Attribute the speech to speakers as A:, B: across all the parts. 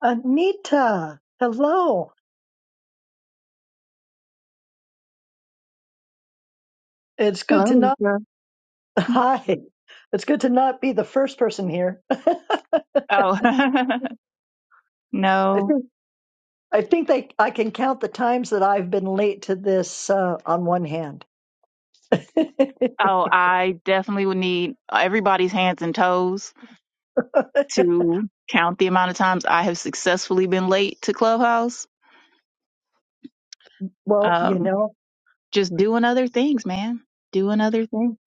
A: Anita, hello. It's
B: Hello,
A: good to not.
B: Lisa.
A: Hi. It's good to not be the first person here.
B: Oh,
A: I
B: no.
A: think I think they I can count the times that I've been late to this uh, on one hand.
B: Oh, I definitely would need everybody's hands and toes to count the amount of times I have successfully been late to Clubhouse.
A: well, you
B: Um,
A: know,
B: just doing other things, man. Doing other things.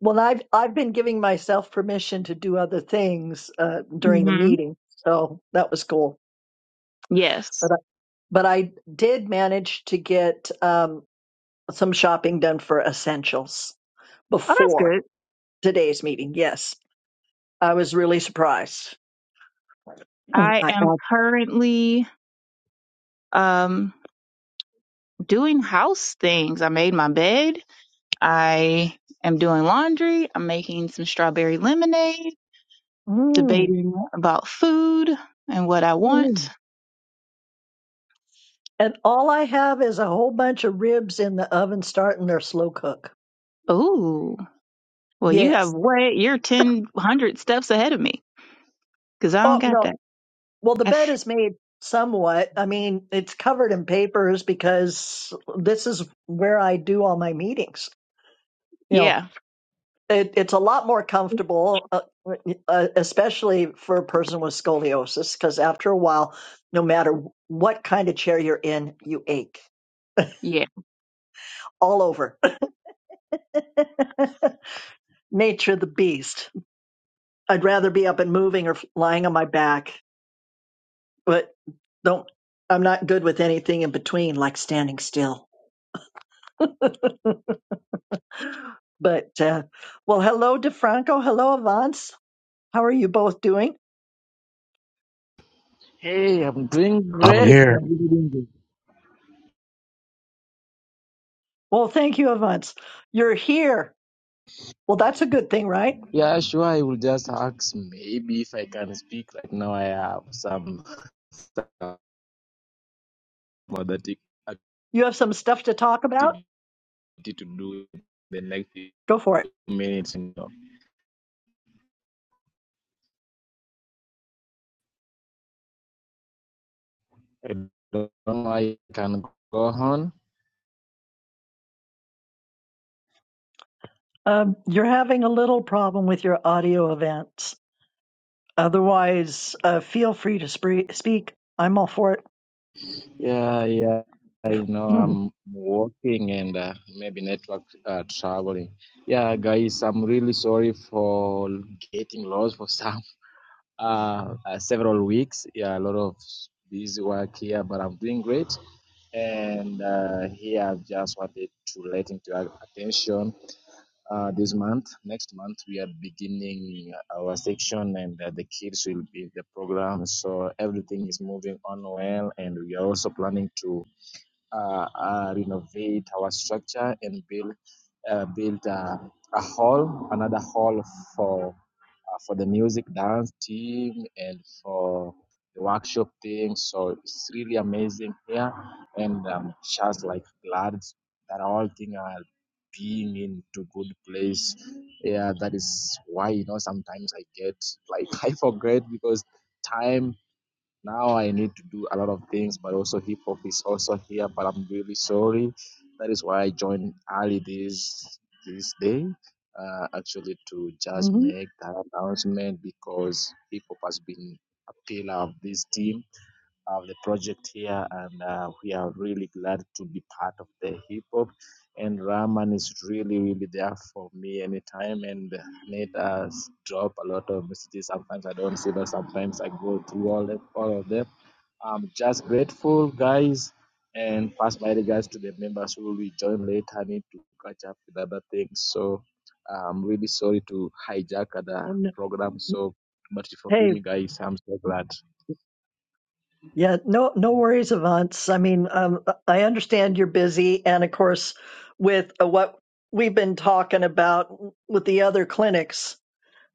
A: well I've I've been giving myself permission to do other things uh, during the
B: hmm
A: meeting, so that was cool.
B: Yes.
A: But I, but I did manage to get um, some shopping done for essentials
B: Oh, that's
A: before
B: good.
A: today's meeting. Yes. I was really surprised. Mm,
B: I
A: I,
B: am
A: I-
B: currently um, doing house things. I made my bed. I am doing laundry. I'm making some strawberry lemonade.
A: mm,
B: debating about food and what I want.
A: mm. And all I have is a whole bunch of ribs in the oven starting their slow cook.
B: Ooh, well, you have
A: Yes.
B: way you're ten one hundred steps ahead of me because I don't
A: Oh,
B: got
A: no.
B: that.
A: Well, the
B: I
A: bed
B: s-
A: is made somewhat. I mean, it's covered in papers because this is where I do all my meetings. You know,
B: yeah,
A: it, it's a lot more comfortable, uh, uh, especially for a person with scoliosis, because after a while, no matter what kind of chair you're in, you ache
B: yeah.
A: all over Nature the beast. I'd rather be up and moving or lying on my back, but don't. I'm not good with anything in between, like standing still. but uh, well, hello, DeFranco. Hello, Avance. How are you both doing?
C: Hey, I'm doing
D: I'm
C: great.
D: here.
C: I'm really doing good.
A: Well, thank you, Avance. You're here. Well, that's a good thing, right?
C: Yeah, sure. I will just ask maybe if I can speak right now. I have some stuff for that ac-
A: You have some stuff to talk about.
C: activity to do in the next few
A: Go for it.
C: minutes. You know. I don't know. I can go on.
A: Um, you're having a little problem with your audio Avance. Otherwise, uh, feel free to spree- speak. I'm all for it.
C: Yeah, yeah. I know I'm working and uh, maybe network uh, traveling. Yeah, guys, I'm really sorry for getting lost for some. uh, uh, several weeks. Yeah, a lot of busy work here, but I'm doing great. And uh, here I've just wanted to let into your attention uh, this month. Next month we are beginning our section, and uh, the kids will be in the program. So everything is moving on well, and we are also planning to uh, uh, renovate our structure and build uh, build uh, a hall, another hall for uh, for the music dance team and for the workshop team. So it's really amazing here. And um, just like glad that all things are being into good place. Yeah, that is why you know sometimes I get like I forget because time now I need to do a lot of things, but also hip hop is also here. But I'm really sorry. That is why I joined early this this day, uh, actually to just
A: hmm
C: make that announcement because hip hop has been a pillar of this team of the project here, and uh, we are really glad to be part of the hip hop. And Rahman is really, really there for me anytime, and let us drop a lot of messages. Sometimes I don't see them. Sometimes I go through all of, all of them. I'm just grateful, guys, and pass my regards to the members who will join later. I need to catch up with other things, so I'm really sorry to hijack the program so much. Forgive
A: Hey,
C: me, guys. I'm so glad.
A: yeah, no, no worries, Avance. I mean, um, I understand you're busy, and of course, with uh, what we've been talking about with the other clinics,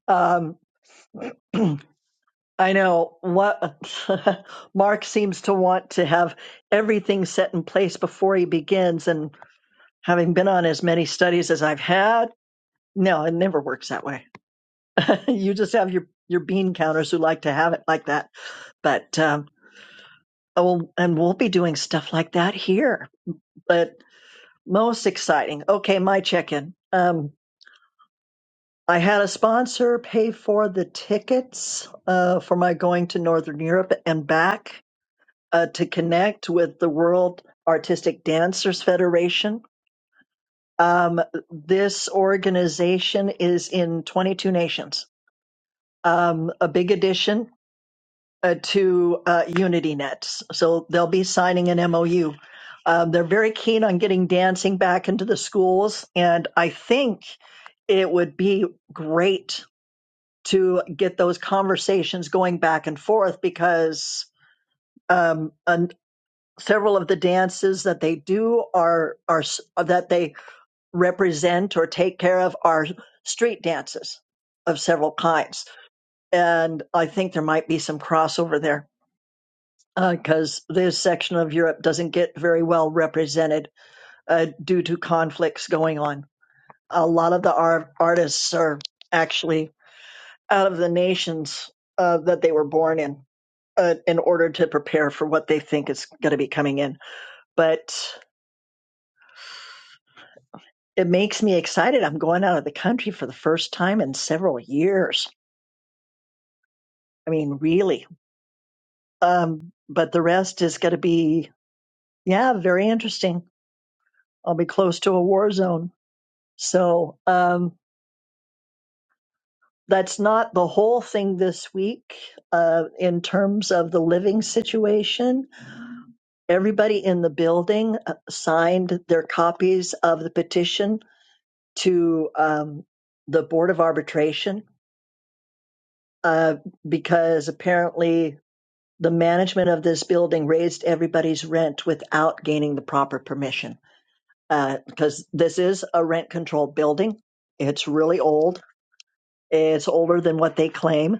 A: um, I know what Mark seems to want to have everything set in place before he begins, and having been on as many studies as I've had, no, it never works that way. you just have your your bean counters who like to have it like that, but. Um, Oh, and we'll be doing stuff like that here. But most exciting. Okay, my check in. Um, I had a sponsor pay for the tickets uh, for my going to Northern Europe and back uh, to connect with the World Artistic Dancers Federation. Um, this organization is in 22 nations. Um, a big addition uh, to uh, UnityNet. So they'll be signing an MOU. Um, they're very keen on getting dancing back into the schools, and I think it would be great to get those conversations going back and forth because um, and several of the dances that they do are are s- that they represent or take care of are street dances of several kinds, and I think there might be some crossover there. because this section of Europe doesn't get very well represented uh, due to conflicts going on. A lot of the ar- artists are actually out of the nations uh, that they were born in uh, in order to prepare for what they think is going to be coming in. But it makes me excited. I'm going out of the country for the first time in several years. I mean, really. Um, but the rest is going to be, yeah, very interesting. I'll be close to a war zone. So, um, that's not the whole thing this week uh, in terms of the living situation. Everybody in the building uh, signed their copies of the petition to um, the Board of Arbitration uh, because apparently the management of this building raised everybody's rent without gaining the proper permission. uh, Because this is a rent controlled building, it's really old, it's older than what they claim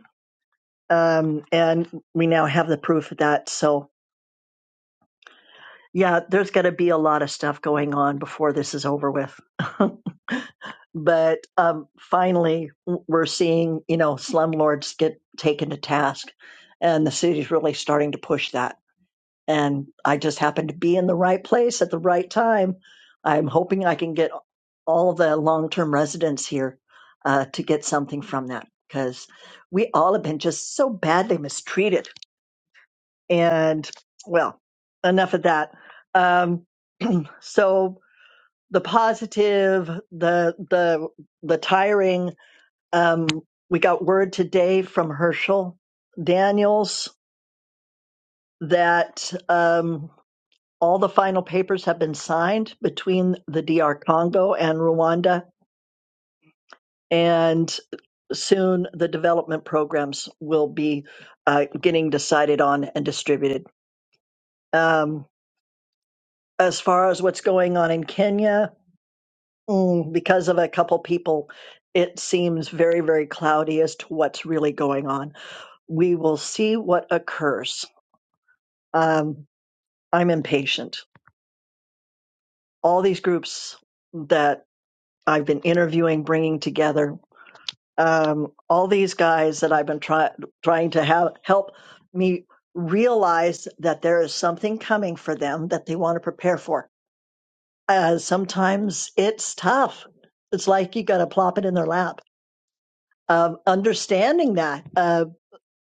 A: um, and we now have the proof of that. So yeah, there's going to be a lot of stuff going on before this is over with. but um, finally, we're seeing you know slumlords get taken to task, and the city's really starting to push that. And I just happen to be in the right place at the right time. I'm hoping I can get all the long-term residents here uh, to get something from that because we all have been just so badly mistreated And well, enough of that. Um, so the positive, the the the tiring. Um, we got word today from Herschel Daniels that um, all the final papers have been signed between the DR Congo and Rwanda, and soon the development programs will be uh, getting decided on and distributed. Um, as far as what's going on in Kenya, Mm, because of a couple people, it seems very, very cloudy as to what's really going on. We will see what occurs. Um, I'm impatient. All these groups that I've been interviewing, bringing together, um, all these guys that I've been try- trying to have, help me realize that there is something coming for them that they want to prepare for. Uh, sometimes it's tough. It's like you got to plop it in their lap um, understanding that uh,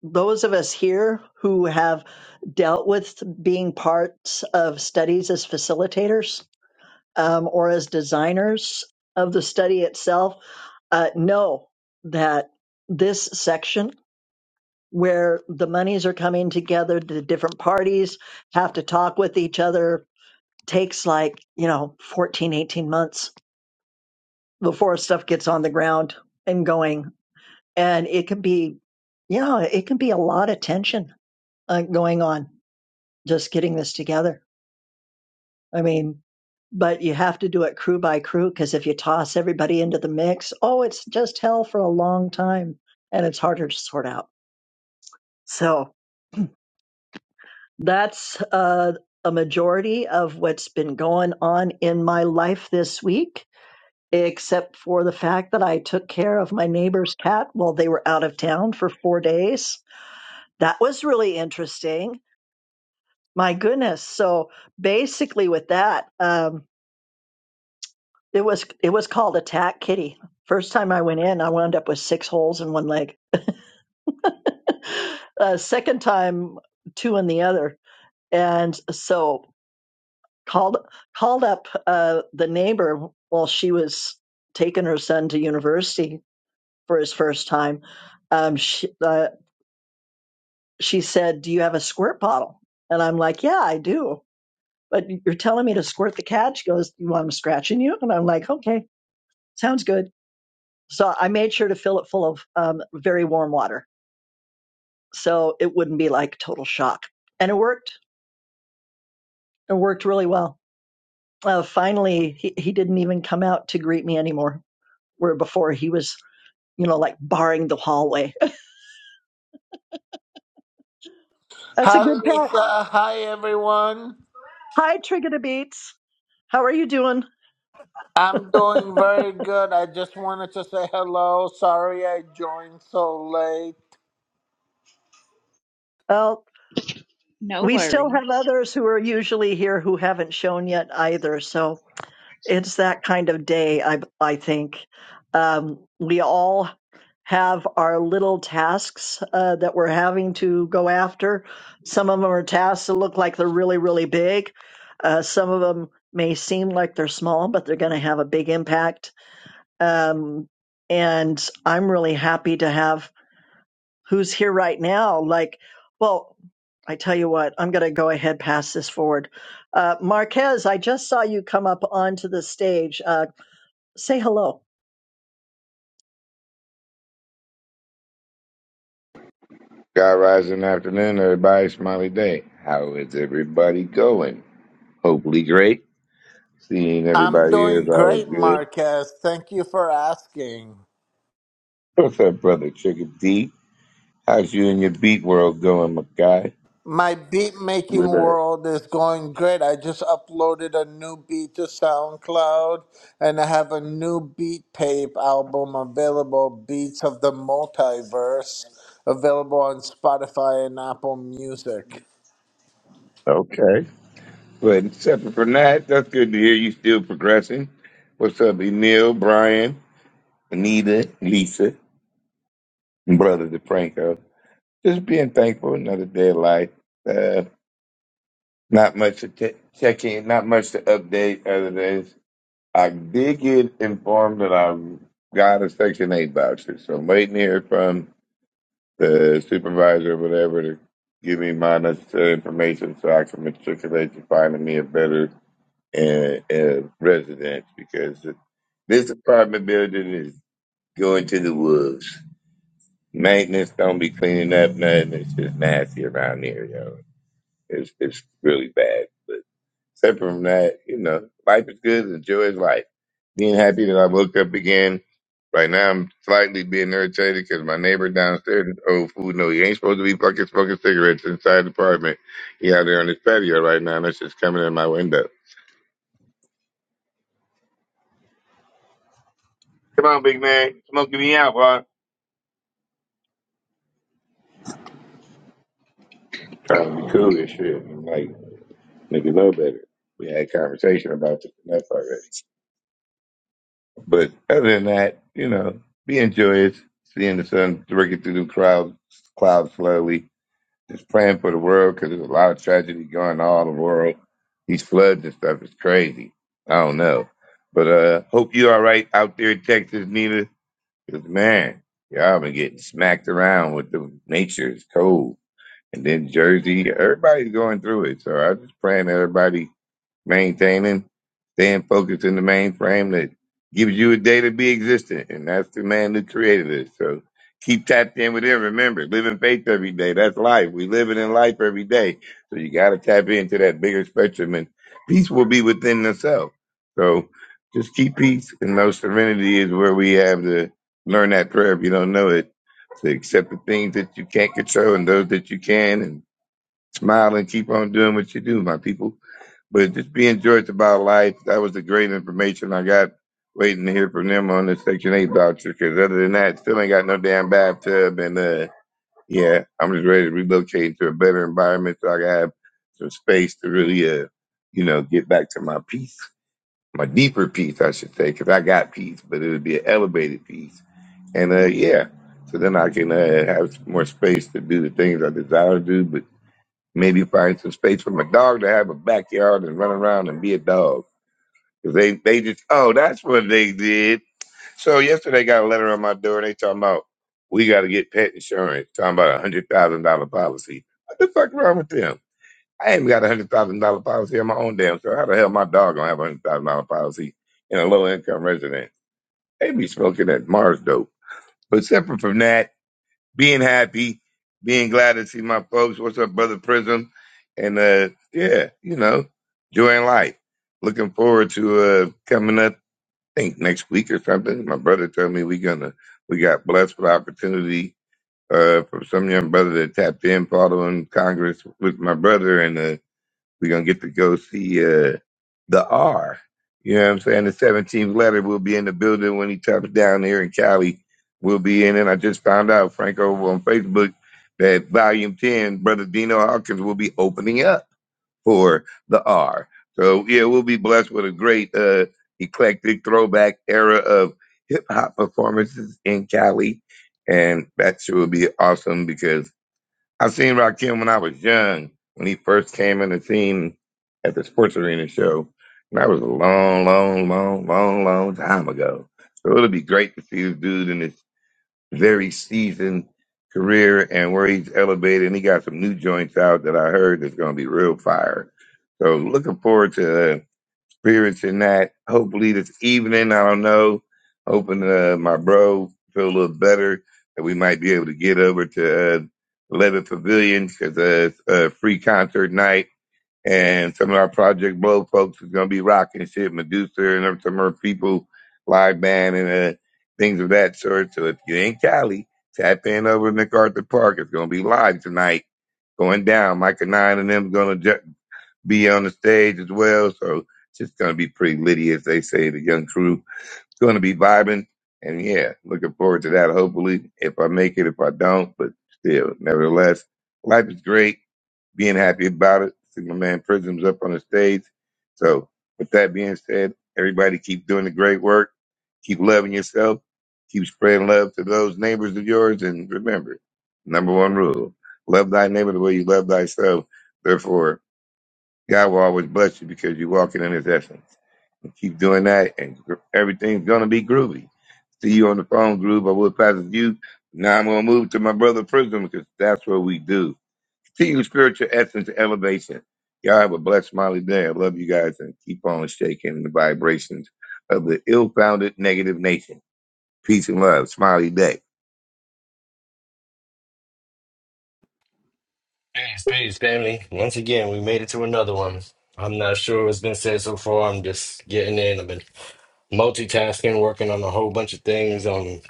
A: those of us here who have dealt with being parts of studies as facilitators um, or as designers of the study itself uh, know that this section where the monies are coming together, the different parties have to talk with each other, takes like, you know, 14, 18 months before stuff gets on the ground and going and it can be yeah it can be a lot of tension uh, going on just getting this together i mean but you have to do it crew by crew because if you toss everybody into the mix oh it's just hell for a long time and it's harder to sort out so that's uh, a majority of what's been going on in my life this week except for the fact that i took care of my neighbor's cat while they were out of town for four days that was really interesting My goodness. So basically with that, um, it was it was called attack kitty. First time I went in, I wound up with six holes in one leg. uh, second time, two in the other. And so called called up uh, the neighbor while she was taking her son to university for his first time. Um, she uh, she said, "Do you have a squirt bottle?" And I'm like, "Yeah, I do." But you're telling me to squirt the cat? She goes, "You want him scratching you?" And I'm like, "Okay." sounds good. So I made sure to fill it full of um, very warm water so it wouldn't be like total shock. And it worked. It worked really well. Uh, finally, he, he didn't even come out to greet me anymore, where before he was, you know, like barring the hallway. That's a
E: Hi,
A: good pet.
E: Lisa. Hi, everyone.
A: Hi, Trigonobeats. How are you doing?
E: I'm doing very good. I just wanted to say hello. Sorry I joined so late.
A: well,
B: No
A: we still have
B: worries.
A: others who are usually here who haven't shown yet either. So it's that kind of day i i think um we all have our little tasks uh, that we're having to go after some of them are tasks that look like they're really really big uh, some of them may seem like they're small but they're going to have a big impact um and i'm really happy to have who's here right now like well i tell you what i'm going to go ahead pass this forward uh, marquez i just saw you come up onto the stage Uh, Say hello.
F: God rise in the afternoon, everybody. Smiley day. How is everybody going? Hopefully great. Seeing
E: I'm
F: everybody here is
E: doing
F: always
E: great,
F: good.
E: Marquez. Thank you for asking.
F: What's up, brother Trigger D? How's you and your beat world going, my guy?
E: My beat making
F: We're there.
E: world is going great. I just uploaded a new beat to SoundCloud and I have a new beat tape album available, Beats of the Multiverse, available on Spotify and Apple Music.
F: Okay. But separate from that, that's good to hear you still progressing. What's up, Emil, Brian, Anita, Lisa, and brother DeFranco? Just being thankful another day of life. Uh, not much to t- check in, not much to update other than I did get informed that I got a Section 8 voucher, so I'm waiting to hear from the supervisor or whatever to give me my necessary information so I can matriculate to finding me a better uh, uh, residence because this apartment building is going to the wolves. Maintenance don't be cleaning up nothing. It's just nasty around here, yo. It's, it's really bad. Except from that, you know, life is good. Enjoy is life. Being happy that I woke up again. Right now, I'm slightly being irritated because my neighbor downstairs is old food. No, he ain't supposed to be fucking smoking cigarettes inside the apartment. He out there on his patio right now, and that's just coming in my window. Come on, big man. Smoking me out, boy. Trying to be cool and shit. I'm like, nigga, know better. We had a conversation about this and that's already. But other than that, you know, being joyous, seeing the sun breaking through the clouds, clouds slowly Just praying for the world because there's a lot of tragedy going on all the world. These floods and stuff is crazy. I don't know. But uh hope you all right out there in Texas, Nina. Because, man, y'all been getting smacked around with the nature. It's cold. And then Jersey, everybody's going through it. So I'm just praying everybody maintaining, staying focused in the mainframe that gives you a day to be existent. And that's the man who created it. So keep tapped in with him. Remember, live in faith every day. That's life. We live it in life every day. So you got to tap into that bigger spectrum and peace will be within itself. So just keep peace and know serenity is where we have to learn that prayer if you don't know it. To accept the things that you can't control and those that you can and smile and keep on doing what you do, my people. But just being George about life, that was the great information I got. Waiting to hear from them on the Section 8 voucher, because other than that, still ain't got no damn bathtub. And uh, yeah, I'm just ready to relocate to a better environment so I can have some space to really, uh, you know, get back to my peace, my deeper peace, I should say, because I got peace, but it would be an elevated peace. And uh, yeah, so then I can uh, have more space to do the things I desire to do, Maybe find some space for my dog to have a backyard and run around and be a dog. 'Cause they, they just, oh, that's what they did. So yesterday I got a letter on my door and they talking about, we got to get pet insurance, talking about a $100,000 policy. What the fuck wrong with them? I ain't got a $100,000 policy on my own damn self. How the hell my dog going to have a $100,000 policy in a low income resident? They be smoking that Mars dope. But separate from that, being happy, being glad to see my folks. What's up, brother Prism? And uh, yeah, you know, enjoying life. Looking forward to uh, coming up. I think next week or something. My brother told me we gonna we got blessed with opportunity uh, from some young brother that tapped in following Congress with my brother, and uh, we're gonna get to go see. Uh, the R. You know what I'm saying? The 17th letter will be in the building when he touches down here in Cali. We'll be in it. I just found out, Frank, over on Facebook, that Volume 10, Brother Dino Hawkins will be opening up for the R. So, yeah, we'll be blessed with a great uh, eclectic throwback era of hip hop performances in Cali. And that sure will be awesome because I seen Rakim when I was young, when he first came in the scene at the sports arena show. And that was a long, long, long, long, long time ago. So it'll be great to see this dude in his very seasoned career and where he's elevated. And he got some new joints out that I heard that's going to be real fire. So looking forward to that spirits in that. Hopefully this evening, I don't know, hoping uh, my bro feel a little better that we might be able to get over to uh, 11 Pavilion because uh, it's a free concert night. And some of our Project Blow folks is going to be rocking shit, Medusa and some of her people, live band and uh, things of that sort. So if you in Cali, tap in over at MacArthur Park. It's going to be live tonight going down. Micah Nine and them going to be on the stage as well. So it's just going to be pretty litty, as they say, the young crew. It's going to be vibing. And yeah, looking forward to that, hopefully, if I make it, if I don't. But still, nevertheless, life is great. Being happy about it. See my man Prism's up on the stage. So with that being said, everybody keep doing the great work. Keep loving yourself. Keep spreading love to those neighbors of yours. And remember, number one rule, love thy neighbor the way you love thyself. Therefore, God will always bless you because you're walking in His essence. And keep doing that, and gr- everything's gonna be groovy. See you on the phone, groove. I will pass it to you. Now I'm gonna move to my brother Prism because that's what we do. Continue spiritual essence elevation. Y'all have a blessed smiley day. I love you guys and keep on shaking the vibrations of the ill-founded negative nation. Peace and love. Smiley day.
G: Peace, peace, family. Once again, we made it to another one. I'm not sure what's been said so far. I'm just getting in. I've been multitasking, working on a whole bunch of things. Um,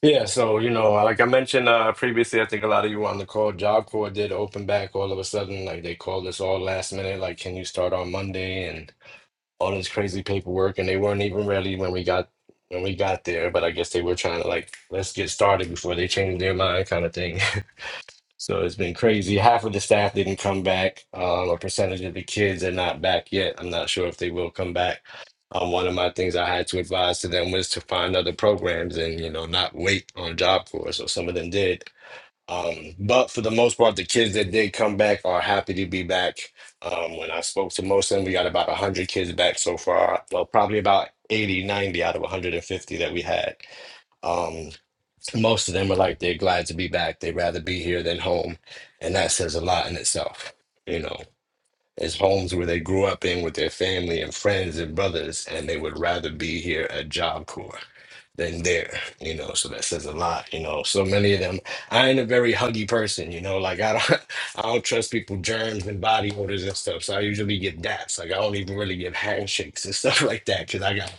G: yeah, so you know, like I mentioned uh, previously, I think a lot of you were on the call. Job Corps did open back all of a sudden. Like they called us all last minute. Like, can you start on Monday? And all this crazy paperwork, and they weren't even ready when we got when we got there. But I guess they were trying to like let's get started before they changed their mind, kind of thing. So it's been crazy. Half of the staff didn't come back. Um, a percentage of the kids are not back yet. I'm not sure if they will come back. Um, one of my things I had to advise to them was to find other programs and, you know, not wait on Job Corps. So some of them did. Um, but for the most part, the kids that did come back are happy to be back. Um, when I spoke to most of them, we got about 100 kids back so far. Well, probably about 80, 90 out of 150 that we had. Um, most of them are like they're glad to be back. They'd rather be here than home. And that says a lot in itself. You know, it's homes where they grew up in with their family and friends and brothers, and they would rather be here at Job Corps than there, you know. So that says a lot, you know. So many of them, I ain't a very huggy person, you know. Like I don't, I don't trust people germs and body odors and stuff. So I usually get daps. Like I don't even really give handshakes and stuff like that because I got to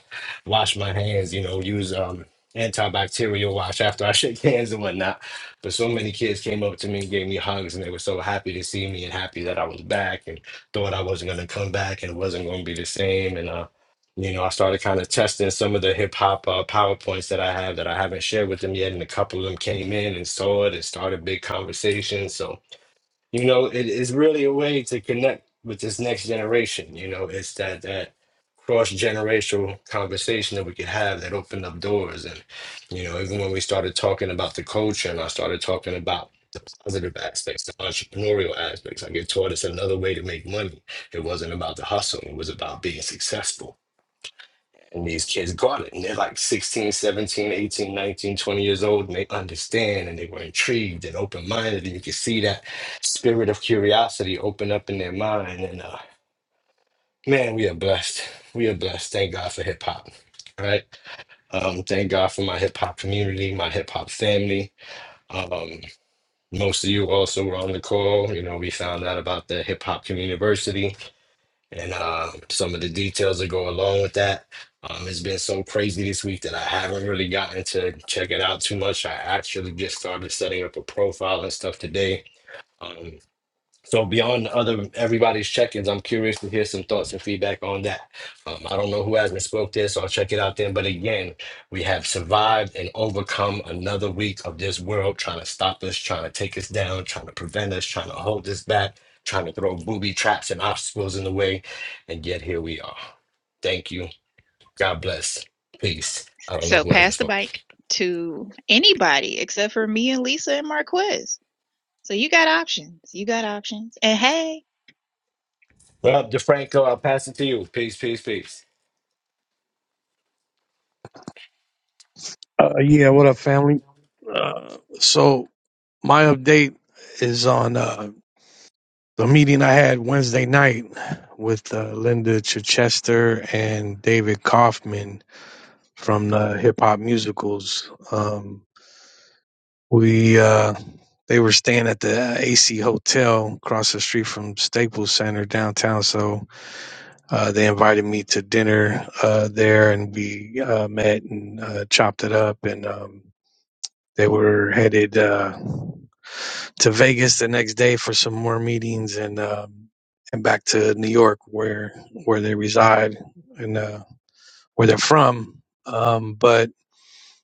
G: wash my hands, you know. Use um antibacterial wash after I shake hands and whatnot. But so many kids came up to me and gave me hugs, and they were so happy to see me and happy that I was back and thought I wasn't gonna come back and it wasn't gonna be the same. And uh, you know, I started kind of testing some of the hip hop uh, PowerPoints that I have that I haven't shared with them yet. And a couple of them came in and saw it and started big conversations. So, you know, it is really a way to connect with this next generation. You know, it's that, that cross generational conversation that we could have that opened up doors. And, you know, even when we started talking about the culture and I started talking about the positive aspects, the entrepreneurial aspects, I get taught it's another way to make money. It wasn't about the hustle, it was about being successful and these kids got it. And they're like 16, 17, 18, 19, 20 years old. And they understand and they were intrigued and open minded. And you could see that spirit of curiosity open up in their mind. And uh, man, we are blessed. We are blessed. Thank God for hip hop. Right. Um, thank God for my hip hop community, my hip hop family. Um, most of you also were on the call. You know, we found out about the hip hop community and uh, some of the details that go along with that. Um, it's been so crazy this week that I haven't really gotten to check it out too much. I actually just started setting up a profile and stuff today. Um, so beyond other everybody's check-ins, I'm curious to hear some thoughts and feedback on that. Um, I don't know who hasn't spoke this, so I'll check it out then. But again, we have survived and overcome another week of this world trying to stop us, trying to take us down, trying to prevent us, trying to hold us back, trying to throw booby traps and obstacles in the way. And yet here we are. Thank you. God bless. Peace. I don't know
B: So
G: who hasn't
B: pass the
G: spoke.
B: bike to anybody except for me and Lisa and Marquez. So you got options. You got options. And hey,
G: Well, DeFranco, I'll pass it to you. Peace, peace, peace.
D: Uh, yeah, what up, family? Uh, so my update is on uh, the meeting I had Wednesday night with uh, Linda Chichester and David Kaufman from the Hip Hop Musicals. Um, we uh, they were staying at the AC Hotel across the street from Staples Center downtown, so uh, they invited me to dinner uh, there, and we uh, met and uh, chopped it up and. Um, They were headed uh, to Vegas the next day for some more meetings and um, and back to New York where where they reside and uh, where they're from. Um, but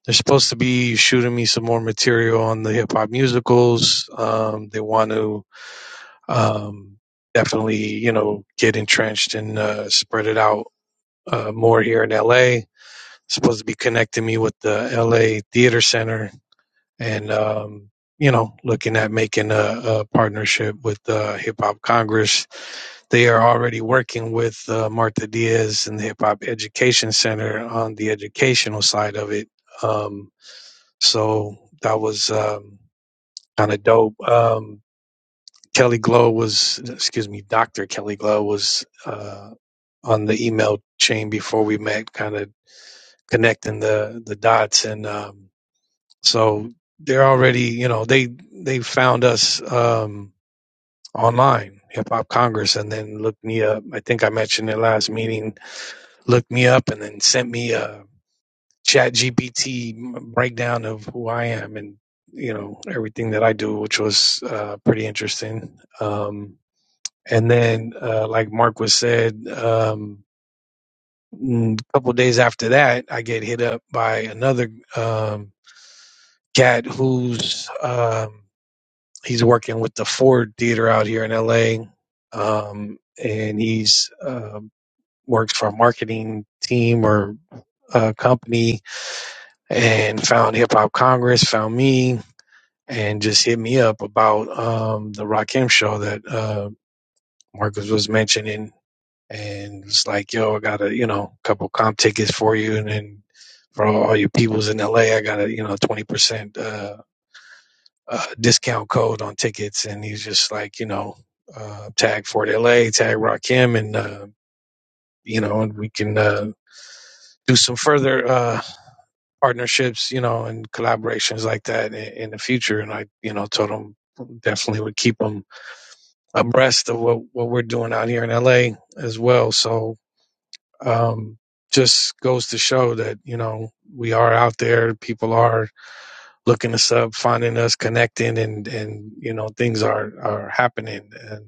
D: they're supposed to be shooting me some more material on the hip hop musicals. Um, they want to um, definitely you know get entrenched and uh, spread it out uh, more here in LA. Supposed to be connecting me with the LA Theater Center and um, you know looking at making a, a partnership with uh, Hip Hop Congress. They are already working with uh, Martha Diaz and the Hip Hop Education Center on the educational side of it. Um, so that was um, kind of dope. Um, Kelly Glow was, excuse me, Dr. Kelly Glow was uh, on the email chain before we met, kind of connecting the the dots and. Um, So they're already, you know, they they found us um, online, Hip Hop Congress, and then looked me up. I think I mentioned it last meeting. Looked me up and then sent me a Chat GPT breakdown of who I am and you know everything that I do, which was uh, pretty interesting. Um, and then, uh, like Mark was said, um, a couple of days after that, I get hit up by another um, cat who's. Um, he's working with the Ford Theater out here in LA, um, and he's uh, works for a marketing team or a company, and found Hip Hop Congress, found me, and just hit me up about um, the Rakim show that uh, Marcus was mentioning, and it's like, yo, I got a you know couple comp tickets for you, and then for all your peoples in LA, I got a you know twenty percent. Uh, uh, discount code on tickets, and he's just like, you know, uh, tag Fort LA, tag Rakim, and uh, you know, and we can uh, do some further uh, partnerships, you know, and collaborations like that in, in the future. And I, you know, told him definitely would keep him abreast of what what we're doing out here in LA as well. So um, just goes to show that you know we are out there, people are looking us up, finding us, connecting, and and you know things are are happening. And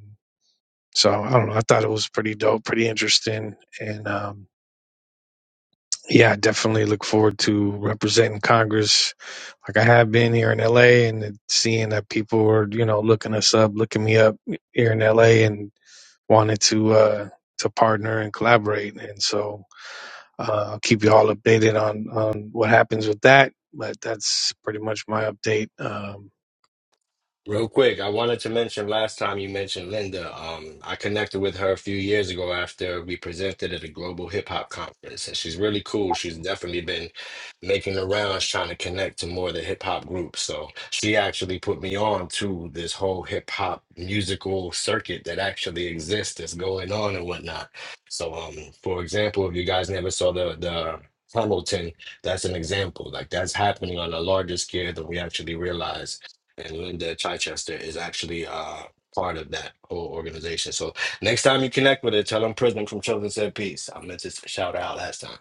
D: so I don't know. I thought it was pretty dope, pretty interesting, and um, yeah, I definitely look forward to representing Congress like I have been here in LA and seeing that people are you know looking us up, looking me up here in LA, and wanted to uh, to partner and collaborate. And so uh, I'll keep you all updated on on what happens with that. But that's pretty much my update. Um,
G: Real quick, I wanted to mention last time you mentioned Linda. Um, I connected with her a few years ago after we presented at a global hip hop conference, and she's really cool. She's definitely been making the rounds trying to connect to more of the hip hop groups. So she actually put me on to this whole hip hop musical circuit that actually exists that's going on and whatnot. So, um, for example, if you guys never saw the the Hamilton, that's an example. Like that's happening on a larger scale than we actually realize and Linda Chichester is actually uh, part of that whole organization. So next time you connect with her, tell them Prism from Children Said Peace. I meant to s- shout her out last time.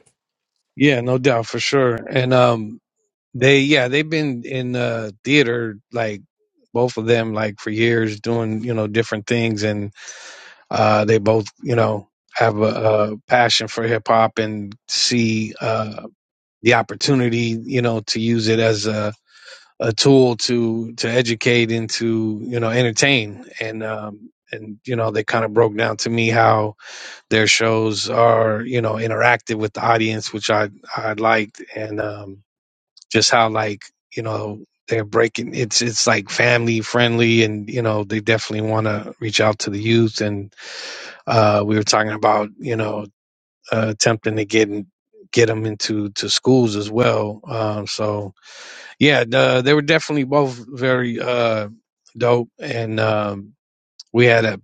D: Yeah, no doubt for sure. And um they yeah, they've been in uh theater like both of them like for years doing, you know, different things and uh they both, you know, have a, a passion for hip hop and see uh the opportunity, you know, to use it as a a tool to to educate and to, you know, entertain and um and you know they kind of broke down to me how their shows are you know interactive with the audience which i i liked and um just how like you know they're breaking it's it's like family friendly and you know they definitely want to reach out to the youth and uh we were talking about you know uh, attempting to get in- get them into to schools as well um so yeah the, they were definitely both very uh dope and um we had a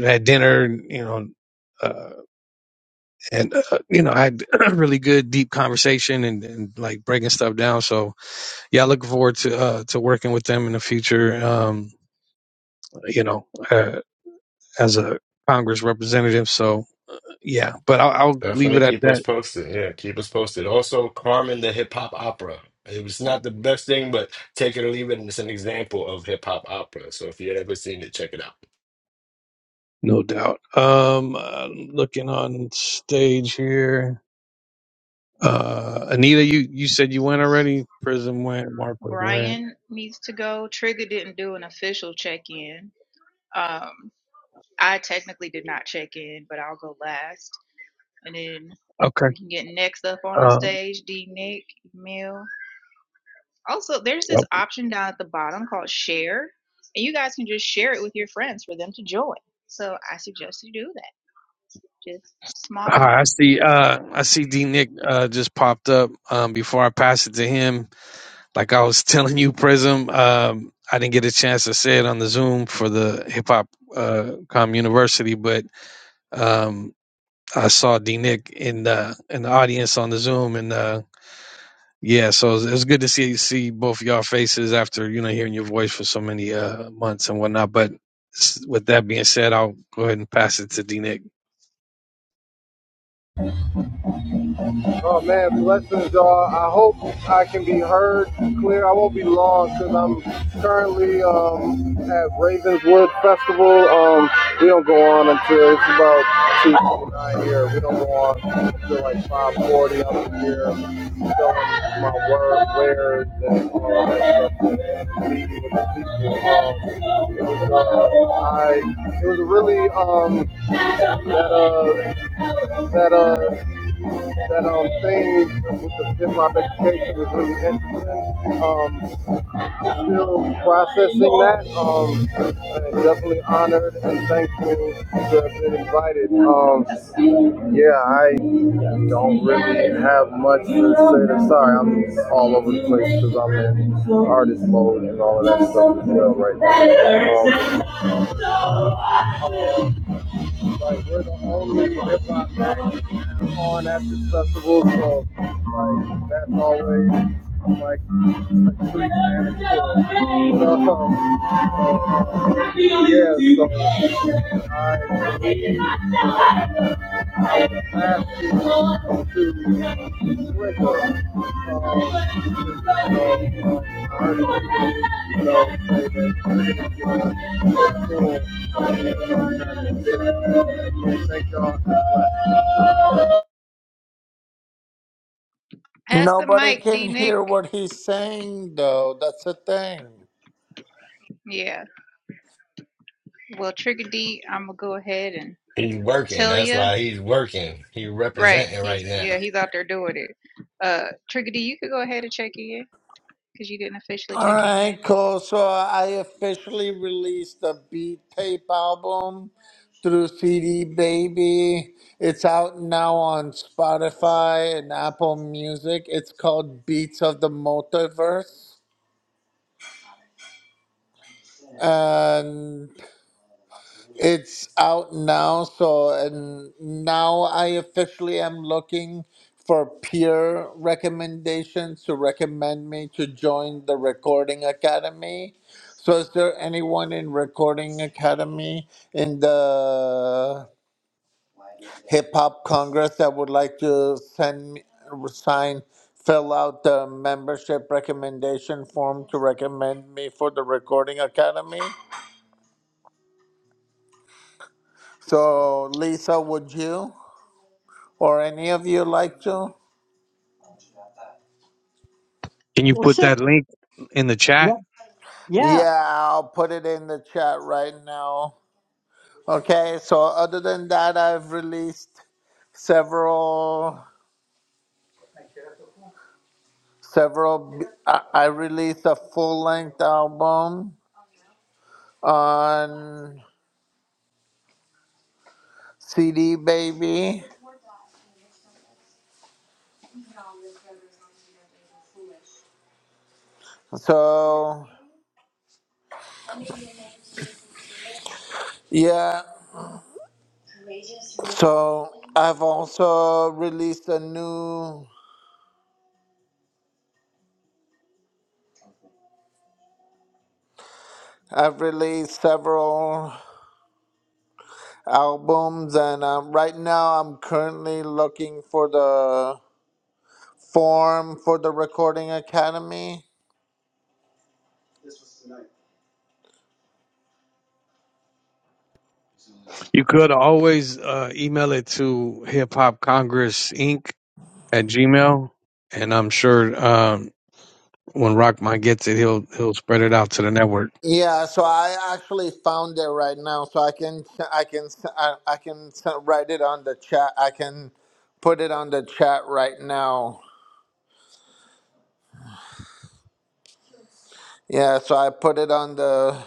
D: had dinner and, you know uh and uh, you know i had a really good deep conversation and, and like breaking stuff down so yeah, I look forward to uh, to working with them in the future. Um, you know, uh, as a Congress representative. So yeah, but I'll, I'll leave
G: Definitely
D: it at
G: keep us
D: that.
G: posted. Yeah, keep us posted. Also, Carmen the Hip Hop Opera. It was not the best thing, but take it or leave it, and it's an example of hip hop opera. So if you ever seen it, check it out.
D: No doubt. Um, uh, looking on stage here, uh, Anita, you you said you went already. Prism went. Marquez went.
B: Brian needs to go. Trigger didn't do an official check in. Um, I technically did not check in, but I'll go last. And then
D: Okay.
B: we can get next up on the
D: Um,
B: stage, D Nick, Mill. Also, there's this
D: well,
B: option down at the bottom called share. And you guys can just share it with your friends for them to join. So I suggest you do that. Just small
D: hi, I
B: reminder.
D: see. Uh, I see D Nick uh, just popped up. Um, before I pass it to him, Like I was telling you, Prism, um, I didn't get a chance to say it on the Zoom for the Hip Hop uh, Com University, but um, I saw D Nick in the in the audience on the Zoom, and uh, yeah, so it was, it was good to see see both of y'all faces after you know hearing your voice for so many uh, months and whatnot. But s- with that being said, I'll go ahead and pass it to D Nick.
H: Oh man, blessings, y'all. I hope I can be heard clear. I won't be long because I'm currently um, at Ravenswood Festival. Um, we don't go on until it's about two nine here. We don't go on until like five forty. I'm here doing my work, wares, and all that stuff. Meeting with the people. Um, it was uh, I. It was really um that uh that uh that um things with the hip hop education is really interesting. Um, still processing that. Um, and definitely honored and thankful to have been invited. Um, yeah, I don't really have much to say. To, sorry, I'm all over the place because I'm in artist mode and all of that stuff as well right now. Um, like we're the only hip hop act on at this festival, so like that's always like a treat, man. cool. But, um, uh, yeah, so I I asked you to switch up. Um, so, uh, I heard you, you know, say that you're gonna get a full Thank y'all.
B: Pass the
E: Nobody
B: mic,
E: can
B: D Nick.
E: hear what he's saying, though. That's the thing.
B: Yeah. Well, Trigger D, I'm gonna go ahead and
G: He's working.
B: tell
G: That's
B: you.
G: why he's working. He's
B: Right.
G: representing
B: He's
G: right now.
B: yeah, he's out there doing it. Uh Trigger D, you could go ahead and check in because you didn't officially
E: All
B: check in
E: right,
B: yet.
E: cool. So I officially released the Beat Tape album through CD Baby. It's out now on Spotify and Apple Music. It's called Beats of the Multiverse. and. It's out now, so and now I officially am looking for peer recommendations to recommend me to join the Recording Academy. So, is there anyone in Recording Academy in the Hip Hop Congress that would like to send me, sign, fill out the membership recommendation form to recommend me for the Recording Academy? So, Lisa, would you? Or any of you like to?
D: Can you
A: Well,
D: put
A: sit.
D: that link in the
A: Yeah.
D: chat?
A: Yeah.
E: Yeah, I'll put it in the chat right now. Okay, so other than that, I've released several, several. I I released a full length album on CD Baby. So, yeah, so I've also released a new, I've released several albums, and um, right now I'm currently looking for the form for the Recording Academy.
D: You could always uh, email it to Hip Hop Congress Incorporated at Gmail, and I'm sure um, when Rockman gets it, he'll he'll spread it out to the network.
E: Yeah, so I actually found it right now, so I can I can I, I can write it on the chat. I can put it on the chat right now. Yeah, so I put it on the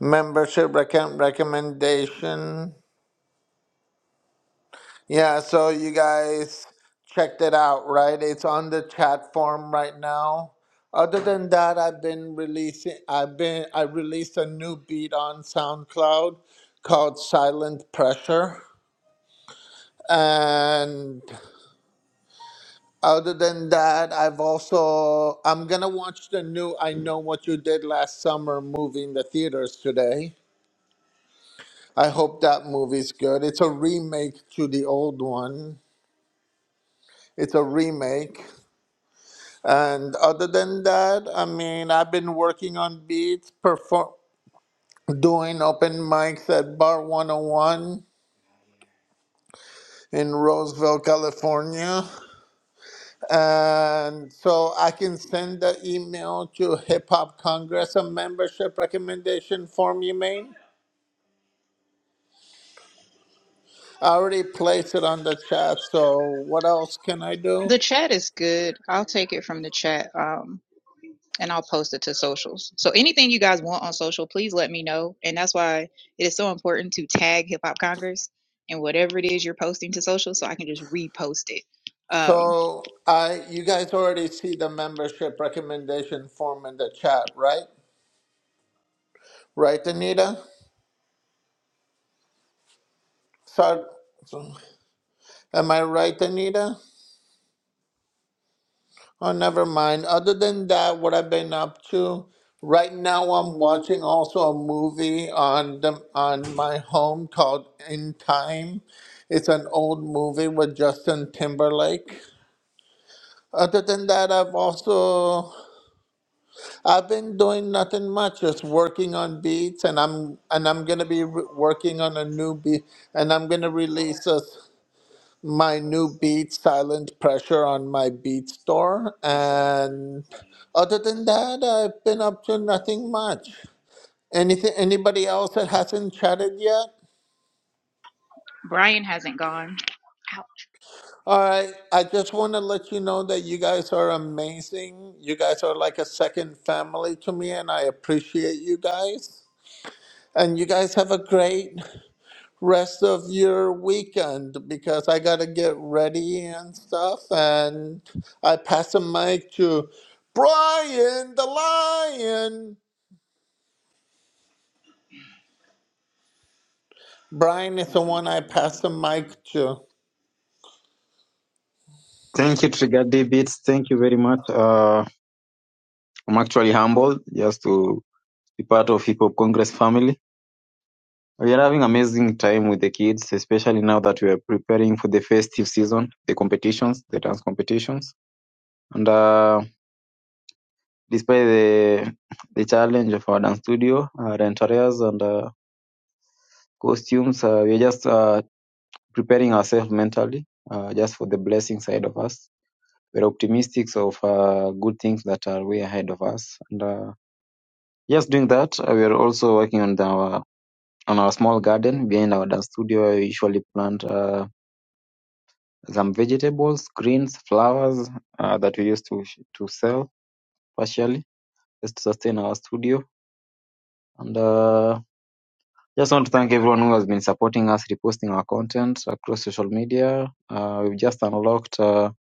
E: membership recom- recommendation. Yeah, so you guys checked it out, right? It's on the chat form right now. Other than that, I've been releasing I've been I released a new beat on SoundCloud called Silent Pressure. And other than that, I've also I'm gonna watch the new I Know What You Did Last Summer movie in the theaters today. I hope that movie's good. It's a remake to the old one. It's a remake. And other than that, I mean, I've been working on beats, perform, doing open mics at Bar 101 in Roseville, California. And so I can send the email to Hip Hop Congress, a membership recommendation form you made. I already placed it on the chat, so what else can I do?
B: The chat is good. I'll take it from the chat. Um. and I'll post it to socials. So anything you guys want on social, please let me know. And that's why it is so important to tag Hip Hop Congress and whatever it is you're posting to social, so I can just repost it. Um,
E: So I, you guys already see the membership recommendation form in the chat, right? Right, Anita? So, am I right, Anita? Oh, never mind. Other than that, what I've been up to right now, I'm watching also a movie on the on my home called In Time. It's an old movie with Justin Timberlake. Other than that, I've also I've been doing nothing much, just working on beats, and I'm and I'm gonna be re- working on a new beat, and I'm gonna release this. my new beat silent pressure on my beat store and other than that i've been up to nothing much anything anybody else that hasn't chatted yet
B: Brian hasn't gone. Ow.
E: all right i just want to let you know that you guys are amazing you guys are like a second family to me and i appreciate you guys and you guys have a great rest of your weekend because I gotta get ready and stuff. And I pass the mic to Brian the Lion. Brian is the one I pass the mic to.
I: Thank you, Trigger D Beats. Thank you very much. Uh, I'm actually humbled just to be part of Hip Hop Congress family. We are having amazing time with the kids, especially now that we are preparing for the festive season, the competitions, the dance competitions. And uh, despite the the challenge of our dance studio, uh, rent areas, and uh, costumes, uh, we are just uh, preparing ourselves mentally, uh, just for the blessing side of us. We're optimistic of uh, good things that are way ahead of us. and. uh, Just doing that, uh, we are also working on the, our on our small garden behind our dance studio. where We usually plant uh, some vegetables, greens, flowers uh, that we used to to sell partially just to sustain our studio. And uh, just want to thank everyone who has been supporting us, reposting our content across social media. Uh, we've just unlocked uh,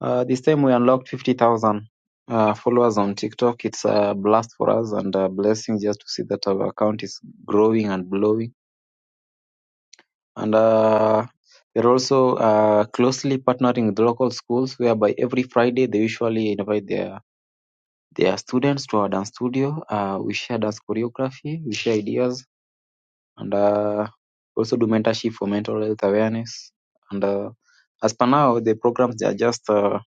I: uh, this time we unlocked fifty thousand. Uh, followers on TikTok, it's a blast for us and a blessing just to see that our account is growing and blowing and uh, we're also uh, closely partnering with local schools whereby every friday they usually invite their their students to our dance studio uh, we share dance choreography we share ideas and uh, also do mentorship for mental health awareness and uh, as per now the programs they are just uh,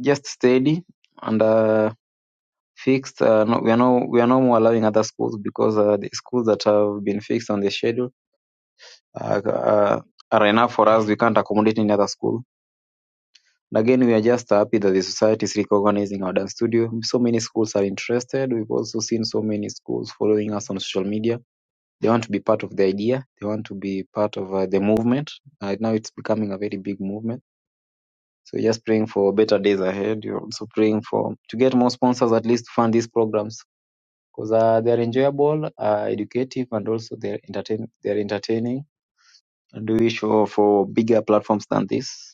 I: just steady and uh, fixed uh, no, we are no we are no more allowing other schools because uh, the schools that have been fixed on the schedule uh, uh, are enough for us we can't accommodate any other school And again, we are just happy that the society is recognizing our dance studio. So many schools are interested. We've also seen so many schools following us on social media. They want to be part of the idea. They want to be part of uh, the movement. Right now, it's becoming a very big movement. So just praying for better days ahead. You're also praying for to get more sponsors at least to fund these programs because uh, they're enjoyable, uh, educative, and also they're entertain they're entertaining. And we wish for for bigger platforms than this.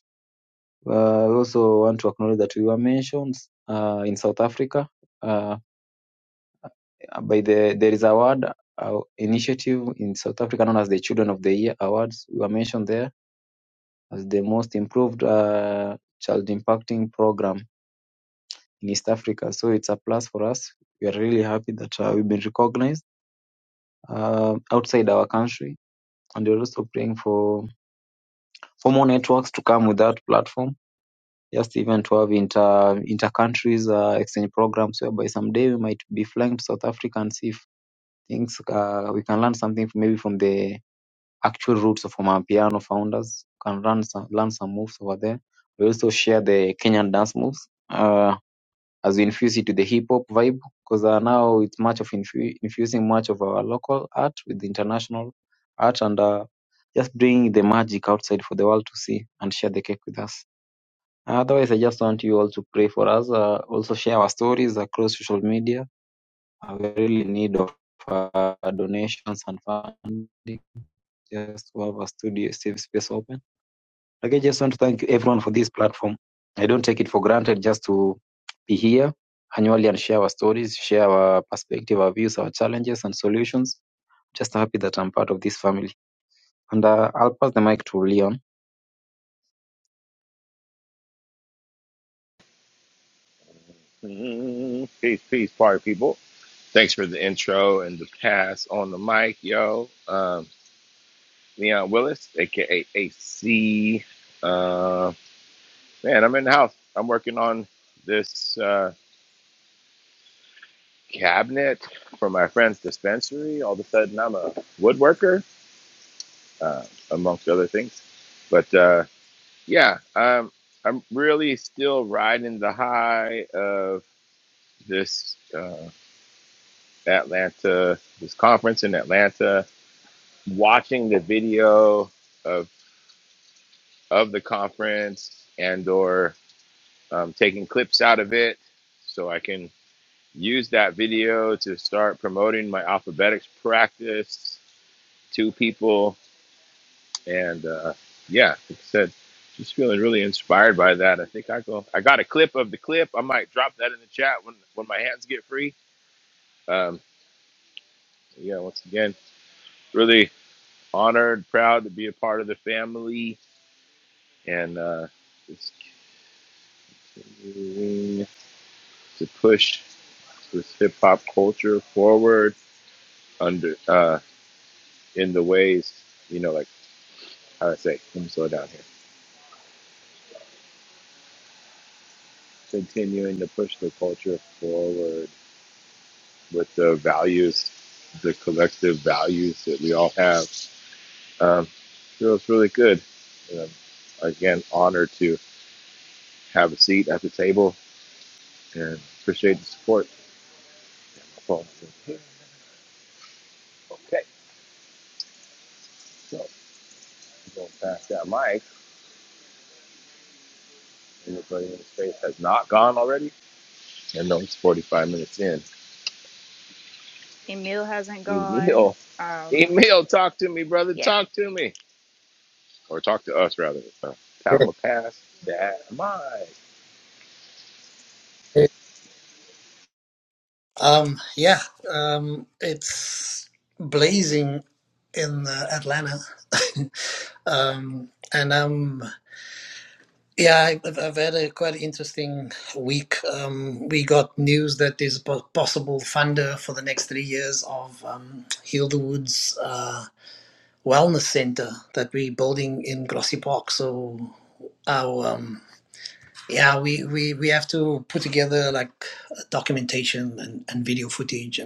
I: Uh, we also want to acknowledge that we were mentioned uh, in South Africa uh, by the there is award uh, initiative in South Africa known as the Children of the Year Awards. We were mentioned there as the most improved uh, child impacting program in East Africa. So it's a plus for us. We are really happy that uh, we've been recognized uh, outside our country, and we're also praying for for more networks to come with that platform just even to have inter inter countries uh, exchange programs whereby someday we might be flying to South Africa and see if things uh, we can learn something from, maybe from the actual roots of from our piano founders can learn some learn some moves over there. We also share the Kenyan dance moves uh, as we infuse it to the hip hop vibe because uh, now it's much of infu- infusing much of our local art with international art and uh, just bring the magic outside for the world to see and share the cake with us. Otherwise, I just want you all to pray for us. Uh, also, share our stories across social media. Uh, we really need of uh, donations and funding just to have a studio safe space open. Like, I just want to thank you everyone for this platform. I don't take it for granted just to be here annually and share our stories, share our perspective, our views, our challenges and solutions. Just happy that I'm part of this family. And uh, I'll pass the mic to Leon.
J: Mhm. Peace, peace, party people. Thanks for the intro and the pass on the mic, yo. Um, Leon Willis, aka AC. Uh, man, I'm in the house. I'm working on this uh, cabinet for my friend's dispensary. All of a sudden, I'm a woodworker, uh, amongst other things. But uh, yeah, um, I'm really still riding the high of this uh, Atlanta, this conference in Atlanta watching the video of of the conference and or um, taking clips out of it so i can use that video to start promoting my alphabetics practice to people and uh, yeah like i said just feeling really inspired by that i think i go i got a clip of the clip i might drop that in the chat when when my hands get free um, yeah once again really honored proud to be a part of the family and uh, Mm, to push this hip hop culture forward under uh, in the ways you know like how do I say let me slow down here continuing to push the culture forward with the values the collective values that we all have um, feels really good and I'm, again honored to have a seat at the table and appreciate the support from okay so we're gonna pass that mic anybody in the space has not gone already I know it's 45 minutes in.
B: Emil hasn't gone.
J: Emil,
B: Um,
J: Emil, talk to me, brother.
B: yeah.
J: Talk to me. Or talk to us, rather. Uh, Time will pass that my.
K: Um, yeah, um, it's blazing in uh, Atlanta, um, and um, yeah, I- I've, I've had a quite interesting week. Um, we got news that there's a po- possible funder for the next three years of um, Hilda Woods uh, Wellness Center that we're building in Grassy Park. So our um yeah we we we have to put together like documentation and, and video footage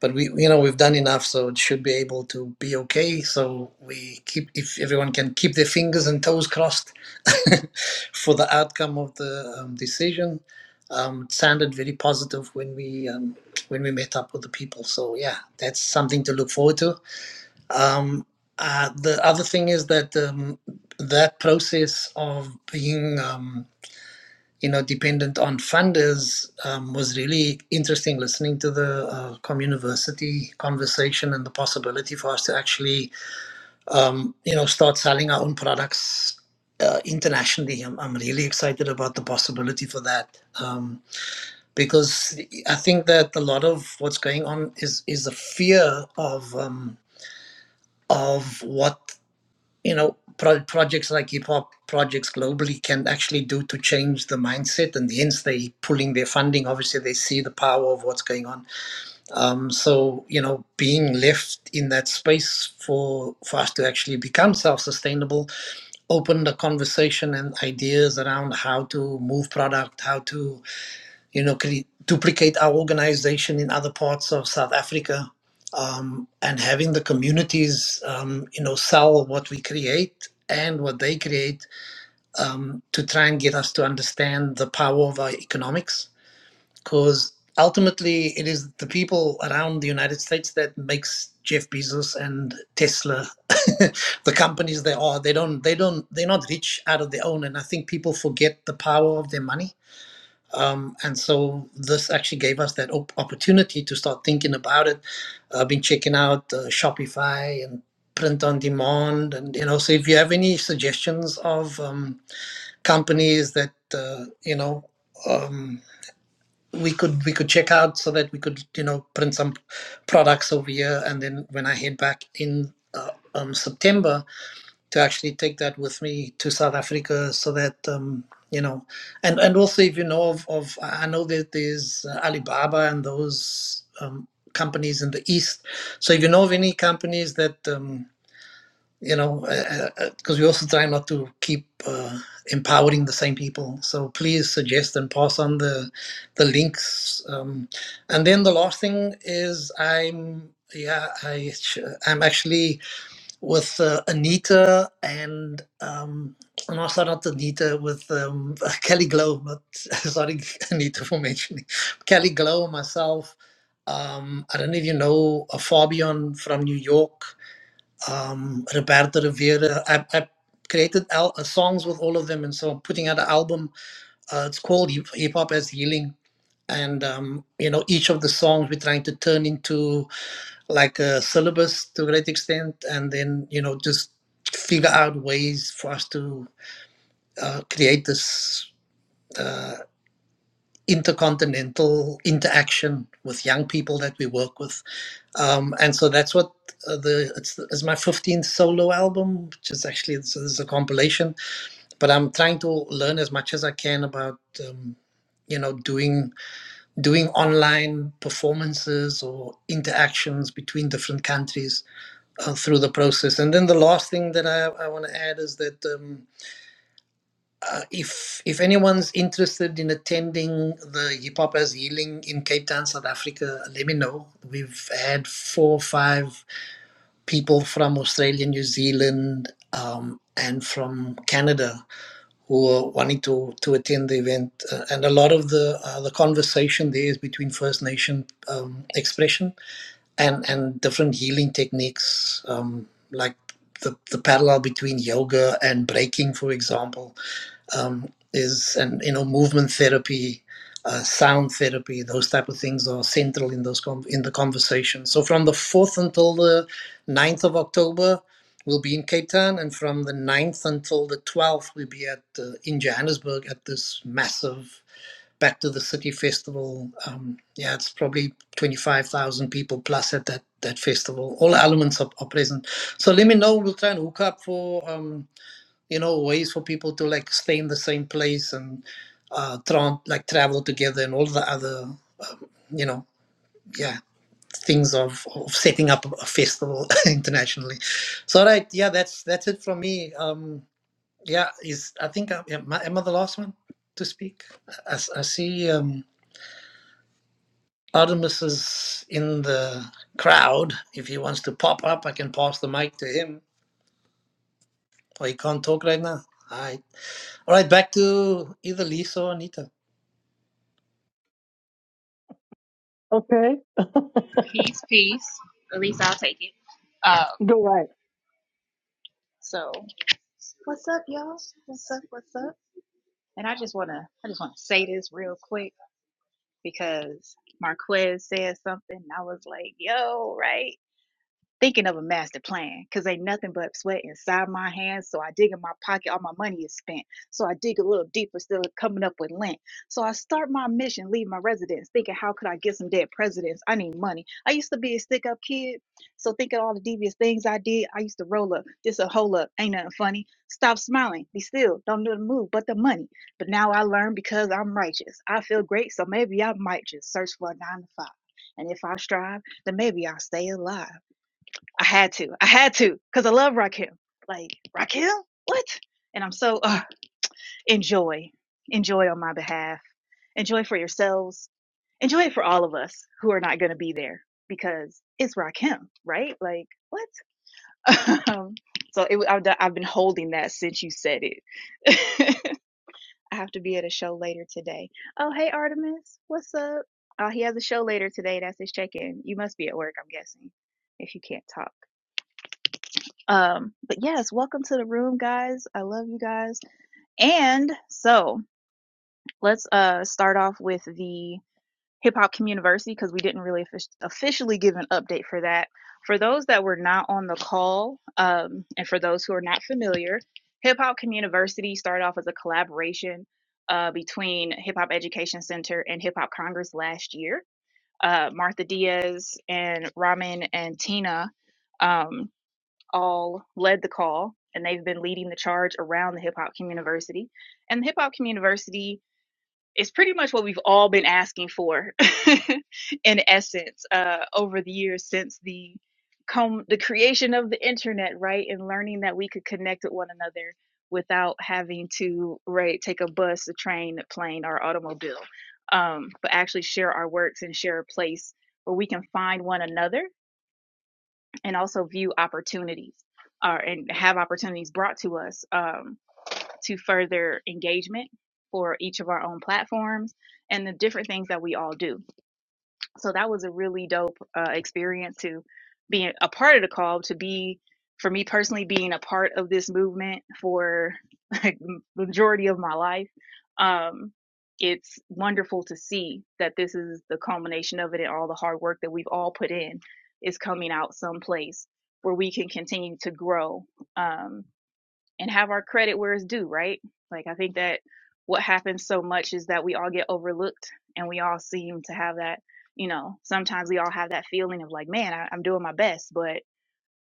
K: but we you know we've done enough so it should be able to be okay so we keep if everyone can keep their fingers and toes crossed for the outcome of the um, decision um, it sounded very positive when we um, when we met up with the people so yeah that's something to look forward to um, uh, the other thing is that um, that process of being um, you know, dependent on funders, um, was really interesting listening to the uh, communiversity conversation and the possibility for us to actually, um, you know, start selling our own products uh, internationally. I'm, I'm really excited about the possibility for that um, because I think that a lot of what's going on is is a fear of um, of what you know pro- projects like hip hop projects globally can actually do to change the mindset and hence they pulling their funding obviously they see the power of what's going on um, so you know being left in that space for for us to actually become self-sustainable opened a conversation and ideas around how to move product how to you know, cre- duplicate our organization in other parts of South Africa, um, and having the communities, um, you know, sell what we create and what they create um, to try and get us to understand the power of our economics, because ultimately it is the people around the United States that makes Jeff Bezos and Tesla the companies they are. They don't. They don't. They're not rich out of their own, and I think people forget the power of their money um, and so this actually gave us that op- opportunity to start thinking about it. I've been checking out uh, Shopify and print on demand, and you know, so if you have any suggestions of um, companies that uh, you know um, we could we could check out, so that we could you know print some products over here, and then when I head back in uh, um, September, to actually take that with me to South Africa so that um, you know and and also if you know of, of I know that there's uh, Alibaba and those um, companies in the east so if you know of any companies that um, you know because uh, uh, we also try not to keep uh, empowering the same people so please suggest and pass on the the links um, and then the last thing is I'm yeah I I'm actually with uh, Anita and um, no, sorry, not Anita, with um, Kelly Glow. But sorry, Anita, for mentioning Kelly Glow, myself. Um, I don't know if you know uh, Fabian from New York, um, Roberto Rivera. I, I created al- uh, songs with all of them, and so I'm putting out an album. Uh, it's called Hip Hip Hop as Healing. And um, you know, each of the songs we're trying to turn into like a syllabus to a great extent, and then you know just figure out ways for us to uh, create this uh, intercontinental interaction with young people that we work with, um, and so that's what uh, the it's, it's my 15th solo album, which is actually it's, it's a compilation. But I'm trying to learn as much as I can about um, you know doing doing online performances or interactions between different countries uh, through the process. And then the last thing that I, I want to add is that um, uh, if if anyone's interested in attending the Hip Hop as Healing in Cape Town, South Africa, let me know. We've had four or five people from Australia, New Zealand, um, and from Canada who are wanting to, to attend the event. Uh, and a lot of the uh, the conversation there is between First Nation um, expression and and different healing techniques um, like the, the parallel between yoga and breaking for example um, is and you know movement therapy uh, sound therapy those type of things are central in those con in the conversation so from the 4th until the ninth of october we'll be in cape town and from the ninth until the 12th we'll be at uh, in johannesburg at this massive back to the city festival. Um, yeah, it's probably 25,000 people plus at that, that festival. All elements are, are present. So let me know. We'll try and hook up for, um, you know, ways for people to like stay in the same place and uh, tran like travel together and all the other, you know, yeah, things of, of setting up a festival internationally. So, right, Yeah, that's, that's it from me. Um, yeah, is I think I, am I am I the last one to speak? I, I see. Um, Artemis is in the crowd. If he wants to pop up, I can pass the mic to him. Or he can't talk right now. All right. All right, back to either Lisa or Anita.
A: Okay.
B: Peace, peace. At least I'll take it. Um,
A: Go right.
B: so what's up, y'all? What's up? What's up? And I just wanna, I just wanna say this real quick. because Marquez said something. And I was like, yo, right? thinking of a master plan because ain't nothing but sweat inside my hands. So I dig in my pocket, all my money is spent. So I dig a little deeper, still coming up with lint. So I start my mission, leave my residence, thinking, how could I get some dead presidents? I need money. I used to be a stick up kid. So thinking all the devious things I did, I used to roll up, just a hole up, ain't nothing funny. Stop smiling, be still, don't do the move, but the money. But now I learn because I'm righteous. I feel great, so maybe I might just search for a nine to five. And if I strive, then maybe I'll stay alive. I had to. I had to because I love Raquel. Like Raquel, what? And I'm so uh, enjoy, enjoy on my behalf. Enjoy for yourselves. Enjoy it for all of us who are not going to be there because it's Rakim, right? Like what? um, so it, I've, I've been holding that since you said it. I have to be at a show later today. Oh, hey Artemis, what's up? Uh, he has a show later today. That's his check-in. You must be at work, I'm guessing, if you can't talk. Um, but yes, welcome to the room, guys. I love you guys. And so let's uh start off with the Hip Hop Community because we didn't really offic- officially give an update for that. For those that were not on the call, um, and for those who are not familiar, Hip Hop Community started off as a collaboration uh, between Hip Hop Education Center and Hip Hop Congress last year. Uh, Martha Diaz and Ramen and Tina. Um, all led the call and they've been leading the charge around the Hip Hop Community And the Hip Hop Community is pretty much what we've all been asking for, in essence, uh, over the years since the come the creation of the internet, right? And learning that we could connect with one another without having to right take a bus, a train, a plane, or automobile, um, but actually share our works and share a place where we can find one another and also view opportunities uh, and have opportunities brought to us um, to further engagement for each of our own platforms and the different things that we all do so that was a really dope uh, experience to be a part of the call to be for me personally being a part of this movement for the majority of my life um it's wonderful to see that this is the culmination of it and all the hard work that we've all put in is coming out someplace where we can continue to grow um and have our credit where it's due, right? Like I think that what happens so much is that we all get overlooked and we all seem to have that, you know, sometimes we all have that feeling of like, man, I, I'm doing my best, but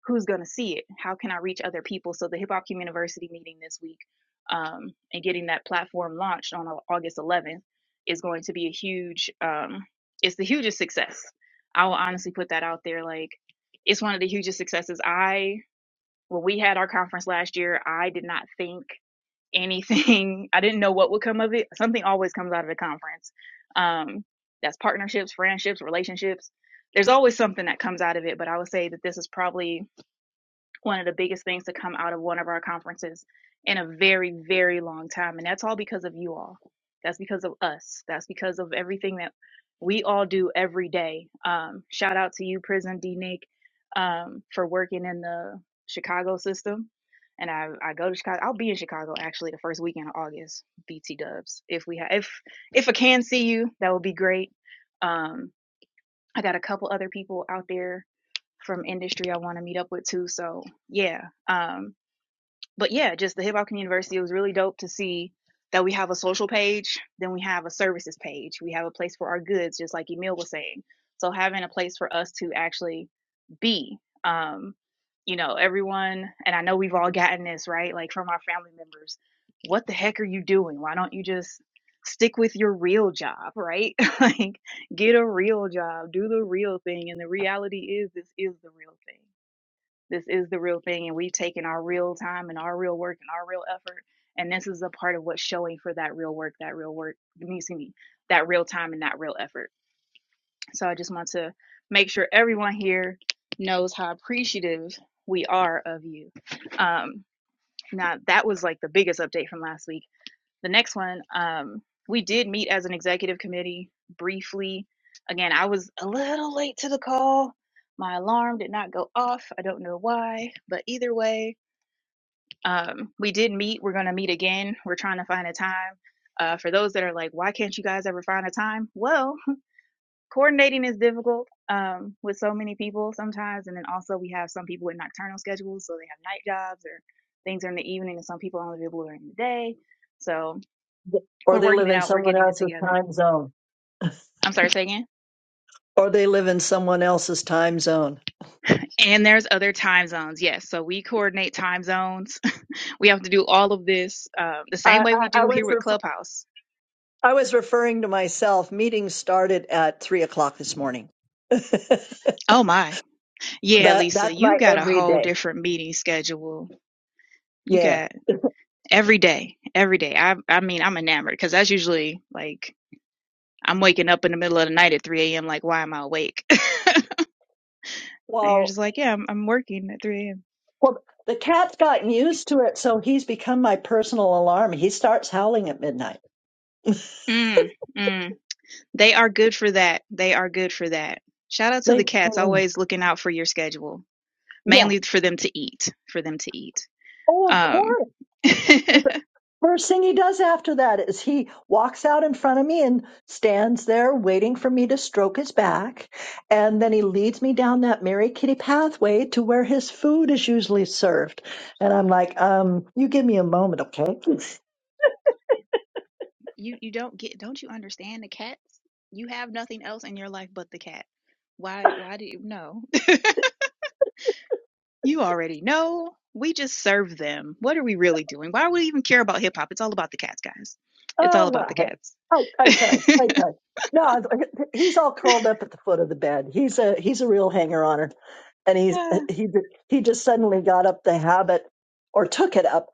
B: who's going to see it? How can I reach other people? So the Hip Hop Community University meeting this week um, and getting that platform launched on Au- August 11th is going to be a huge, um, it's the hugest success. I will honestly put that out there. Like it's one of the hugest successes. I when we had our conference last year, I did not think anything. I didn't know what would come of it. Something always comes out of the conference. Um, that's partnerships, friendships, relationships. There's always something that comes out of it. But I would say that this is probably one of the biggest things to come out of one of our conferences in a very, very long time. And that's all because of you all. That's because of us. That's because of everything that we all do every day. Um, shout out to you, Prison D Nick, um, for working in the Chicago system. And I, I go to Chicago. I'll be in Chicago actually the first weekend of August. BT Dubs. If we have, if if I can see you, that would be great. Um, I got a couple other people out there from industry I want to meet up with too. So yeah, um, but yeah, just the Hip Hop Community University. It was really dope to see that we have a social page, then we have a services page. We have a place for our goods, just like Emil was saying. So having a place for us to actually be, um, you know, everyone, and I know we've all gotten this right, like from our family members. What the heck are you doing? Why don't you just stick with your real job, right? like get a real job, do the real thing. And the reality is, this is the real thing this is the real thing, and we've taken our real time and our real work and our real effort. And this is a part of what's showing for that real work, that real work, I excuse me, that real time and that real effort. So I just want to make sure everyone here knows how appreciative we are of you. Um, now, that was like the biggest update from last week the next one um we did meet as an executive committee briefly again i was a little late to the call my alarm did not go off i don't know why but either way um we did meet we're going to meet again we're trying to find a time uh for those that are like why can't you guys ever find a time well coordinating is difficult um with so many people sometimes and then also we have some people with nocturnal schedules so they have night jobs or things are in the evening and some people only be able to do it in the day so
A: Or
B: we're
A: they
B: working
A: live
B: it
A: in
B: out. We're
A: someone
B: getting it
A: else's
B: together.
A: time zone.
B: I'm sorry, say again.
A: Or they live in someone else's time zone.
B: And there's other time zones. Yes. So we coordinate time zones. We have to do all of this uh, the same
A: I,
B: way
A: I,
B: we
A: I
B: do here
A: was
B: with
A: refer-
B: Clubhouse.
A: I was referring to myself. Meeting started at three o'clock this morning.
B: Oh, my. Yeah,
A: That
B: Lisa,
A: that's
B: you
A: my
B: got a whole
A: everyday.
B: different meeting schedule. You
A: Yeah.
B: got every day, every day. I, I mean, I'm enamored because that's usually like I'm waking up in the middle of the night at 3 a.m. Like, why am I awake? and you're
A: Well,
B: just like, yeah, I'm, I'm working at 3 a.m.
A: well, the cat's gotten used to it, so he's become my personal alarm. He starts howling at midnight.
B: Mm, mm. They are good for that. They are good for that. Shout out to
A: They,
B: the cats,
A: um,
B: always looking out for your schedule,
A: yeah.
B: mainly for them to eat, for them to eat.
A: Oh, of
B: Um,
A: course.
B: you
A: But the first thing he does after that is he walks out in front of me and stands there waiting for me to stroke his back. And then he leads me down that Mary Kitty pathway to where his food is usually served. And I'm like, um, you give me a moment, okay?
B: you don't get don't you understand the cats? You have nothing else in your life but the cat. Why why do you know? You already know. We just serve them. What are we really doing? Why would we even care about hip hop? It's all about the cats, guys. It's
A: Oh
B: all
A: well,
B: about the
A: hey,
B: cats.
A: I I try, I try. No, he's all curled up at the foot of the bed. He's a he's a real hanger oner, and he's
B: Ah,
A: he he just suddenly got up the habit, or took it up,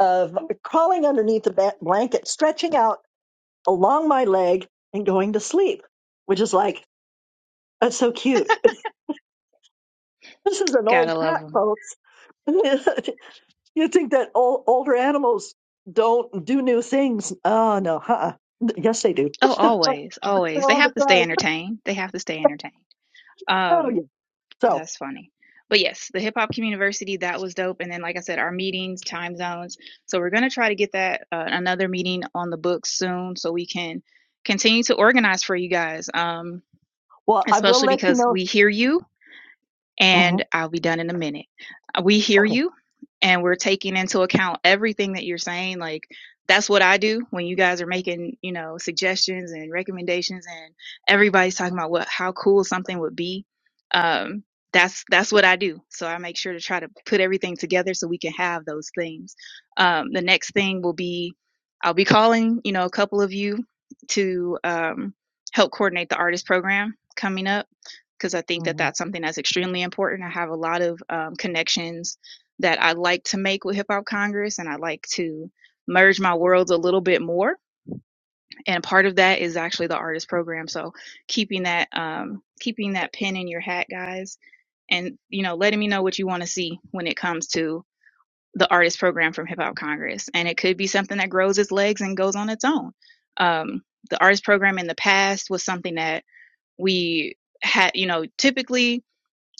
A: of crawling underneath the ba- blanket, stretching out along my leg, and going to sleep, which is like that's so cute. This is an old
B: gotta love
A: cat,
B: them.
A: folks. you think that old, older animals don't do new things? Oh no, huh? Yes, they do.
B: Oh, always,
A: They're
B: always. They
A: all the
B: have to stay
A: time.
B: entertained. They have to stay entertained.
A: Oh
B: Um.
A: yeah. So,
B: That's funny. But yes, the Hip Hop Community that was dope. And then, like I said, our meetings, time zones. So we're going to try to get that uh, another meeting on the books soon so we can continue to organize for you guys, um,
A: well, I will
B: especially
A: let you
B: because
A: know.
B: we hear you
A: Mhm.
B: and I'll be done in a minute. Uh, We hear
A: Okay.
B: you and we're taking into account everything that you're saying. Like that's what I do when you guys are making, you know, suggestions and recommendations and everybody's talking about what how cool something would be. Um that's that's what I do. So I make sure to try to put everything together so we can have those things. Um the next thing will be I'll be calling, you know, a couple of you to um help coordinate the artist program coming up because I think that
A: Mhm.
B: that's something that's extremely important. I have a lot of um, connections that I like to make with Hip Hop Congress, and I like to merge my worlds a little bit more. And part of that is actually the artist program. So keeping that um, keeping that pin in your hat, guys, and you know, letting me know what you want to see when it comes to the artist program from Hip Hop Congress, and it could be something that grows its legs and goes on its own. Um, the artist program in the past was something that we had, you know, typically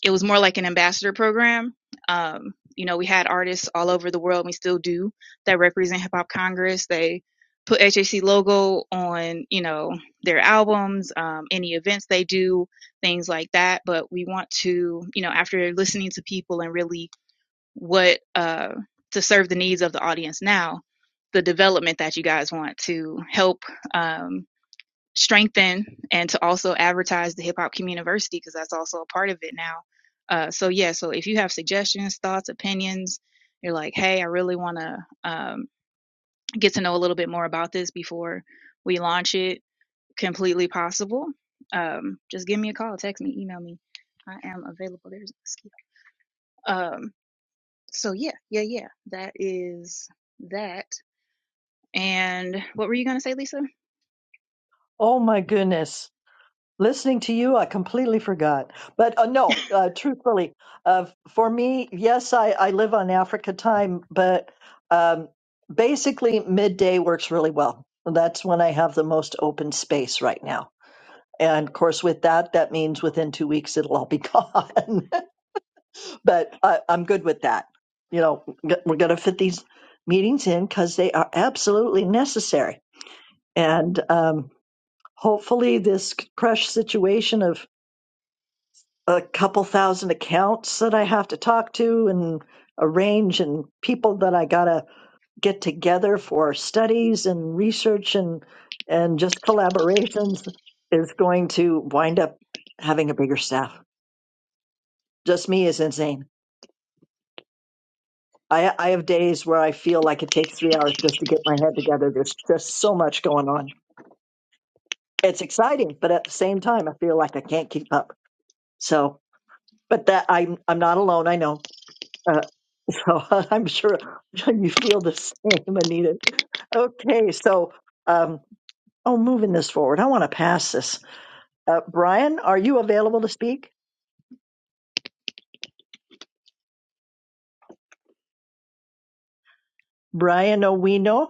B: it was more like an ambassador program. Um, you know, we had artists all over the world. and We still do that represent Hip Hop Congress. They put HAC logo on, you know, their albums, um, any events they do, things like that. But we want to, you know, after listening to people and really what uh, to serve the needs of the audience now, the development that you guys want to help. Um, strengthen and to also advertise the Hip Hop Community because that's also a part of it now. Uh, so yeah, so if you have suggestions, thoughts, opinions, you're like, hey, I really want to um, get to know a little bit more about this before we launch it. Completely possible. Um, just give me a call, text me, email me. I am available. There's a mosquito. Um, so yeah, yeah, yeah. That is that. And what were you gonna say, Lisa?
A: Oh my goodness. Listening to you, I completely forgot. But uh, no, uh, truthfully, uh, for me, yes, I, I live on Africa time, but um, basically midday works really well. That's when I have the most open space right now. And of course, with that, that means within two weeks it'll all be gone. but I, I'm good with that. You know, we're going to fit these meetings in because they are absolutely necessary. And um, hopefully, this crush situation of a couple thousand accounts that I have to talk to and arrange, and people that I got to get together for studies and research and and just collaborations is going to wind up having a bigger staff. Just me is insane. I, I have days where I feel like it takes three hours just to get my head together. There's just so much going on. It's exciting, but at the same time, I feel like I can't keep up. So, but that I'm I'm not alone. I know. Uh, so I'm sure you feel the same, Anita. Okay, so um, oh, moving this forward, I want to pass this. Uh, Brian, are you available to speak? Brian Owino? No.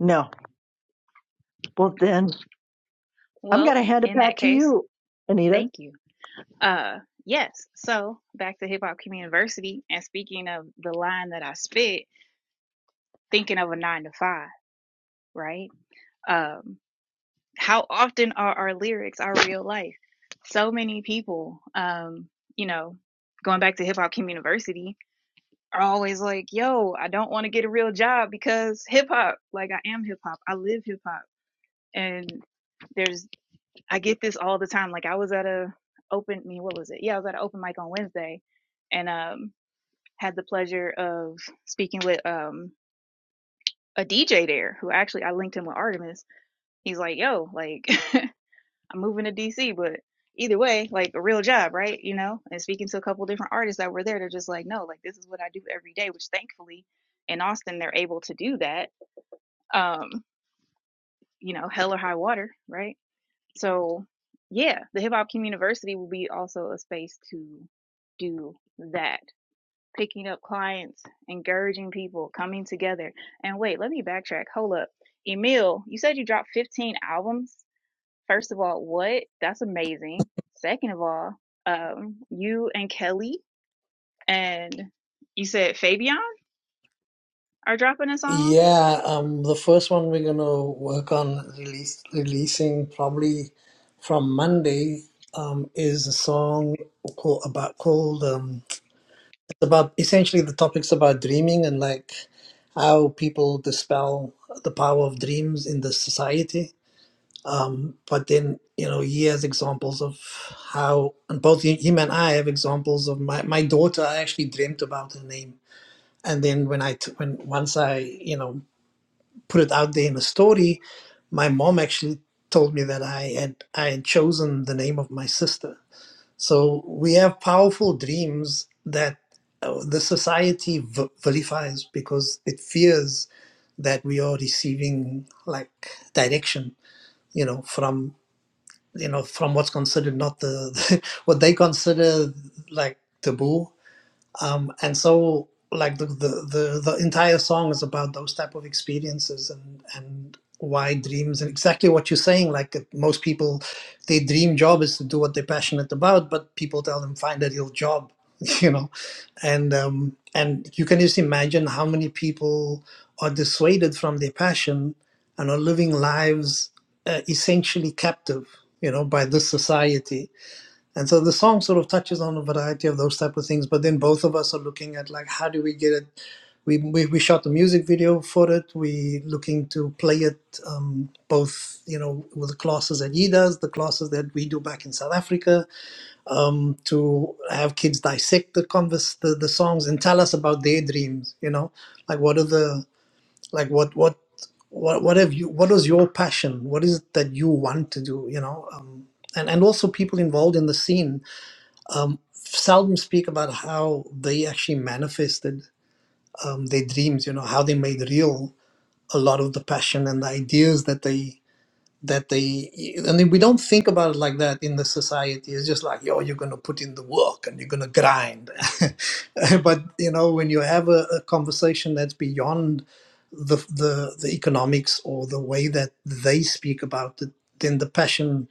A: No. Well, then I'm going
B: Well,
A: to hand it
B: in that
A: back to
B: case,
A: you, Anita.
B: thank you. Uh, yes. So back to Hip Hop Community University, and speaking of the line that I spit, thinking of a nine to five, right? Um, how often are our lyrics our real life? So many people, um, you know, going back to Hip Hop Community University, are always like, yo, I don't want to get a real job because hip hop, like I am hip hop. I live hip hop. And there's, I get this all the time. Like I was at a open, I mean, what was it? Yeah, I was at an open mic on Wednesday and, um, had the pleasure of speaking with, um, a DJ there who actually I linked him with Artemis. He's like, yo, like, I'm moving to DC, but either way, like a real job, right? You know, and speaking to a couple different artists that were there, they're just like, no, like this is what I do every day, which thankfully in Austin, they're able to do that. Um, you know, hell or high water, right? So yeah, the hip hop community university will be also a space to do that. Picking up clients, encouraging people, coming together. And wait, let me backtrack. Hold up. Emil, you said you dropped 15 albums First of all, what? That's amazing. Second of all, um, you and Kelly and you said Fabian are dropping a song.
K: Yeah, um, the first one we're gonna work on release releasing probably from Monday um, is a song called, about called um, it's about essentially the topics about dreaming and like how people dispel the power of dreams in the society Um, but then, you know, he has examples of how, and both he- him and I have examples of my, my daughter. I actually dreamt about her name. And then when I, t- when once I, you know, put it out there in a story, my mom actually told me that I had, I had chosen the name of my sister. So we have powerful dreams that uh, the society v- vilifies because it fears that we are receiving like direction, you know, from you know, from what's considered not the the what they consider like taboo um, and so like the, the the the entire song is about those type of experiences and and why dreams and exactly what you're saying like that most people their dream job is to do what they're passionate about but people tell them find a real job you know and um and you can just imagine how many people are dissuaded from their passion and are living lives uh, essentially captive you know by this society and so the song sort of touches on a variety of those type of things, but then both of us are looking at like how do we get it? We we, we shot the music video for it. We looking to play it um, both, you know, with the classes that he does, the classes that we do back in South Africa, um, to have kids dissect the converse the, the songs and tell us about their dreams, you know, like what are the like what what what what have you what was your passion? What is it that you want to do? You know. Um, and, and also people involved in the scene um, seldom speak about how they actually manifested um, their dreams. You know how they made real a lot of the passion and the ideas that they that they. I mean, we don't think about it like that in the society. It's just like, yo, you're gonna put in the work and you're gonna grind. but you know, when you have a, a conversation that's beyond the, the the economics or the way that they speak about it, then the passion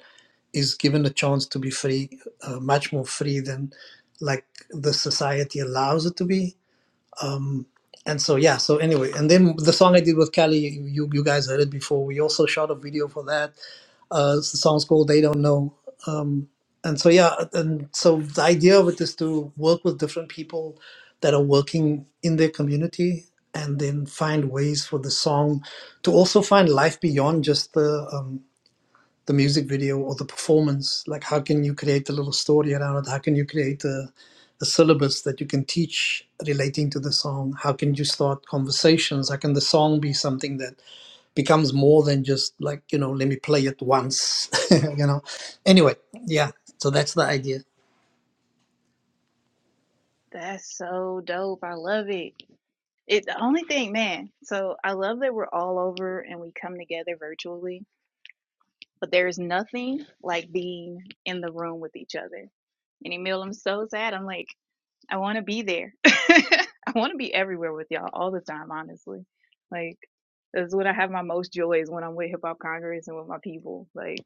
K: is given a chance to be free, uh, much more free than like the society allows it to be. Um, and so yeah, so anyway, and then the song I did with Kelly, you you guys heard it before. We also shot a video for that. Uh, the song's called "They Don't Know." Um, and so yeah, and so the idea of it is to work with different people that are working in their community, and then find ways for the song to also find life beyond just the um, the music video or the performance like how can you create a little story around it how can you create a, a syllabus that you can teach relating to the song how can you start conversations how can the song be something that becomes more than just like you know let me play it once you know anyway yeah so that's the idea
B: That's so dope. I love it. It the only thing, man. So I love that we're all over and we come together virtually, but there's nothing like being in the room with each other. And Emil, I'm so sad. I'm like, I want to be there. I want to be everywhere with y'all all the time, honestly. Like, that's when I have my most joy is when I'm with Hip Hop Congress and with my people. Like.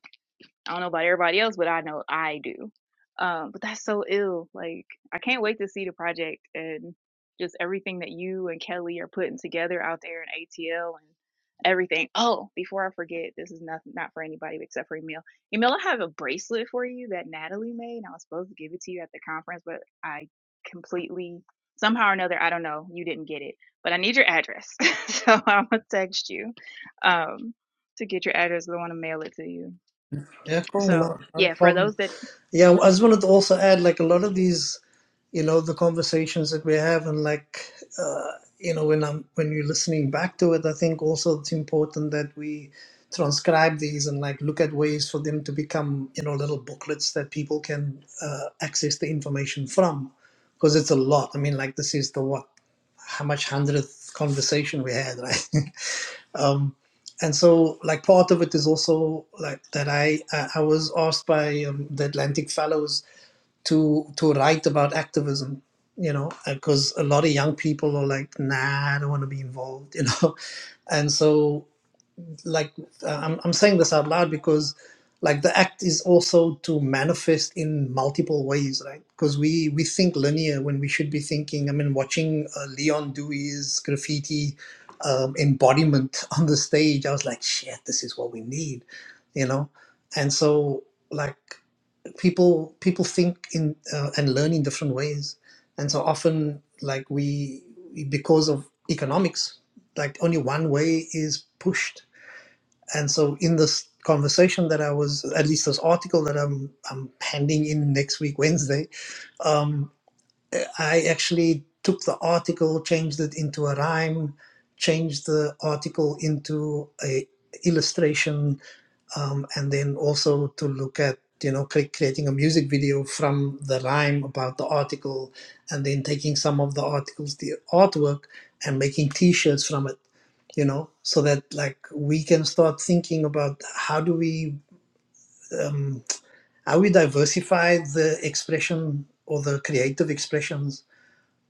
B: I don't know about everybody else, but I know I do. Um, but that's so ill. Like, I can't wait to see the project and just everything that you and Kelly are putting together out there in ATL and everything. Oh, before I forget, this is not not for anybody except for Emil. Emil, I have a bracelet for you that Natalie made, and I was supposed to give it to you at the conference, but I completely somehow or another, I don't know, you didn't get it. But I need your address, so I'm gonna text you um, to get your address. 'cause I want to mail it to you.
K: yeah cool not,
B: So
K: not a
B: yeah, for
K: problem
B: those that
K: Yeah, I just wanted to also add, like a lot of these, you know, the conversations that we have, and like, uh, you know, when I'm when you're listening back to it, I think also it's important that we transcribe these and like look at ways for them to become, you know, little booklets that people can uh, access the information from, because it's a lot. I mean, like this is the what, how much hundredth conversation we had, right? Um, and so, like, part of it is also like that I I was asked by um, the Atlantic Fellows to to write about activism, you know, because a lot of young people are like, nah, I don't want to be involved, you know, and so like uh, I'm, I'm saying this out loud because like the act is also to manifest in multiple ways right because we we think linear when we should be thinking i mean watching uh, leon dewey's graffiti um, embodiment on the stage i was like shit this is what we need you know and so like people people think in uh, and learn in different ways and so often like we because of economics like only one way is pushed and so in this conversation that I was, at least this article that I'm I'm handing in next week Wednesday, um, I actually took the article, changed it into a rhyme, changed the article into a illustration um, and then also to look at you know cre- creating a music video from the rhyme about the article and then taking some of the articles the artwork and making t-shirts from it you know so that like we can start thinking about how do we um, how we diversify the expression or the creative expressions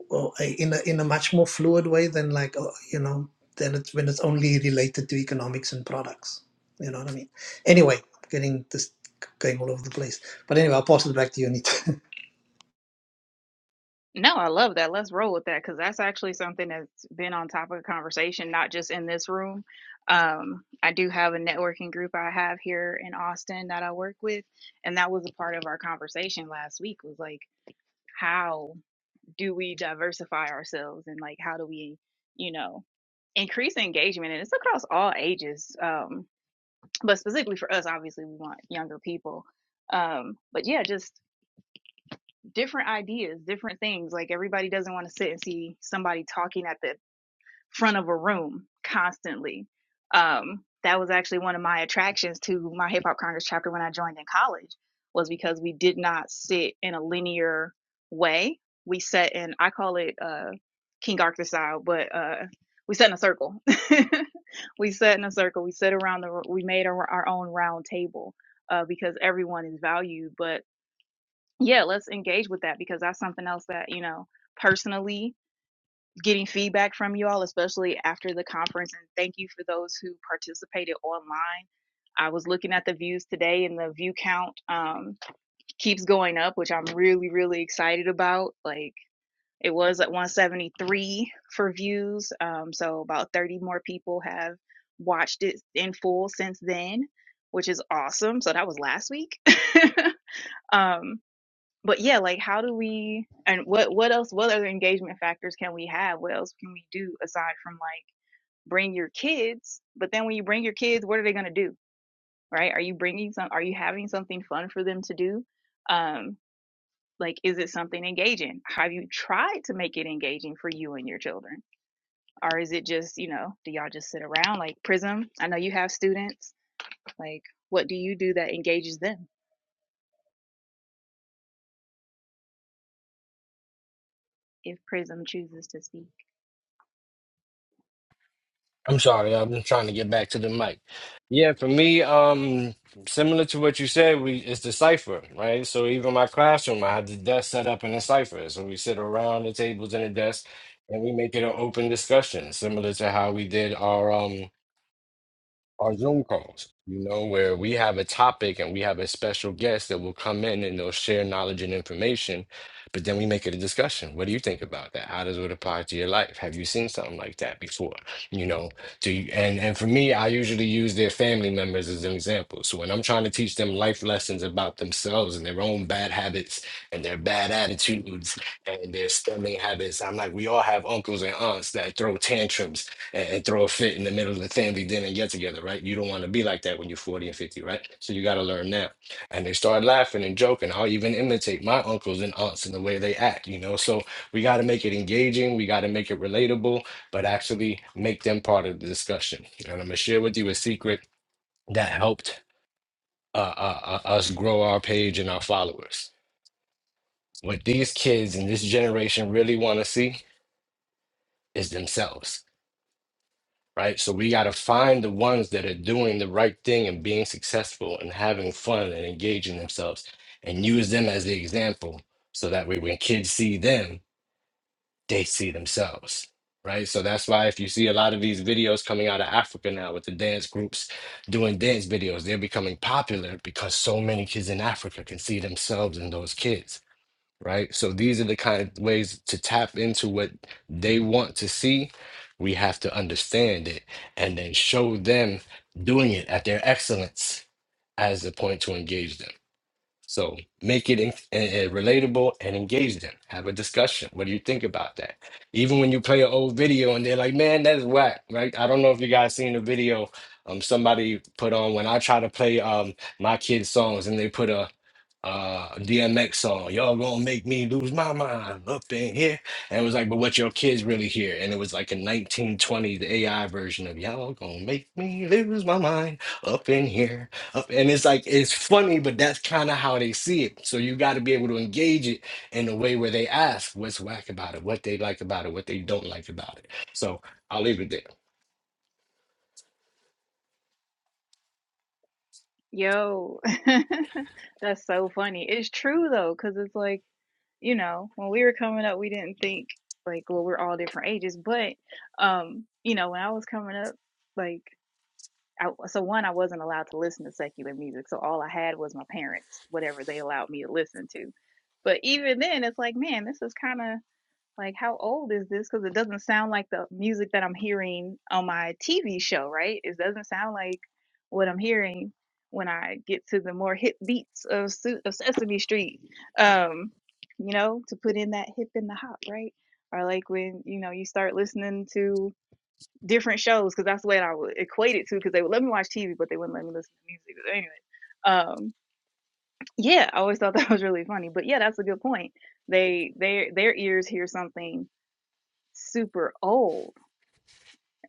K: well, in a in a much more fluid way than like uh, you know than it's when it's only related to economics and products. You know what I mean? Anyway, getting this going all over the place. But anyway, I'll pass it back to you, Anita.
B: no, I love that. Let's roll with that because that's actually something that's been on top of the conversation, not just in this room. Um, I do have a networking group I have here in Austin that I work with, and that was a part of our conversation last week. Was like, how do we diversify ourselves, and like, how do we, you know, increase engagement? And it's across all ages, um, but specifically for us, obviously, we want younger people. Um, but yeah, just different ideas, different things. Like everybody doesn't want to sit and see somebody talking at the front of a room constantly. Um, that was actually one of my attractions to my hip hop congress chapter when I joined in college was because we did not sit in a linear way. We sat in I call it uh King Arthur style, but uh we sat in a circle. we sat in a circle. We sat around the we made our, our own round table uh because everyone is valued, but yeah, let's engage with that because that's something else that, you know, personally getting feedback from you all, especially after the conference. And thank you for those who participated online. I was looking at the views today and the view count um, keeps going up, which I'm really, really excited about. Like it was at 173 for views. Um, so about 30 more people have watched it in full since then, which is awesome. So that was last week. um, but yeah, like how do we and what what else what other engagement factors can we have? What else can we do aside from like bring your kids? But then when you bring your kids, what are they gonna do? Right? Are you bringing some? Are you having something fun for them to do? Um, like is it something engaging? Have you tried to make it engaging for you and your children, or is it just you know do y'all just sit around like Prism? I know you have students. Like what do you do that engages them if Prism chooses to speak?
G: I'm sorry, I'm trying to get back to the mic. Yeah, for me, um, similar to what you said, we it's the cipher, right? So even my classroom, I had the desk set up in a cipher. So we sit around the tables and the desk and we make it an open discussion, similar to how we did our um our Zoom calls, you know, where we have a topic and we have a special guest that will come in and they'll share knowledge and information, but then we make it a discussion. What do you think about that? How does it apply to your life? Have you seen something like that before? You know, do you, and and for me, I usually use their family members as an example. So when I'm trying to teach them life lessons about themselves and their own bad habits and their bad attitudes and their spending habits, I'm like, we all have uncles and aunts that throw tantrums and, and throw a fit in the middle of the family dinner and get together, right? You don't want to be like that when you're 40 and 50, right? So you got to learn now. And they start laughing and joking. I'll even imitate my uncles and aunts in the way they act, you know? So we got to make it engaging, we got to make it relatable, but actually make them part of the discussion. And I'm going to share with you a secret that helped uh, uh, uh, us grow our page and our followers. What these kids in this generation really want to see is themselves right? So we got to find the ones that are doing the right thing and being successful and having fun and engaging themselves and use them as the example. So that way, when kids see them, they see themselves, right? So that's why if you see a lot of these videos coming out of Africa now with the dance groups doing dance videos, they're becoming popular because so many kids in Africa can see themselves in those kids right? So these are the kind of ways to tap into what they want to see. We have to understand it and then show them doing it at their excellence as the point to engage them. So make it in, uh, relatable and engage them. Have a discussion. What do you think about that? Even when you play an old video and they're like, "Man, that is whack," right? I don't know if you guys seen the video um somebody put on when I try to play um my kids songs and they put a uh DMX song. Y'all gonna make me lose my mind up in here. And it was like, but what your kids really hear? And it was like a 1920s AI version of y'all gonna make me lose my mind up in here and it's like it's funny, but that's kind of how they see it. So you got to be able to engage it in a way where they ask what's whack about it, what they like about it, what they don't like about it. So I'll leave it there.
B: Yo, that's so funny. It's true though, because it's like, you know, when we were coming up, we didn't think like, well, we're all different ages, but, um, you know, when I was coming up, like, I, so one, I wasn't allowed to listen to secular music, so all I had was my parents, whatever they allowed me to listen to. But even then, it's like, man, this is kind of like how old is this because it doesn't sound like the music that i'm hearing on my tv show right it doesn't sound like what i'm hearing when i get to the more hip beats of, Su- of sesame street um you know to put in that hip and the hop right or like when you know you start listening to different shows because that's what i would equate it to because they would let me watch tv but they wouldn't let me listen to music but anyway um yeah i always thought that was really funny but yeah that's a good point they their their ears hear something super old.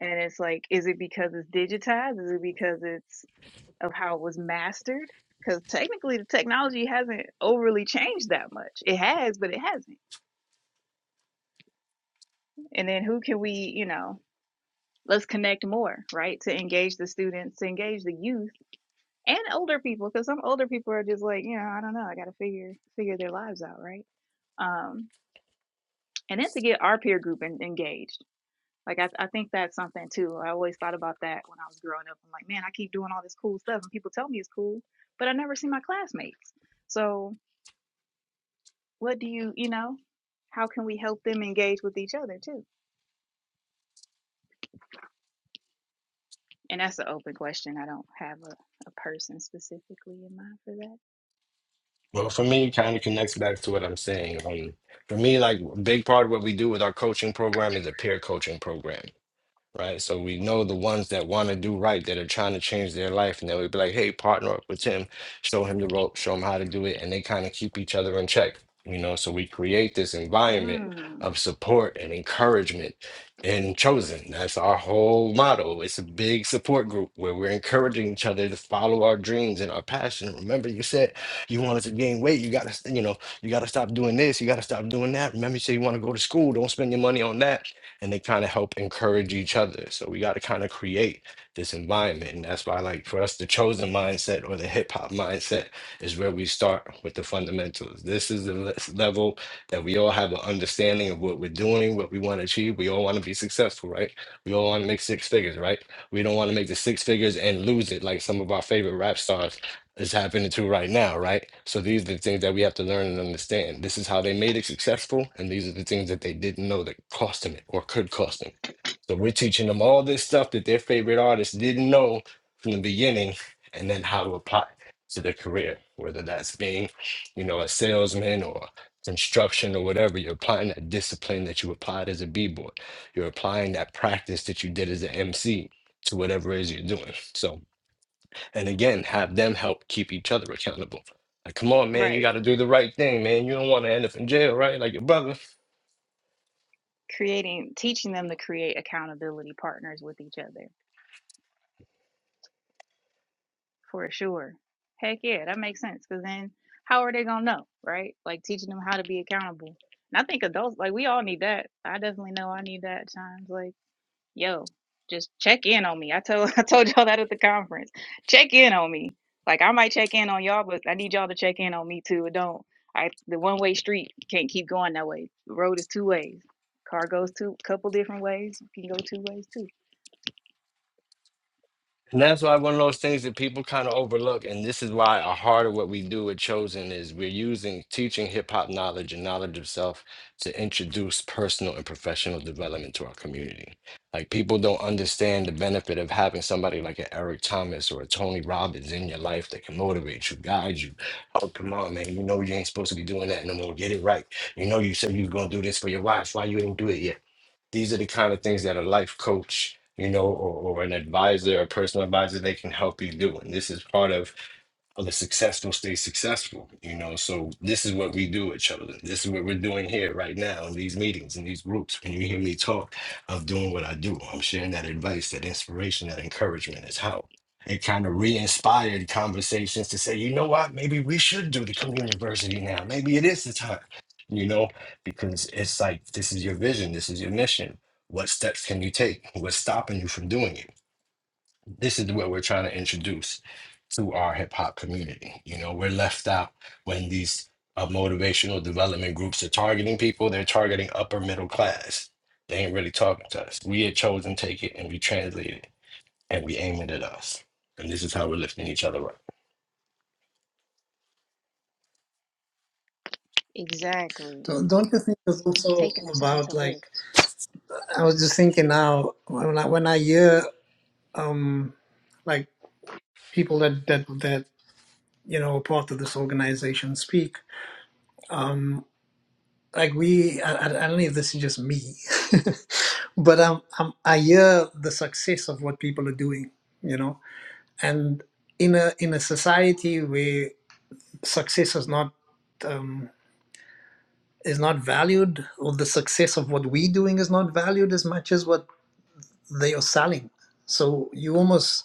B: And it's like, is it because it's digitized? Is it because it's of how it was mastered? Because technically, the technology hasn't overly changed that much. It has, but it hasn't. And then who can we, you know, let's connect more, right? To engage the students, to engage the youth and older people, because some older people are just like, you know, I don't know, I got to figure figure their lives out, right? Um, and then to get our peer group en- engaged Like I, I think that's something too. I always thought about that when I was growing up. I'm like, man, I keep doing all this cool stuff and people tell me it's cool, but I never see my classmates. So what do you, you know, how can we help them engage with each other too? And that's an open question. I don't have a, a person specifically in mind for that.
G: Well, for me, it kind of connects back to what I'm saying. Um, for me, like a big part of what we do with our coaching program is a peer coaching program. right? So we know the ones that want to do right, that are trying to change their life, and then we'd be like, "Hey, partner up with him, show him the rope, show him how to do it," and they kind of keep each other in check, you know. So we create this environment
B: Mm,
G: of support and encouragement. in chosen. That's our whole motto. It's a big support group where we're encouraging each other to follow our dreams and our passion. Remember, you said you wanted to gain weight. You gotta, you know, you gotta stop doing this. You gotta stop doing that. Remember, you said you want to go to school. Don't spend your money on that and they kind of help encourage each other. So we got to kind of create this environment. And that's why, like, for us, the chosen mindset or the hip hop mindset is where we start with the fundamentals. This is the le- level that we all have an understanding of what we're doing, what we want to achieve. We all want to be successful, right? We all want to make six figures, right? We don't want to make the six figures and lose it like some of our favorite rap stars is happening to right now, right? So these are the things that we have to learn and understand. This is how they made it successful, and these are the things that they didn't know that cost them it or could cost them. So we're teaching them all this stuff that their favorite artists didn't know from the beginning, and then how to apply it to their career, whether that's being, you know, a salesman or construction or whatever. You're applying that discipline that you applied as a b-boy. You're applying that practice that you did as an MC to whatever it is you're doing. So and again have them help keep each other accountable. Like, come on, man, you
B: right.
G: got to do the right thing, man. You don't want to end up in jail, right? Like your brother.
B: Creating, teaching them to create accountability partners with each other for sure. Heck yeah, that makes sense. Cause then how are they gonna know, right? Like teaching them how to be accountable. And I think adults, like we all need that. I definitely know I need that at times. Like, yo, just check in on me. I told I told y'all that at the conference. Check in on me. Like I might check in on y'all, but I need y'all to check in on me too. It don't I the one way street can't keep going that way. The road is two ways. Car goes two couple different ways. You can go two ways too.
G: And that's why one of those things that people kind of overlook, and this is why a heart of what we do at Chosen is we're using teaching hip hop knowledge and knowledge of self to introduce personal and professional development to our community. Like people don't understand the benefit of having somebody like an Eric Thomas or a Tony Robbins in your life that can motivate you, guide you. Oh, come on, man! You know you ain't supposed to be doing that no more. Get it right. You know you said you was gonna do this for your wife. Why you ain't do it yet? These are the kind of things that a life coach, you know, or, or an advisor, a personal advisor, they can help you do. And this is part of or the successful stay successful. You know, so this is what we do at Children. This is what we're doing here right now in these meetings, in these groups. When you hear me talk, I'm doing what I do. I'm sharing that advice, that inspiration, that encouragement is how it kind of re-inspired conversations to say, you know what, maybe we should do the community university now. Maybe it is the time, you know, because it's like this is your vision, this is your mission. What steps can you take? What's stopping you from doing it? this is what we're trying to introduce to our hip hop community. You know, we're left out when these uh, motivational development groups are targeting people. They're targeting upper middle class. They ain't really talking to us. We had chosen take it and we translate it and we aiming at us. And this is how we're lifting each other up.
B: Exactly.
K: don't, don't you think it's also
B: Taking the time to
K: about
B: live.
K: like I was just thinking now when I when I hear um like people that that that you know are part of this organization speak um like we i, I I don't know if this is just me but I'm, I'm i hear the success of what people are doing you know and in a in a society where success is not um is not valued or the success of what we doing is not valued as much as what they are selling so you almost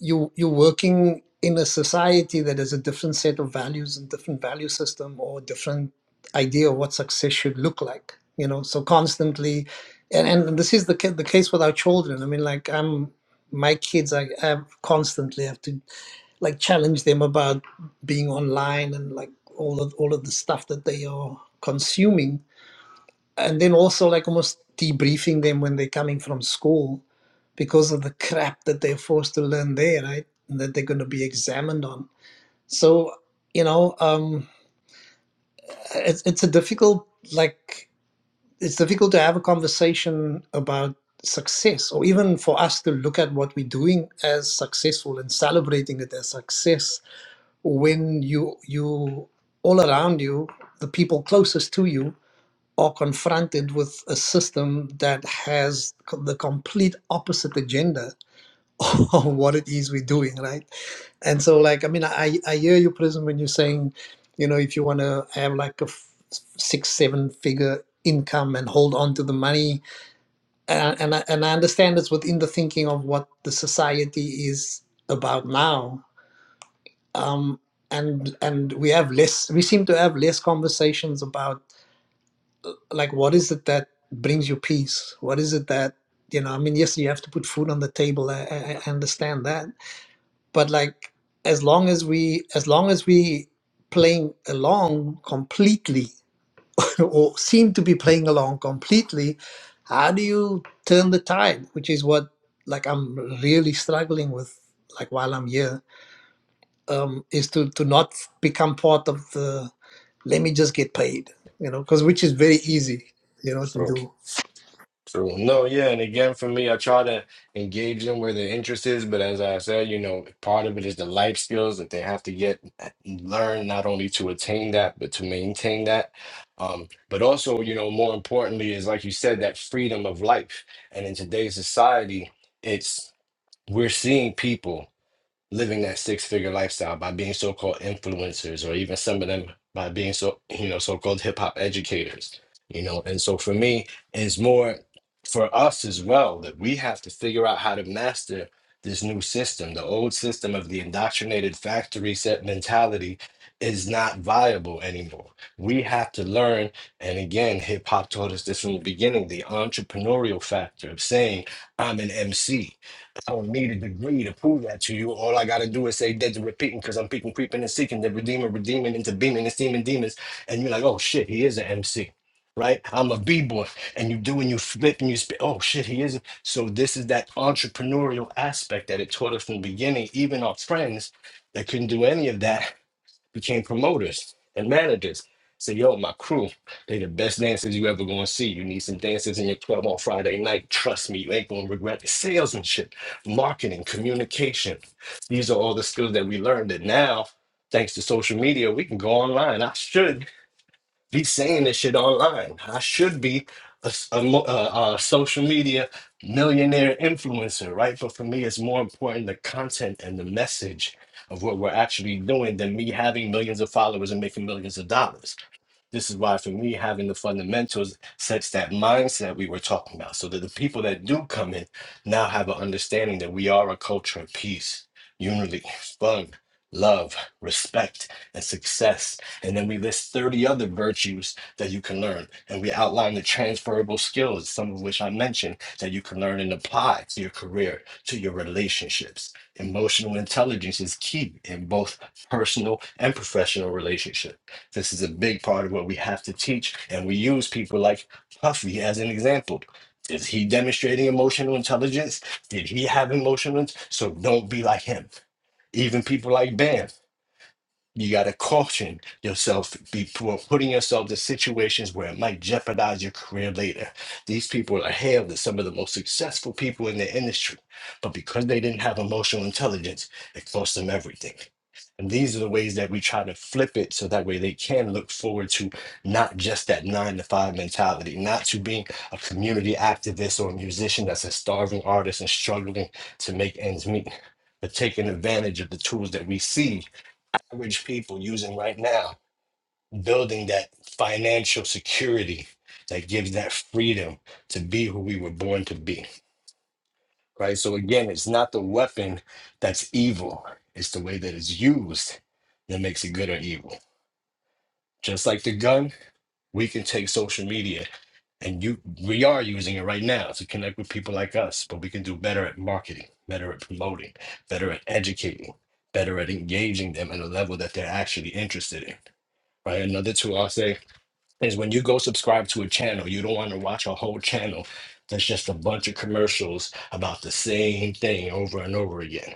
K: you you're working in a society that has a different set of values and different value system or different idea of what success should look like you know so constantly and, and this is the ca- the case with our children i mean like i'm my kids i have constantly have to like challenge them about being online and like all of all of the stuff that they are consuming and then also like almost debriefing them when they're coming from school because of the crap that they're forced to learn there right and that they're going to be examined on so you know um it's, it's a difficult like it's difficult to have a conversation about success or even for us to look at what we're doing as successful and celebrating it as success when you you all around you the people closest to you or confronted with a system that has the complete opposite agenda of what it is we're doing, right? And so, like, I mean, I, I hear you, Prism, when you're saying, you know, if you want to have like a f- six, seven figure income and hold on to the money. And, and, I, and I understand it's within the thinking of what the society is about now. Um, and and we have less, we seem to have less conversations about like what is it that brings you peace what is it that you know i mean yes you have to put food on the table i, I I understand that but like as long as we as long as we playing along completely or seem to be playing along completely how do you turn the tide which is what like i'm really struggling with like while i'm here um is to to not become part of the let me just get paid you know because which is very easy you know to
G: So
K: do
G: True. No, yeah, and again for me, I try to engage them where their interest is, but as I said, you know, part of it is the life skills that they have to get uh, learn not only to attain that, but to maintain that. Um, but also, you know, more importantly is like you said, that freedom of life. And in today's society, it's we're seeing people living that six figure lifestyle by being so called influencers or even some of them by being so you know so called hip hop educators you know and so for me it's more for us as well that we have to figure out how to master this new system the old system of the indoctrinated factory set mentality is not viable anymore we have to learn and again hip hop taught us this from the beginning the entrepreneurial factor of saying i'm an mc I don't need a degree to prove that to you. All I gotta do is say dead to repeating, because I'm peeping, creeping, and seeking the redeemer, redeeming into beaming and steaming demons. And you're like, oh shit, he is an MC, right? I'm a b-boy, and you do and you flip and you spit. Oh shit, he is. So this is that entrepreneurial aspect that it taught us from the beginning. Even our friends that couldn't do any of that became promoters and managers. Say, yo, my crew, they the best dancers you ever gonna see. You need some dancers in your club on Friday night. Trust me, you ain't gonna regret it. Salesmanship, marketing, communication. These are all the skills that we learned that now, thanks to social media, we can go online. I should be saying this shit online. I should be a, s- a mo- a- a social media millionaire influencer, right? But for me, it's more important the content and the message of what we're actually doing than me having millions of followers and making millions of dollars. This is why, for me, having the fundamentals sets that mindset we were talking about, so that the people that do come in now have an understanding that we are a culture of peace, unity, fun, love, respect, and success. And then we list 30 other virtues that you can learn. And we outline the transferable skills, some of which I mentioned, that you can learn and apply to your career, to your relationships. Emotional intelligence is key in both personal and professional relationships this is a big part of what we have to teach, and we use people like Puffy as an example. Is he demonstrating emotional intelligence? Did he have emotional? int- So don't be like him. Even people like Bam. You got to caution yourself before putting yourself in situations where it might jeopardize your career later. These people are hailed as some of the most successful people in the industry, but because they didn't have emotional intelligence, it cost them everything. And these are the ways that we try to flip it so that way they can look forward to not just that nine to five mentality, not to being a community activist or a musician that's a starving artist and struggling to make ends meet, but taking advantage of the tools that we see average people using right now, building that financial security that gives that freedom to be who we were born to be. Right. So again, it's not the weapon that's evil, it's the way that it's used that makes it good or evil. Just like the gun, we can take social media and you we are using it right now to connect with people like us, but we can do better at marketing, better at promoting, better at educating, better at engaging them at a level that they're actually interested in. Right. Another tool I'll say is when you go subscribe to a channel, you don't want to watch a whole channel that's just a bunch of commercials about the same thing over and over again.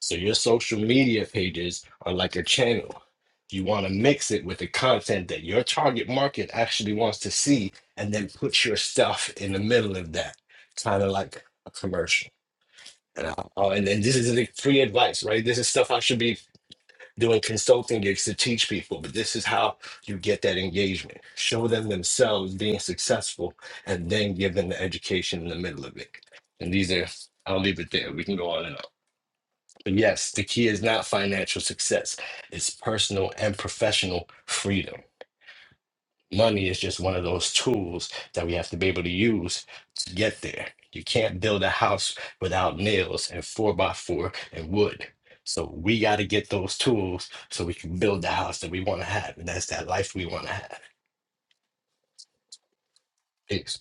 G: So your social media pages are like a channel. You want to mix it with the content that your target market actually wants to see and then put your stuff in the middle of that, kind of like a commercial. And, I, oh, and, and this is like free advice, right? This is stuff I should be doing consulting gigs to teach people, but this is how you get that engagement. Show them themselves being successful and then give them the education in the middle of it. And these are, I'll leave it there. We can go on and on. But yes, the key is not financial success, it's personal and professional freedom. Money is just one of those tools that we have to be able to use to get there. You can't build a house without nails and four by four and wood. So we got to get those tools so we can build the house that we want to have, and that's that life we want to have. Thanks.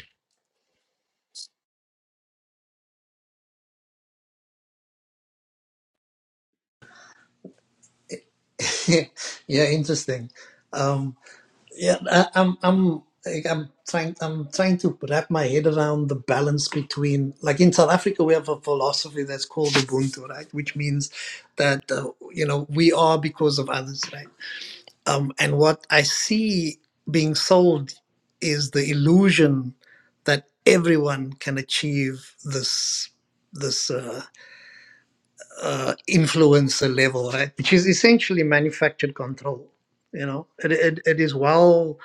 K: yeah, yeah, interesting. Um, yeah, I, I'm, I'm, like, I'm trying, I'm trying to wrap my head around the balance between, like in South Africa, we have a philosophy that's called Ubuntu, right? Which means that uh, you know we are because of others, right? Um, and what I see being sold is the illusion that everyone can achieve this, this. Uh, uh, influencer level, right? Which is essentially manufactured control. You know, it, it, it is well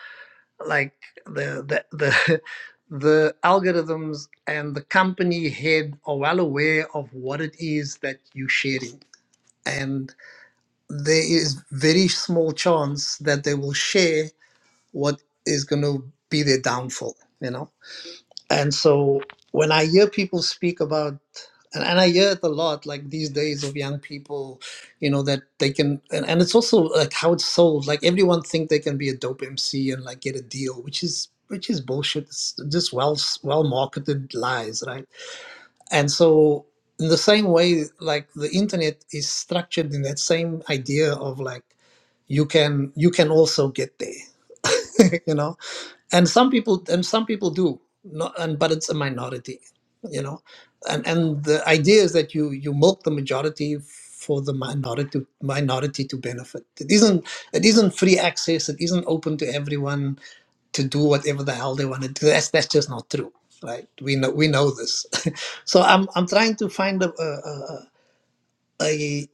K: like the the the the algorithms and the company head are well aware of what it is that you're sharing, and there is very small chance that they will share what is going to be their downfall. You know and so when I hear people speak about, and, and I hear it a lot, like these days of young people, you know, that they can, and, and it's also like how it's sold. Like everyone think they can be a dope MC and like get a deal, which is which is bullshit. It's just well well marketed lies, right? And so in the same way, like the internet is structured in that same idea of like you can you can also get there, you know and some people and some people do no and but it's a minority you know and and the idea is that you you milk the majority for the minority minority to benefit it isn't it isn't free access it isn't open to everyone to do whatever the hell they want to do that's that's just not true right we know we know this so i'm i'm trying to find a a, a, a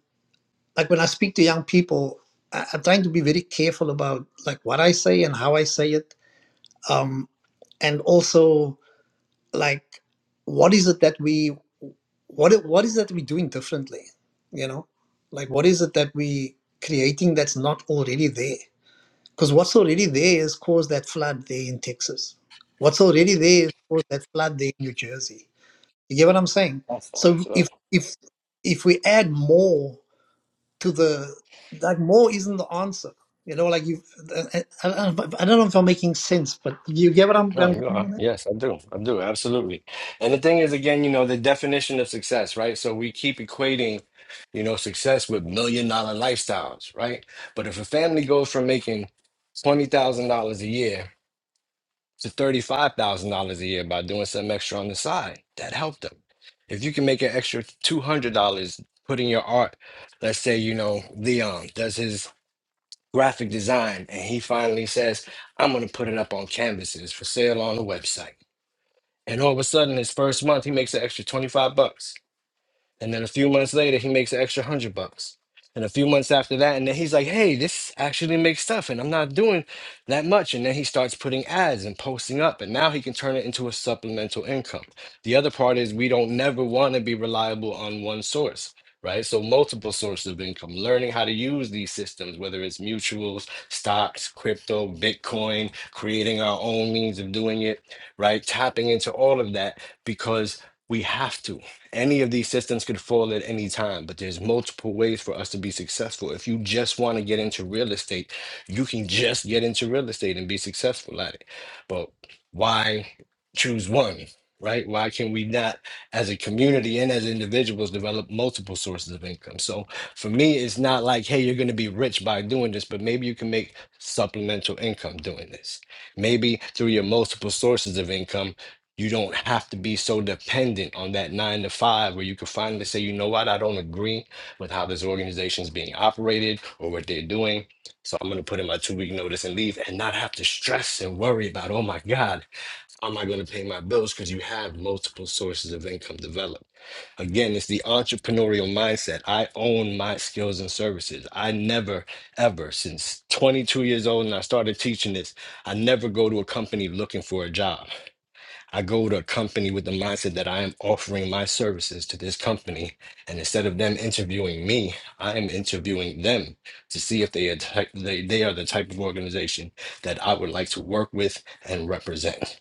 K: like when i speak to young people I, i'm trying to be very careful about like what i say and how i say it um and also like what is it that we what i- what is that we're doing differently you know like what is it that we creating that's not already there because what's already there is caused that flood there in texas what's already there is caused that flood there in new jersey you get what i'm saying
G: That's
K: so
G: Peace.
K: if if if we add more to the like more isn't the answer you know like you i, I, I don't know if i'm making sense but you get what i'm, I'm going
G: No, you
K: with that?
G: are. Yes, I do. I do. Absolutely. And the thing is, again, you know, the definition of success, right? So we keep equating, you know, success with million dollar lifestyles, right? But if a family goes from making $20,000 a year to $35,000 a year by doing something extra on the side, that helped them. If you can make an extra $200 putting your art, let's say, you know, Leon does his graphic design and he finally says, I'm going to put it up on canvases for sale on the website and all of a sudden, his first month, he makes an extra 25 bucks. And then a few months later, he makes an extra hundred bucks. And a few months after that, and then he's like, hey, this actually makes stuff, and I'm not doing that much. And then he starts putting ads and posting up, and now he can turn it into a supplemental income. The other part is we don't never want to be reliable on one source, right? So, multiple sources of income, learning how to use these systems, whether it's mutuals, stocks, crypto, Bitcoin, creating our own means of doing it, right? Tapping into all of that because we have to. Any of these systems could fall at any time, but there's multiple ways for us to be successful. If you just want to get into real estate, you can just get into real estate and be successful at it. But why choose one, right? Why can we not, as a community and as individuals, develop multiple sources of income? So for me, it's not like, hey, you're going to be rich by doing this, but maybe you can make supplemental income doing this. Maybe through your multiple sources of income you don't have to be so dependent on that nine to five where you can finally say, you know what, I don't agree with how this organization is being operated or what they're doing. So I'm going to put in my two week notice and leave and not have to stress and worry about, oh my God, how am I going to pay my bills? Because you have multiple sources of income developed. Again, it's the entrepreneurial mindset. I own my skills and services. I never, ever, since 22 years old and I started teaching this, I never go to a company looking for a job. I go to a company with the mindset that I am offering my services to this company. And instead of them interviewing me, I am interviewing them to see if they are, type, they, they are the type of organization that I would like to work with and represent.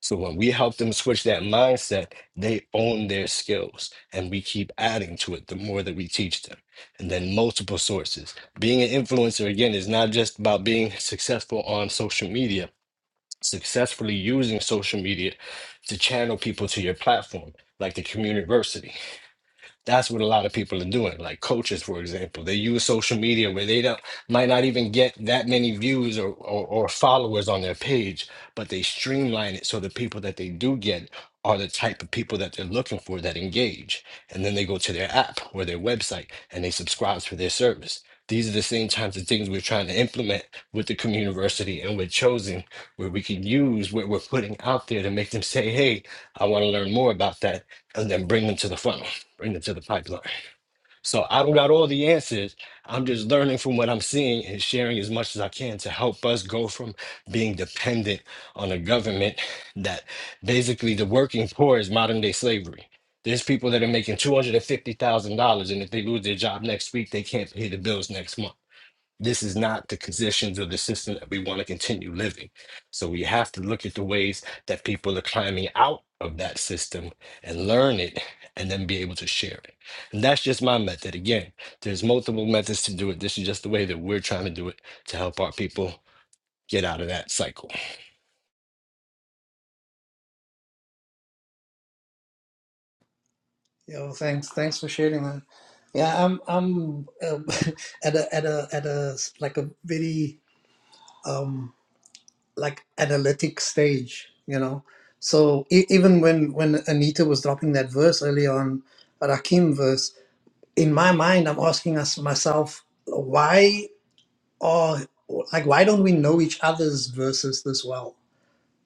G: So when we help them switch that mindset, they own their skills and we keep adding to it the more that we teach them. And then multiple sources. Being an influencer, again, is not just about being successful on social media successfully using social media to channel people to your platform, like the community. That's what a lot of people are doing. Like coaches, for example, they use social media where they don't might not even get that many views or, or, or followers on their page, but they streamline it so the people that they do get are the type of people that they're looking for that engage. And then they go to their app or their website and they subscribe for their service. These are the same types of things we're trying to implement with the community and with chosen where we can use what we're putting out there to make them say, hey, I want to learn more about that, and then bring them to the funnel bring it to the pipeline. So I don't got all the answers. I'm just learning from what I'm seeing and sharing as much as I can to help us go from being dependent on a government that basically the working poor is modern day slavery. There's people that are making $250,000 and if they lose their job next week, they can't pay the bills next month this is not the conditions or the system that we want to continue living. So we have to look at the ways that people are climbing out of that system and learn it and then be able to share it. And that's just my method. Again, there's multiple methods to do it. This is just the way that we're trying to do it to help our people get out of that cycle.
K: Yeah, well, thanks. Thanks for sharing that. Yeah, I'm I'm uh, at a at a at a s- like a very um like analytic stage, you know. So e- even when when Anita was dropping that verse early on, Rakim verse, in my mind, I'm asking us myself, why are like why don't we know each other's verses this well?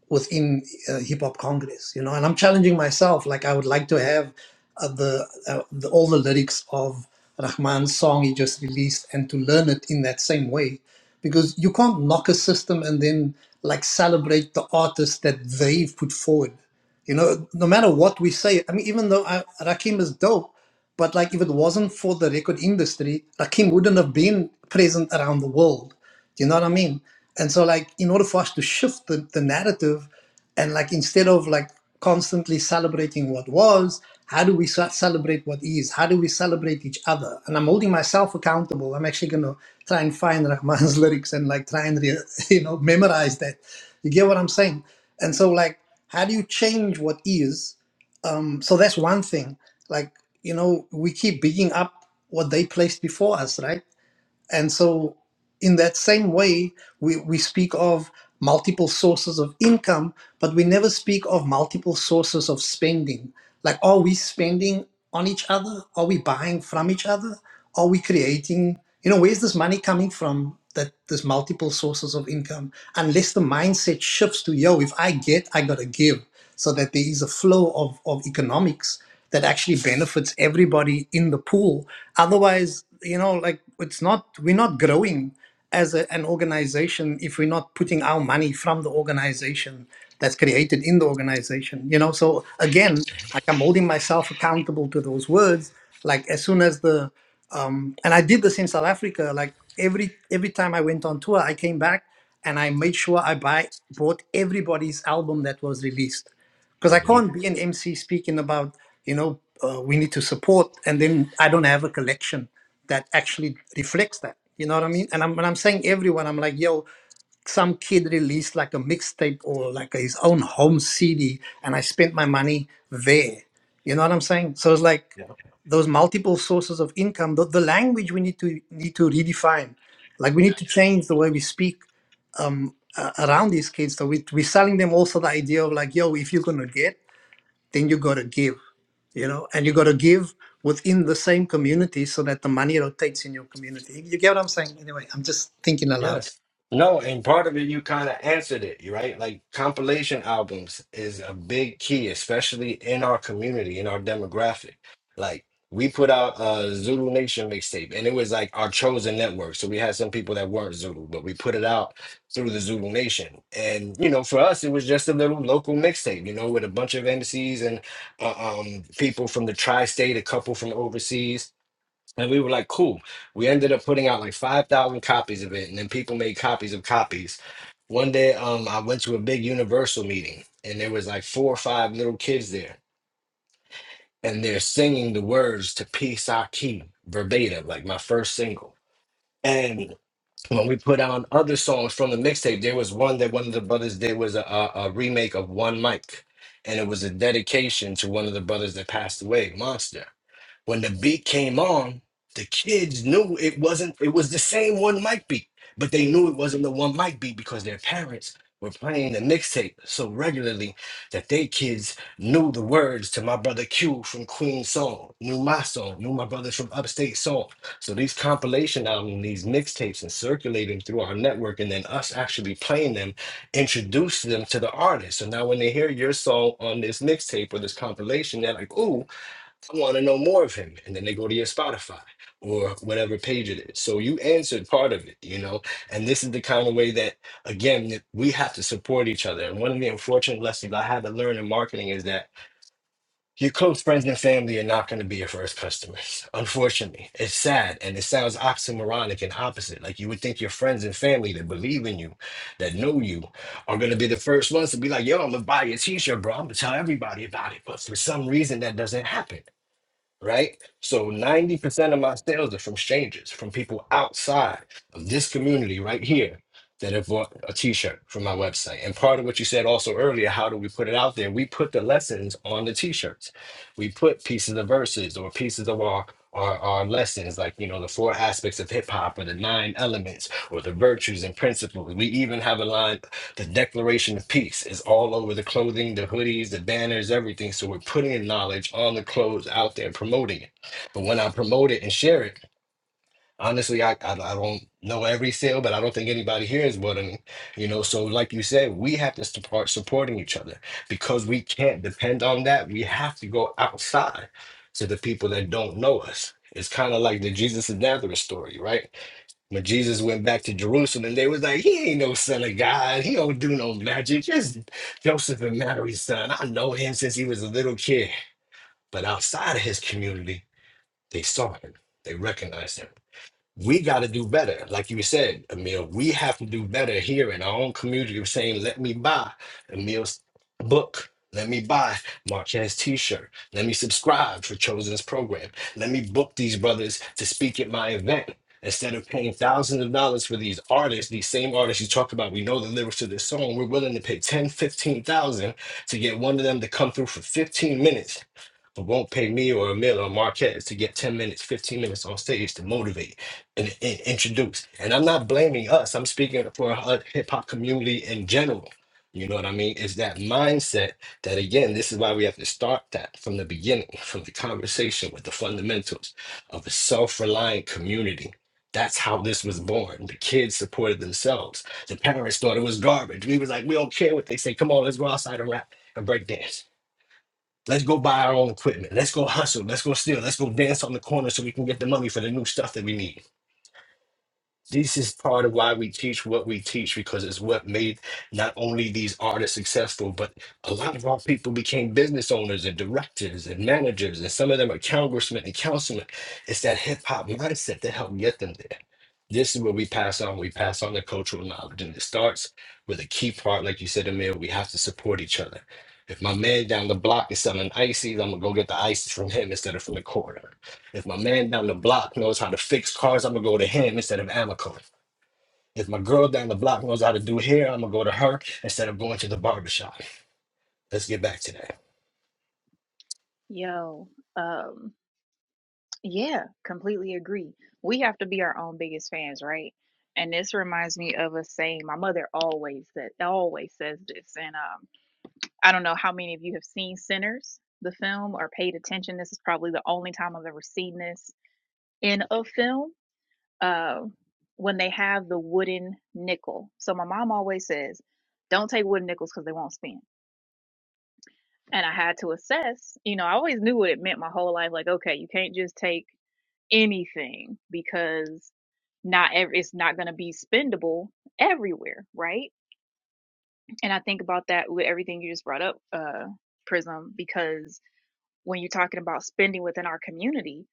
K: within uh, Hip Hop Congress, you know. And I'm challenging myself, like I would like to have uh, the, uh, the all the lyrics of Rahman's song he just released, and to learn it in that same way, because you can't knock a system and then like celebrate the artists that they've put forward. You know, no matter what we say, I mean, even though I, Rakim is dope, but like if it wasn't for the record industry, Rakim wouldn't have been present around the world do you know what I mean? And so, like, in order for us to shift the, the narrative, and like, instead of like constantly celebrating what was, how do we ce- celebrate what is? How do we celebrate each other? And I'm holding myself accountable. I'm actually gonna try and find Rahman's lyrics and like try and re- you know memorize that. You get what I'm saying? And so, like, how do you change what is? Um, so that's one thing. Like, you know, we keep bigging up what they placed before us, right? And so in that same way, we, we speak of multiple sources of income, but we never speak of multiple sources of spending. Like, are we spending on each other? Are we buying from each other? Are we creating, you know, where's this money coming from? That there's multiple sources of income, unless the mindset shifts to, yo, if I get, I gotta give, so that there is a flow of, of economics that actually benefits everybody in the pool. Otherwise, you know, like it's not, we're not growing as a, an organization if we're not putting our money from the organization that's created in the organization you know so again like i'm holding myself accountable to those words like as soon as the um and i did this in south africa like every every time i went on tour i came back and i made sure i buy bought everybody's album that was released because I
G: Mhm.
K: can't be an MC speaking about you know uh, we need to support, and then I don't have a collection that actually reflects that. You know what I mean? And I'm, when I'm saying everyone, I'm like, yo, some kid released like a mixtape or like his own home CD, and I spent my money there. You know what I'm saying? So it's like those multiple sources of income. The, the language we need to need to redefine. Like we need to
G: Yeah.
K: change the way we speak um, uh, around these kids. So we, we're selling them also the idea of like, yo, if you're gonna get then you got to give you know and you got to give within the same community so that the money rotates in your community you get what i'm saying anyway i'm just thinking aloud
G: Yes. No, and part of it you kind of answered it, you right? Like compilation albums is a big key, especially in our community, in our demographic. Like we put out a Zulu Nation mixtape, and it was like our chosen network. So we had some people that weren't Zulu, but we put it out through the Zulu Nation. And you know, for us, it was just a little local mixtape, you know, with a bunch of MCs and uh, um, people from the tri-state, a couple from overseas and we were like, cool. We ended up putting out like 5,000 copies of it. And then people made copies of copies. One day, um, I went to a big Universal meeting and there was like four or five little kids there. And they're singing the words to Peace I Keep verbatim, like my first single. And when we put out other songs from the mixtape, there was one that one of the brothers did was a, a, a remake of One Mic. And it was a dedication to one of the brothers that passed away, Monster. When the beat came on, the kids knew it wasn't, it was the same one mic beat, but they knew it wasn't the one mic beat because their parents were playing the mixtape so regularly that they kids knew the words to my brother Q from Queen's song, knew my song, knew my brothers from Upstate song. So these compilation albums, these mixtapes, and circulating through our network, and then us actually playing them, introduced them to the artist. So now when they hear your song on this mixtape or this compilation, they're like, "Ooh." I want to know more of him. And then they go to your Spotify or whatever page it is. So you answered part of it, you know? And this is the kind of way that, again, that we have to support each other. And one of the unfortunate lessons I had to learn in marketing is that your close friends and family are not going to be your first customers. Unfortunately, it's sad and it sounds oxymoronic and opposite. Like you would think your friends and family that believe in you, that know you, are going to be the first ones to be like, yo, I'm going to buy your t shirt, bro. I'm going to tell everybody about it. But for some reason, that doesn't happen right? So 90% of my sales are from strangers, from people outside of this community right here that have bought a t-shirt from my website. And part of what you said also earlier, how do we put it out there? We put the lessons on the t-shirts. We put pieces of verses or pieces of our our, our lessons, like you know, the four aspects of hip hop or the nine elements or the virtues and principles. We even have a line the Declaration of Peace is all over the clothing, the hoodies, the banners, everything. So we're putting knowledge on the clothes out there and promoting it. But when I promote it and share it, honestly, I, I, I don't know every sale, but I don't think anybody here is more than, you know. So, like you said, we have to start supporting each other because we can't depend on that. We have to go outside to the people that don't know us. It's kind of like the Jesus of Nazareth story, right? When Jesus went back to Jerusalem, they was like, he ain't no son of God. He don't do no magic. Just Joseph and Mary's son. I know him since he was a little kid. But outside of his community, they saw him. They recognized him we got to do better. Like you said, Emil, we have to do better here in our own community of saying, let me buy Emil's book. Let me buy Marquez t shirt. Let me subscribe for Chosen's program. Let me book these brothers to speak at my event. Instead of paying thousands of dollars for these artists, these same artists you talked about, we know the lyrics to this song. We're willing to pay 10, 15,000 to get one of them to come through for 15 minutes, but won't pay me or Emil or Marquez to get 10 minutes, 15 minutes on stage to motivate and, and introduced. And I'm not blaming us. I'm speaking for a hip hop community in general. You know what I mean? It's that mindset that again, this is why we have to start that from the beginning, from the conversation with the fundamentals of a self-reliant community. That's how this was born. The kids supported themselves. The parents thought it was garbage. We was like, we don't care what they say. Come on, let's go outside and rap and break dance. Let's go buy our own equipment. Let's go hustle. Let's go steal. Let's go dance on the corner so we can get the money for the new stuff that we need this is part of why we teach what we teach because it's what made not only these artists successful, but a lot of our people became business owners and directors and managers, and some of them are congressmen and councilmen. It's that hip hop mindset that helped get them there. This is what we pass on. We pass on the cultural knowledge, and it starts with a key part, like you said, Amir. We have to support each other. If my man down the block is selling ices, I'm gonna go get the ices from him instead of from the corner. If my man down the block knows how to fix cars, I'm gonna go to him instead of Amico. If my girl down the block knows how to do hair, I'm gonna go to her instead of going to the barbershop. Let's get back to that.
B: Yo, um, Yeah, completely agree. We have to be our own biggest fans, right? And this reminds me of a saying my mother always said always says this. And um I don't know how many of you have seen Sinners, the film, or paid attention. This is probably the only time I've ever seen this in a film. Uh when they have the wooden nickel. So my mom always says, Don't take wooden nickels because they won't spin. And I had to assess, you know, I always knew what it meant my whole life. Like, okay, you can't just take anything because not every it's not going to be spendable everywhere right and i think about that with everything you just brought up uh prism because when you're talking about spending within our community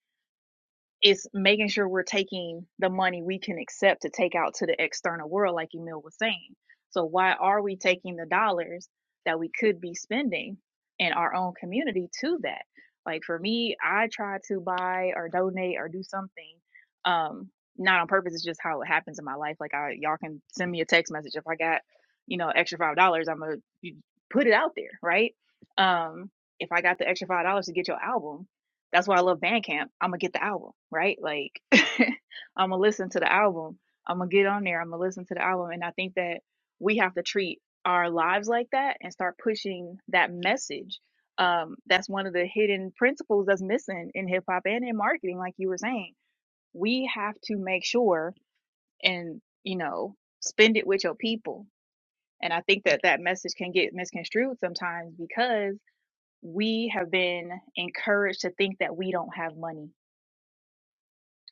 B: it's making sure we're taking the money we can accept to take out to the external world, like Emil was saying. So, why are we taking the dollars that we could be spending in our own community to that? Like, for me, I try to buy or donate or do something. Um, not on purpose, it's just how it happens in my life. Like, I, y'all can send me a text message if I got, you know, extra $5, dollars, I'm going to put it out there, right? Um, if I got the extra $5 to get your album, that's why I love Bandcamp. I'm gonna get the album, right? Like I'm gonna listen to the album. I'm gonna get on there. I'm gonna listen to the album, and I think that we have to treat our lives like that and start pushing that message. Um, that's one of the hidden principles that's missing in hip hop and in marketing, like you were saying. We have to make sure and you know spend it with your people. And I think that that message can get misconstrued sometimes because we have been encouraged to think that we don't have money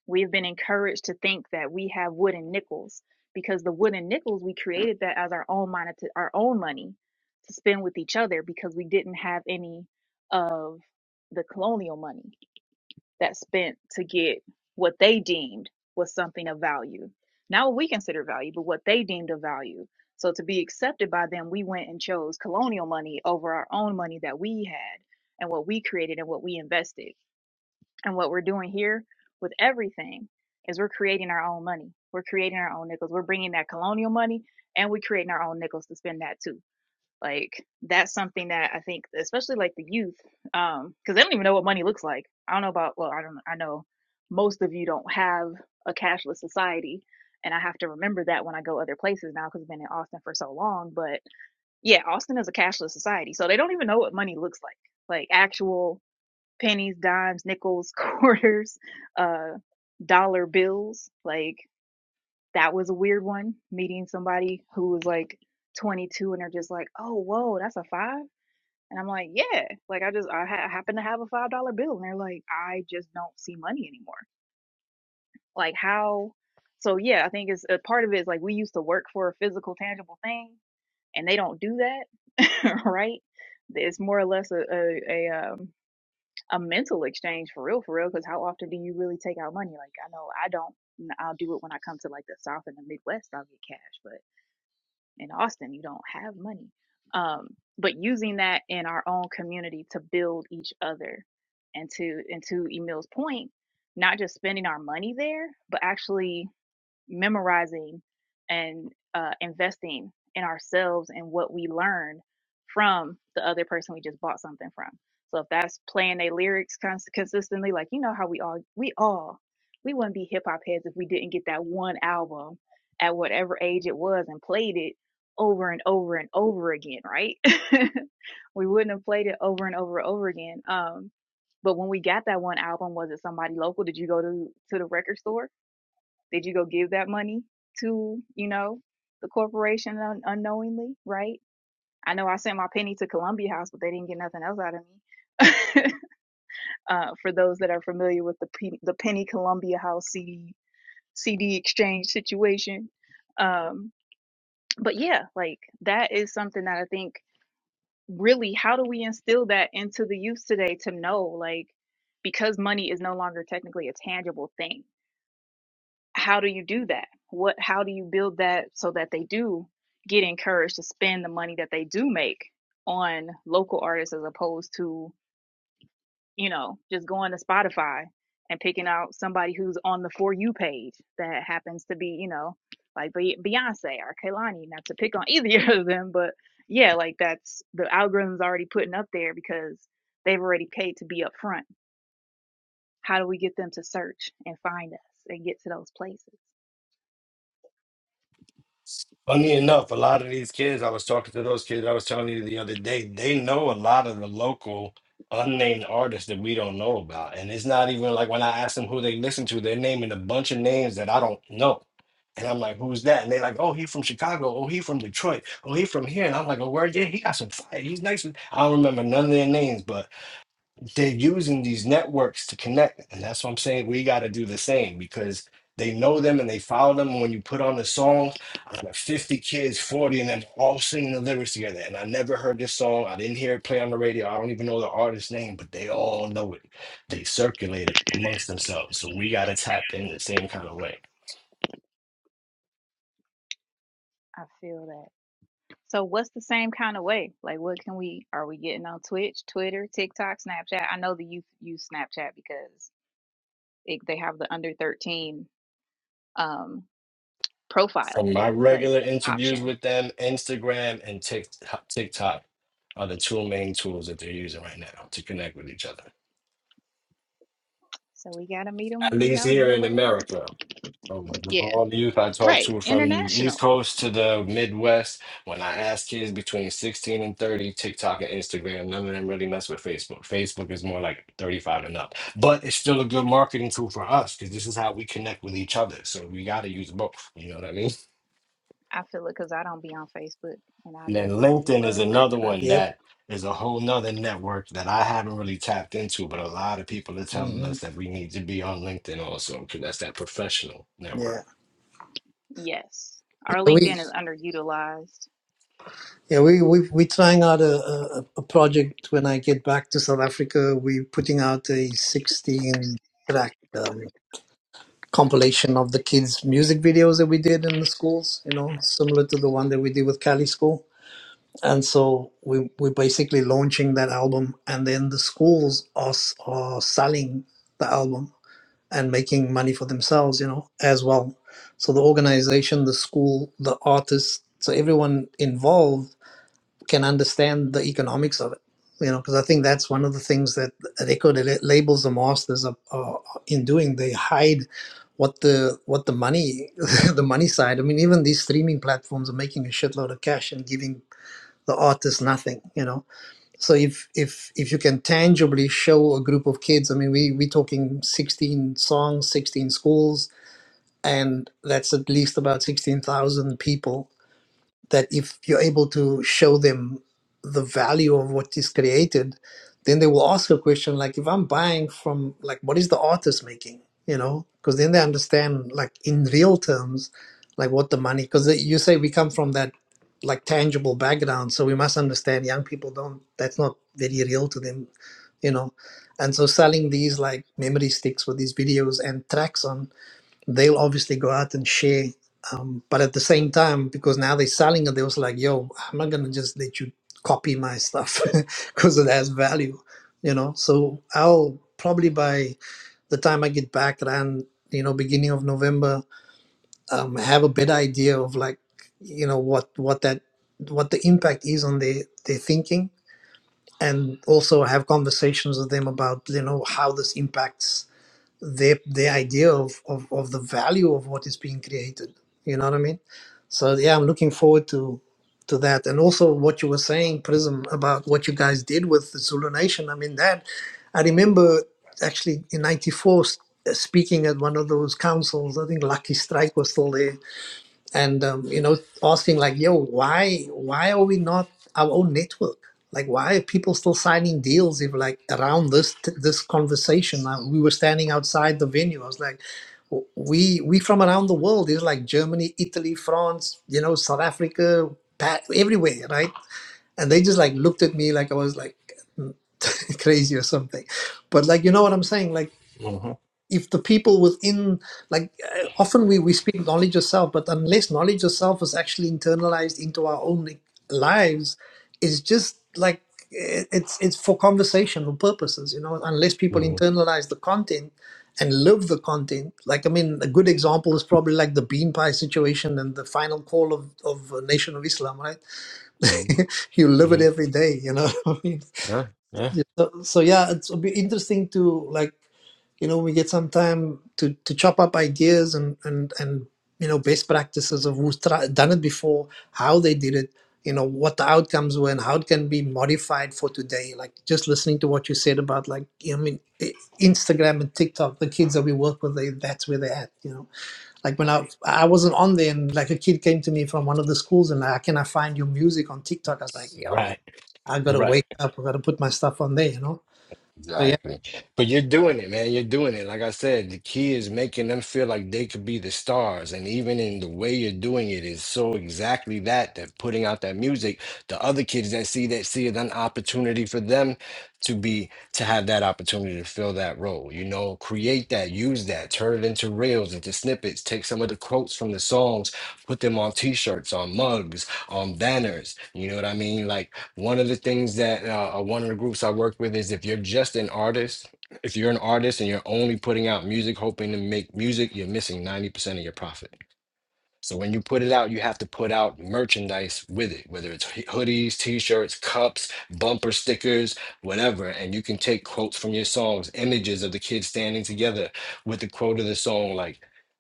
B: We've been encouraged to think that we have wooden nickels because the wooden nickels we created that as our own money, our own money to spend with each other because we didn't have any of the colonial money that spent to get what they deemed was something of value, not what we consider value, but what they deemed of value. So to be accepted by them, we went and chose colonial money over our own money that we had and what we created and what we invested. And what we're doing here with everything is we're creating our own money. We're creating our own nickels. We're bringing that colonial money and we're creating our own nickels to spend that too. Like that's something that I think, especially like the youth, um, because they don't even know what money looks like. I don't know about, well, I don't, I know most of you don't have a cashless society. And I have to remember that when I go other places now because I've been in Austin for so long. But yeah, Austin is a cashless society. So they don't even know what money looks like, like actual pennies, dimes, nickels, quarters, uh, dollar bills. Like that was a weird one. Meeting somebody who was like 22 and they're just like, "Oh, whoa, that's a five? And I'm like, "Yeah." Like I just I, ha- happen to have a five dollar bill, and they're like, "I just don't see money anymore." Like how? So yeah, I think it's a part of it is like we used to work for a physical, tangible thing, and they don't do that, right? It's more or less a a, a um a mental exchange for real, for real. Because how often do you really take out money? Like I know I don't. and I'll do it when I come to like the South and the Midwest. I'll get cash, but in Austin, you don't have money. Um, but using that in our own community to build each other and to and to Emil's point, not just spending our money there, but actually memorizing and uh, investing in ourselves and what we learn from the other person we just bought something from. So if that's playing their lyrics cons- consistently, like you know how we all we all we wouldn't be hip hop heads if we didn't get that one album at whatever age it was and played it over and over and over again, right? we wouldn't have played it over and over and over again. Um, but when we got that one album, was it somebody local? Did you go to to the record store? Did you go give that money to you know the corporation un- unknowingly, right? I know I sent my penny to Columbia House, but they didn't get nothing else out of me. uh, for those that are familiar with the P- the penny Columbia House CD CD exchange situation, um, but yeah, like that is something that I think really how do we instill that into the youth today to know like because money is no longer technically a tangible thing how do you do that what how do you build that so that they do get encouraged to spend the money that they do make on local artists as opposed to you know, just going to Spotify and picking out somebody who's on the For You page that happens to be, you know, like Be- Beyonce or Kehlani, not to pick on either of them, but yeah, like that's the algorithm's already putting up there because they've already paid to be up front. How do we get them to search and find us and get to those places?
G: Funny enough, a lot of these kids, I was talking to those kids I was telling you the other day, they know a lot of the local unnamed artists that we don't know about. And it's not even like when I ask them who they listen to, they're naming a bunch of names that I don't know. And I'm like, who's that? And they're like, oh, he from Chicago. Oh, he from Detroit. Oh, he from here. And I'm like, oh, where? Yeah, he got some fire. He's nice. I don't remember none of their names, but they're using these networks to connect. And that's what I'm saying. We got to do the same because they know them and they follow them. When you put on the songs, out of 50 kids, 40 of them all singing the lyrics together. And I never heard this song. I didn't hear it play on the radio. I don't even know the artist's name, but they all know it. They circulate it amongst themselves. So we got to tap in the same kind of way.
B: I feel that. So what's the same kind of way? Like what can we are we getting on Twitch, Twitter, TikTok, Snapchat? I know the youth use Snapchat because it, they have the under 13 um, profile
G: From my regular
B: like
G: interviews
B: option.
G: with them, Instagram and Tik- TikTok are the two main tools that they're using right now to connect with each other.
B: So we gotta meet them,
G: at
B: you
G: least
B: know, meet
G: here
B: them
G: in
B: where they are.
G: America. So
B: Yeah,
G: all the youth I talk
B: right.
G: to from the East
B: International.
G: Coast to the Midwest, when I ask kids between 16 and 30, TikTok and Instagram, none of them really mess with Facebook. Facebook is more like 35 and up. But it's still a good marketing tool for us because this is how we connect with each other. So we got to use both. You know what I mean?
B: I feel it because I don't be on Facebook, and I'm
G: And then
B: definitely
G: LinkedIn is
B: above
G: another
B: 35.
G: one
K: Yep.
G: that is a whole nother network that I haven't really tapped into, but a lot of people are telling
K: hmm
G: us that we need to be on LinkedIn also because that's that professional network.
K: yeah
B: Yes, our
K: Yeah, we
B: LinkedIn is underutilized.
K: yeah we we we're trying out a, a a project. When I get back to South Africa, we're putting out a sixteen track um, compilation of the kids' music videos that we did in the schools. You know, similar to the one that we did with Cali School. and so we we're basically launching that album and then the schools are s- are selling the album and making money for themselves you know as well so the organization the school the artist so everyone involved can understand the economics of it you know because i think that's one of the things that record la- labels and masters are, are in doing they hide what the what the money the money side i mean even these streaming platforms are making a shitload of cash and giving the art is nothing you know so if if if you can tangibly show a group of kids i mean we we are talking 16 songs 16 schools and that's at least about 16,000 people that if you're able to show them the value of what is created, then they will ask a question like, if I'm buying from, like, what is the artist making? You know, because then they understand, like, in real terms, like what the money, because you say we come from that, like, tangible background. So we must understand young people don't, that's not very real to them, you know. And so selling these, like, memory sticks with these videos and tracks on they'll obviously go out and share. Um, but at the same time, because now they're selling it, they was like, yo, I'm not going to just let you copy my stuff because it has value, you know? So I'll probably by the time I get back around, you know, beginning of November, um, have a better idea of like, you know, what, what that, what the impact is on their, their thinking and also have conversations with them about, you know, how this impacts the the idea of, of of the value of what is being created you know what i mean so yeah i'm looking forward to to that and also what you were saying prism about what you guys did with the zulu nation i mean that i remember actually in 94 s- speaking at one of those councils i think lucky strike was still there and um, you know asking like yo why why are we not our own network like why are people still signing deals if like around this t- this conversation uh, we were standing outside the venue i was like "W- we we from around the world is like germany italy france you know south africa Pa- everywhere right and they just like looked at me like i was like crazy or something but like you know what i'm saying like
G: Mm-hmm.
K: if the people within like uh, often we, we speak knowledge yourself but unless knowledge yourself is actually internalized into our own like, lives it's just like it- it's it's for conversational purposes you know unless people
G: Mhm.
K: internalize the content and live the content like i mean a good example is probably like the bean pie situation and the final call of of uh, nation of islam right
G: Mhm.
K: you live it
G: Yeah,
K: every day you know what i mean
G: yeah.
K: yeah, so, so yeah it's, it'll be interesting to like you know we get some time to to chop up ideas and and and you know best practices of who's tra- done it before how they did it you know what the outcomes were and how it can be modified for today like just listening to what you said about like i mean I- instagram and tiktok the kids that we work with they that's where they're at you know like when i i wasn't on there and like a kid came to me from one of the schools and like can i find your music on tiktok i was like yo
G: Right,
K: i gotta
G: right.
K: wake up i gotta put my stuff on there you know so yeah
G: Exactly. But you're doing it, man. You're doing it. Like I said, the key is making them feel like they could be the stars. And even in the way you're doing it is so exactly that, that putting out that music, the other kids that see that see it an opportunity for them to be to have that opportunity to fill that role. You know, create that, use that, turn it into reels, into snippets, take some of the quotes from the songs, put them on t-shirts, on mugs, on banners. You know what I mean? Like one of the things that uh, uh, one of the groups I work with is if you're just an artist, if you're an artist and you're only putting out music, hoping to make music, you're missing 90% of your profit. So when you put it out, you have to put out merchandise with it, whether it's h- hoodies, t-shirts, cups, bumper stickers, whatever. And you can take quotes from your songs, images of the kids standing together with the quote of the song, like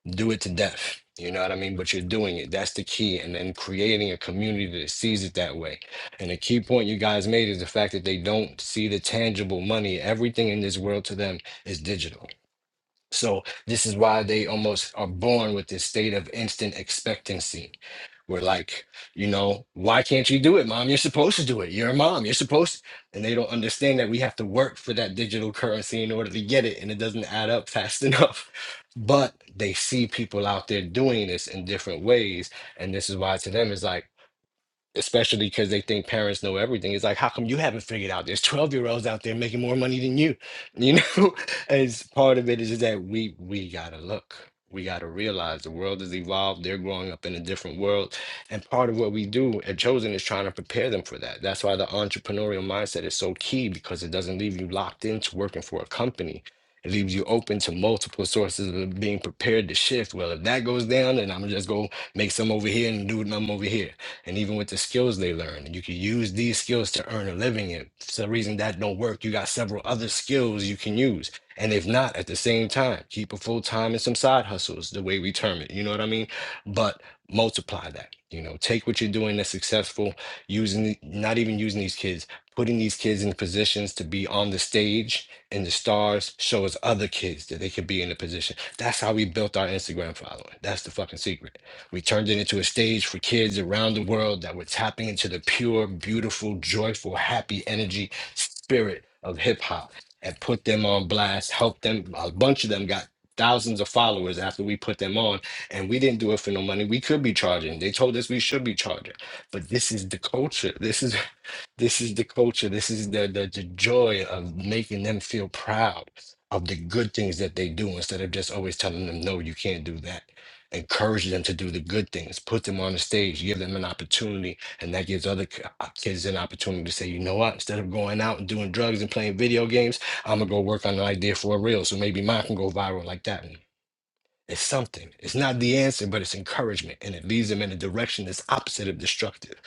G: do it to death. You know what I mean? But you're doing it. That's the key. And then creating a community that sees it that way. And a key point you guys made is the fact that they don't see the tangible money. Everything in this world to them is digital so this is why they almost are born with this state of instant expectancy. We're like, you know, why can't you do it, mom? You're supposed to do it. You're a mom. You're supposed to, And they don't understand that we have to work for that digital currency in order to get it, and it doesn't add up fast enough. But they see people out there doing this in different ways. And this is why to them it's like, especially because they think parents know everything. It's like, how come you haven't figured out? There's 12 year olds out there making more money than you. You know, as part of it is that we we gotta look. We gotta realize the world has evolved. They're growing up in a different world. And part of what we do at Chosen is trying to prepare them for that. That's why the entrepreneurial mindset is so key because it doesn't leave you locked into working for a company. It leaves you open to multiple sources of being prepared to shift. Well, if that goes down, then I'm gonna just go make some over here and do them over here and even with the skills they learn. And you can use these skills to earn a living. And if for some reason that don't work, you got several other skills you can use. And if not, at the same time, keep a full time and some side hustles, the way we term it. You know what I mean? But multiply that. You know, take what you're doing that's successful, using the- not even using these kids, putting these kids in positions to be on the stage and the stars shows other kids that they could be in a position. That's how we built our Instagram following. That's the fucking secret we turned it into a stage for kids around the world that were tapping into the pure, beautiful, joyful, happy energy spirit of hip hop and put them on blast, helped them. A bunch of them got thousands of followers after we put them on and we didn't do it for no money we could be charging they told us we should be charging but this is the culture this is this is the culture this is the, the the joy of making them feel proud of the good things that they do instead of just always telling them no you can't do that encourage them to do the good things put them on the stage give them an opportunity and that gives other ki- uh, kids an opportunity to say you know what instead of going out and doing drugs and playing video games i'm gonna go work on an idea for a reel so maybe mine can go viral like that one it's something it's not the answer but it's encouragement and it leads them in a direction that's opposite of destructive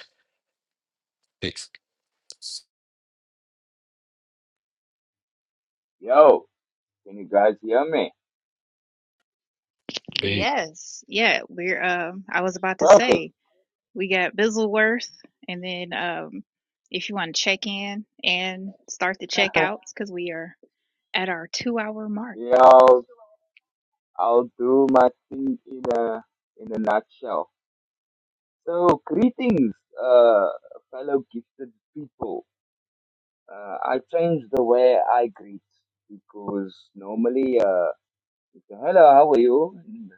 G: peace
L: Yo, can you guys hear me?
G: peace
B: Yes, yeah. We're. Um, I was about to
L: Perfect.
B: say we got Bizzleworth, and then um, if you want to check in and start the checkouts because we are at our two-hour mark.
L: Yo, I'll, I'll do my thing in a in a nutshell. So, greetings, uh, fellow gifted people. Uh, I changed the way I greet because normally, uh, you say, hello, how are you? And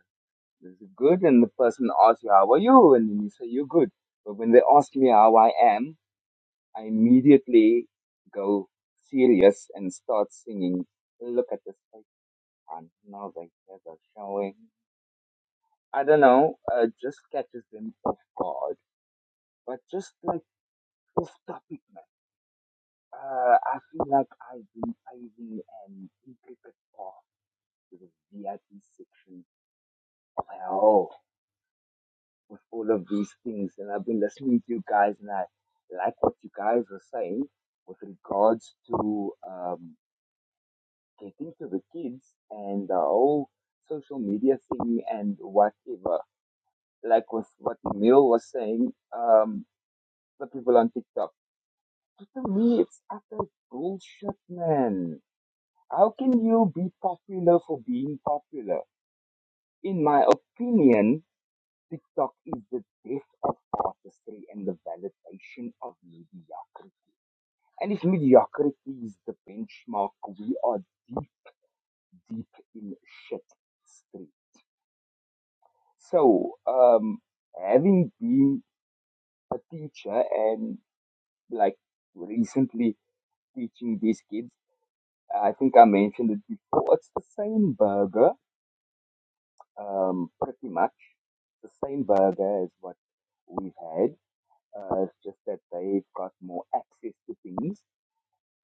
L: this is good, and the person asks you, how are you? And then you say, you're good. But when they ask me how I am, I immediately go serious and start singing. Look at this and now the kids are showing. I don't know. Uh, just catches them off guard. But just like off topic, man. Uh, I feel like I've been paving an intricate path to the VIP section of hell with all of these things, and I've been listening to you guys, and I like what you guys are saying with regards to um, getting to the kids and the whole social media thing and whatever. like with what Emil was saying, um, the people on TikTok. To me, it's utter bullshit, man. How can you be popular for being popular? In my opinion, TikTok is the death of artistry and the validation of mediocrity. And if mediocrity is the benchmark, we are deep, deep in shit street. So, um, having been a teacher and like recently teaching these kids. I think I mentioned it before. It's the same burger, um, pretty much the same burger as what we've had. Uh, it's just that they've got more access to things,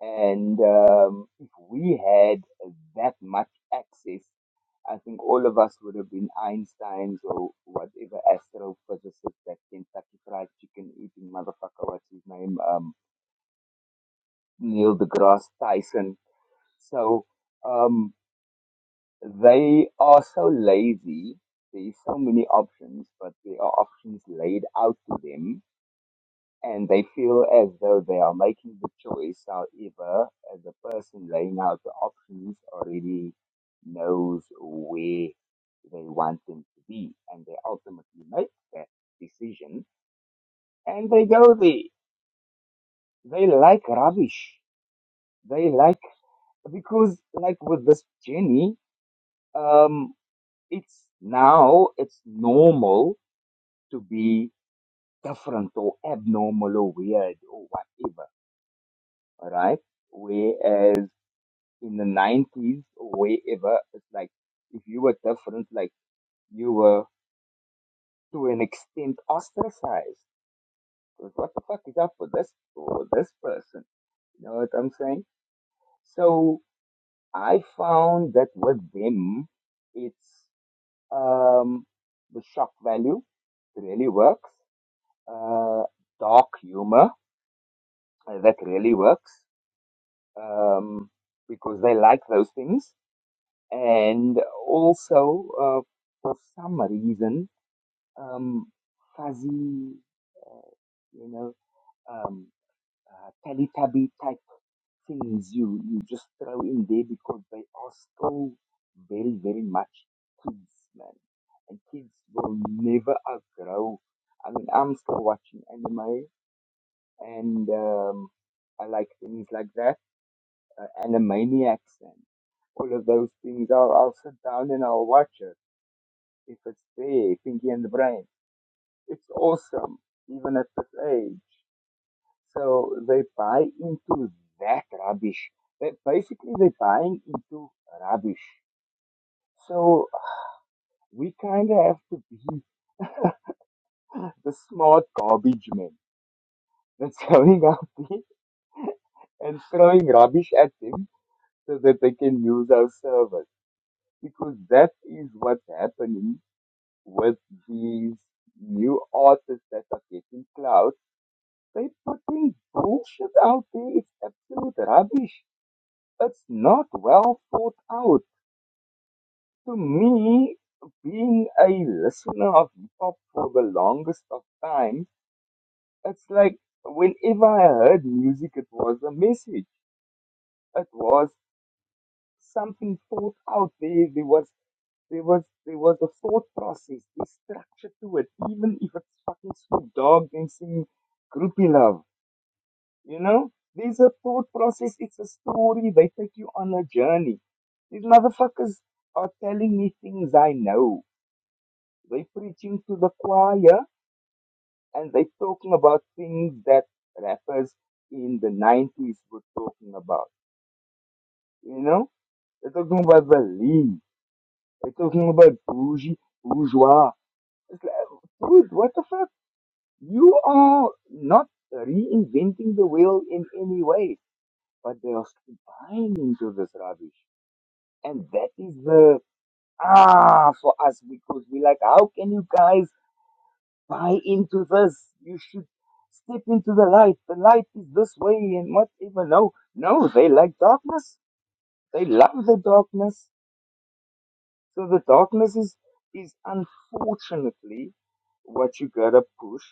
L: and um, if we had that much access, I think all of us would have been Einsteins or whatever astrophysicist that Kentucky Fried Chicken eating motherfucker, what's his name, um, Neil deGrasse Tyson. So. Um, They are so lazy. There's so many options, but there are options laid out to them, and they feel as though they are making the choice. However, as the person laying out the options already knows where they want them to be, and they ultimately make that decision, and they go there. They like rubbish. They like because, like with this Jenny, um, it's now it's normal to be different or abnormal or weird or whatever, all right? Whereas in the 90s or wherever, it's like if you were different, like you were to an extent ostracized. Because what the fuck is up with this or this person? You know what I'm saying? So I found that with them, it's um, the shock value really works, uh, dark humor uh, that really works um, because they like those things. And also, uh, for some reason, um, fuzzy, uh, you know, um, uh, Teletubby type things you, you just throw in there because they are still very, very much kids, man. And kids will never outgrow. I mean, I'm still watching anime and um, I like things like that uh, Animaniacs and all of those things. I'll, I'll sit down and I'll watch it if it's there, Pinky and the Brain. It's awesome, even at this age. So they buy into that rubbish. They, basically, they're buying into rubbish. So we kind of have to be the smart garbage men that's going out there and throwing rubbish at them so that they can use our servers. Because that is what's happening with these new artists that are getting clout, they're putting bullshit out there. It's absolute rubbish. It's not well thought out. To me, being a listener of hip hop for the longest of time, it's like whenever I heard music, it was a message. It was something thought out there. There was There was there was a thought process. There's structure to it. Even if it's fucking Snoop Dogg dancing groupie love, you know, there's a thought process. It's a story. They take you on a journey. These motherfuckers are telling me things I know. They are preaching to the choir and they are talking about things that rappers in the nineties were talking about. You know, they're talking about the lean. They're talking about bougie, bourgeois. It's like, dude, what the fuck? You are not reinventing the wheel in any way, but they are still buying into this rubbish. And that is the ah for us because we're like, how can you guys buy into this? You should step into the light. The light is this way and whatever. No, no, they like darkness. They love the darkness. So the darkness is, is unfortunately what you gotta push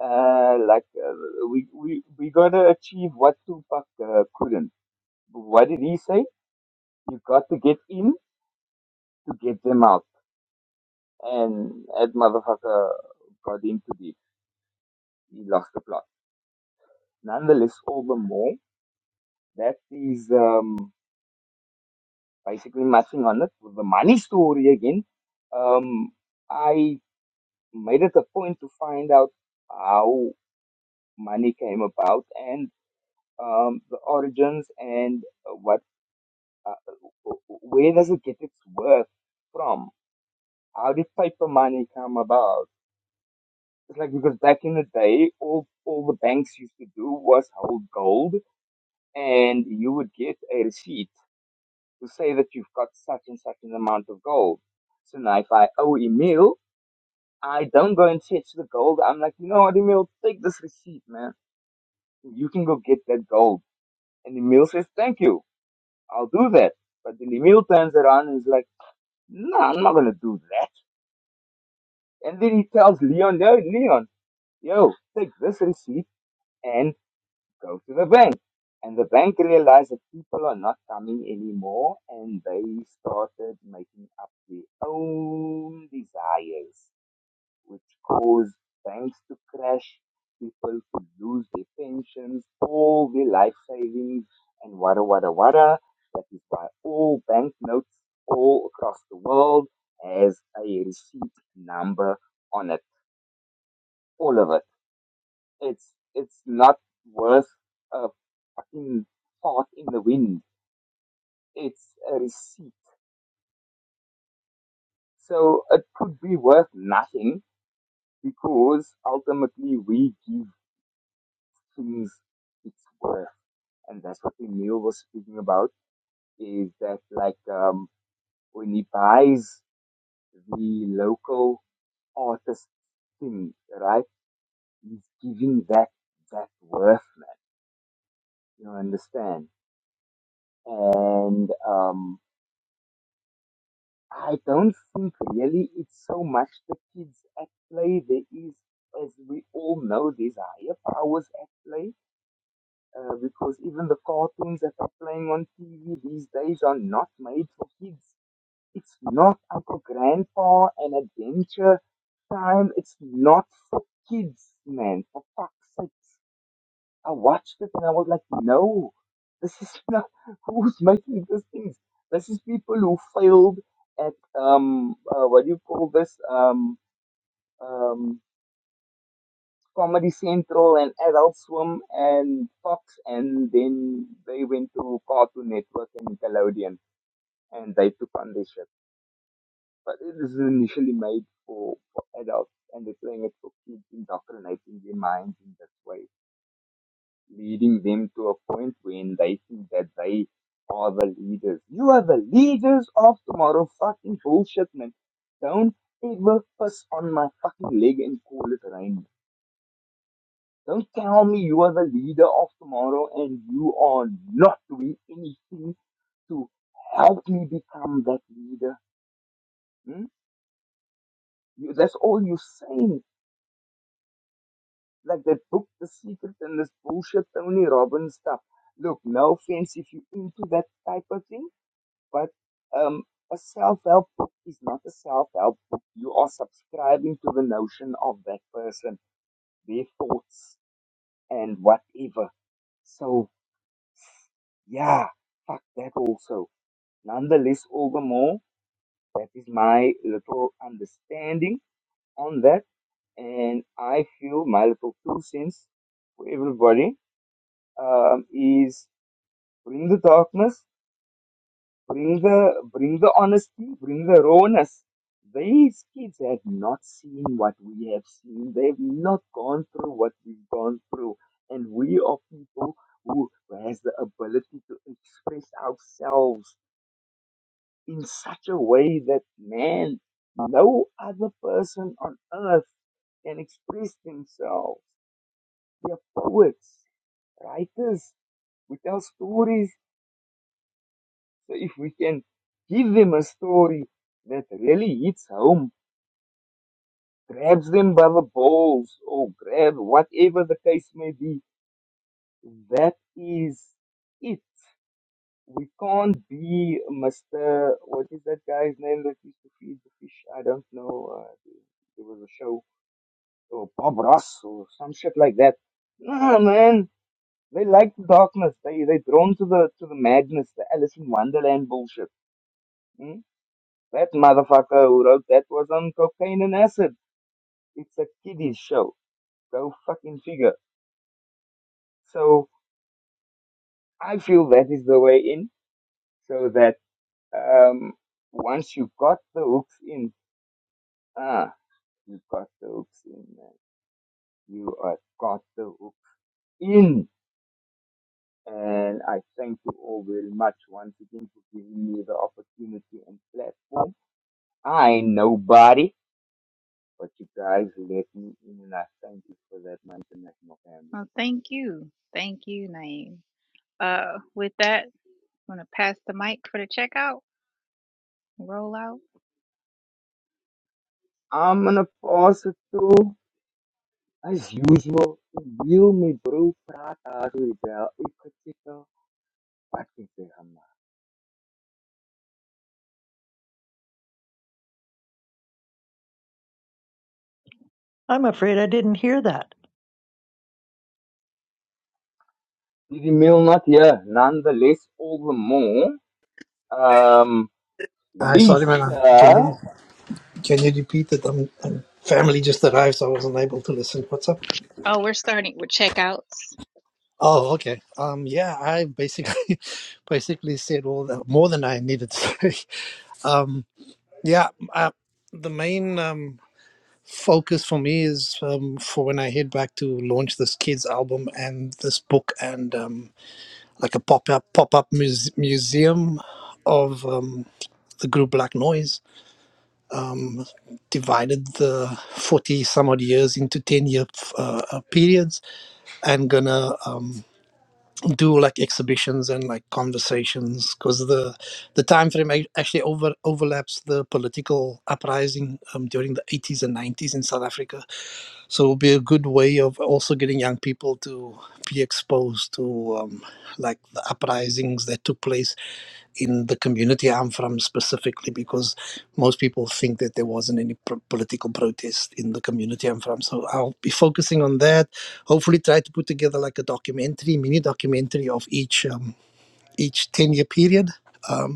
L: Uh, like uh, we we we gotta achieve what Tupac uh, couldn't. What did he say? You got to get in to get them out. And that motherfucker got into deep. He lost the plot. Nonetheless, all the more that is um, basically matching on it with the money story again. Um, I made it a point to find out how money came about and um, the origins and uh, what Uh, where does it get its worth from? How did paper money come about? It's like because back in the day, all, all the banks used to do was hold gold, and you would get a receipt to say that you've got such and such an amount of gold. So now, if I owe Emil, I don't go and fetch the gold. I'm like, you know what, Emil, take this receipt, man. You can go get that gold. And Emil says, thank you. I'll do that. But then Emil turns around and is like, no, I'm not going to do that And then he tells Leon, no, Leon, yo, take this receipt and go to the bank. And the bank realized that people are not coming anymore and they started making up their own desires, which caused banks to crash, people to lose their pensions, all their life savings, and wada wada wada. That is why all banknotes all across the world has a receipt number on it all of it. It's it's not worth a fucking fart in the wind. It's a receipt. So it could be worth nothing because ultimately we give things its worth. And that's what Emil was speaking about is that like um, when he buys the local artist thing, right? He's giving that that worth, man. You understand? And um, I don't think really it's so much the kids at play. There is, as we all know, there's higher powers at play uh, because even the cartoons that are playing on TV these days are not made for kids. It's not Uncle Grandpa and Adventure Time. It's not for kids, man. For fuck's sake. I watched it and I was like, no, this is not who's making these things. This is people who failed at um uh, what do you call this um um Comedy Central and Adult Swim and Fox, and then they went to Cartoon Network and Nickelodeon, and they took on this shit. But it is initially made for, for adults, and they're playing it for kids, indoctrinating their minds in this way leading them to a point when they think that they are the leaders. You are the leaders of tomorrow. Fucking bullshit, man. Don't ever piss on my fucking leg and call it rain. Don't tell me you are the leader of tomorrow and you are not doing anything to help me become that leader. Hmm? You, that's all you're saying. Like that book, The Secret, and this bullshit Tony Robbins stuff. Look, no offense if you're into that type of thing But um, a self help book is not a self help book. You are subscribing to the notion of that person, their thoughts, and whatever. So, yeah, fuck that also. Nonetheless, all the more, that is my little understanding on that. And I feel my little two cents for everybody um, is bring the darkness Bring the bring the honesty, bring the rawness. These kids have not seen what we have seen. They've not gone through what we've gone through. And we are people who has the ability to express ourselves in such a way that man, no other person on earth can express themselves. We are poets, writers. We tell stories So if we can give them a story that really hits home, grabs them by the balls or grab whatever the case may be, that is it. We can't be Mr. What is that guy's name that used to feed the fish? I don't know. Uh, there was a show or Bob Ross or some shit like that. Nah, man, they like the darkness. They they drawn to the to the madness, the Alice in Wonderland bullshit. Hmm? That motherfucker who wrote that was on cocaine and acid. It's a kiddie show. Go fucking figure. So I feel that is the way in, so that um, once you got the hooks in, ah, you got the hooks in, man. You are got the hooks in. And I thank you all very much once again for giving me the opportunity and platform. I ain't nobody, but you guys let me in and I thank you for that, my international family.
B: Well, thank you, thank you, Naeem. Uh, with that, I'm gonna pass the mic for the checkout. Roll out.
L: I'm gonna pause it too, as usual. You may brew prata with that, if that's your particular manner.
A: I'm afraid I didn't hear that.
L: Did you mail not yet? Nonetheless, all the more, Um,
K: i saw sorry man i I can hear
L: Lisa.
K: you Can you repeat it? I'm, I'm family just arrived, so I wasn't able to listen. What's up?
B: Oh, we're starting with checkouts.
K: Oh, okay. Um, yeah, I basically basically said all the more than I needed to say. Um, yeah, uh, the main um, focus for me is um, for when I head back to launch this kids album and this book and um, like a pop up pop up muse- museum of um, the group Black Noise um, divided the 40 some odd years into 10 year uh, uh, periods and gonna um, do like exhibitions and like conversations because the the time frame ac- actually over overlaps the political uprising um, during the 80s and 90s in south africa so it'll be a good way of also getting young people to be exposed to um, like the uprisings that took place in the community I'm from specifically because most people think that there wasn't any pro- political protest in the community I'm from. So I'll be focusing on that. Hopefully, try to put together like a documentary, mini documentary of each um, each ten year period. Um,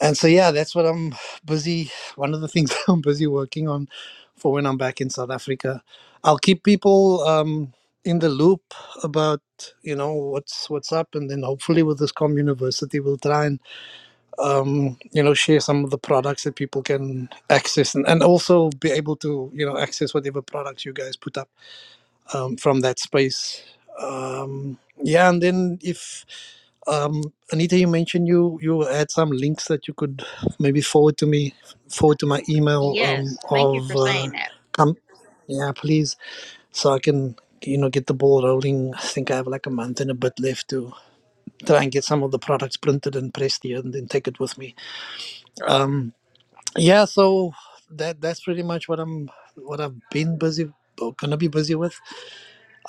K: and so, yeah, that's what I'm busy. One of the things I'm busy working on for when I'm back in South Africa. I'll keep people um, in the loop about you know what's what's up, and then hopefully with this Com University, we'll try and um, you know share some of the products that people can access, and, and also be able to you know access whatever products you guys put up um, from that space. Um, yeah, and then if um, Anita, you mentioned you you had some links that you could maybe forward to me, forward to my email um,
B: Yes, thank you for
K: of uh,
B: saying that.
K: come, yeah, please, so I can you know get the ball rolling. I think I have like a month and a bit left to try and get some of the products printed and pressed here, and then take it with me. Um, yeah, so that that's pretty much what I'm what I've been busy or gonna be busy with,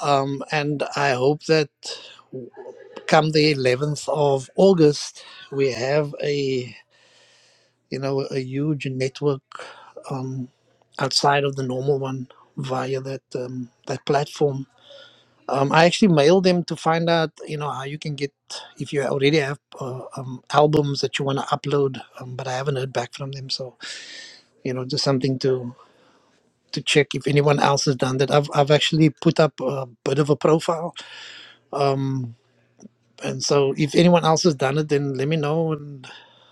K: um, and I hope that. Come the 11th of August, we have a you know a huge network um, outside of the normal one via that um, that platform. Um, I actually mailed them to find out you know how you can get if you already have uh, um, albums that you want to upload, um, but I haven't heard back from them. So you know just something to to check if anyone else has done that. I've I've actually put up a bit of a profile. Um, and so if anyone else has done it then let me know and.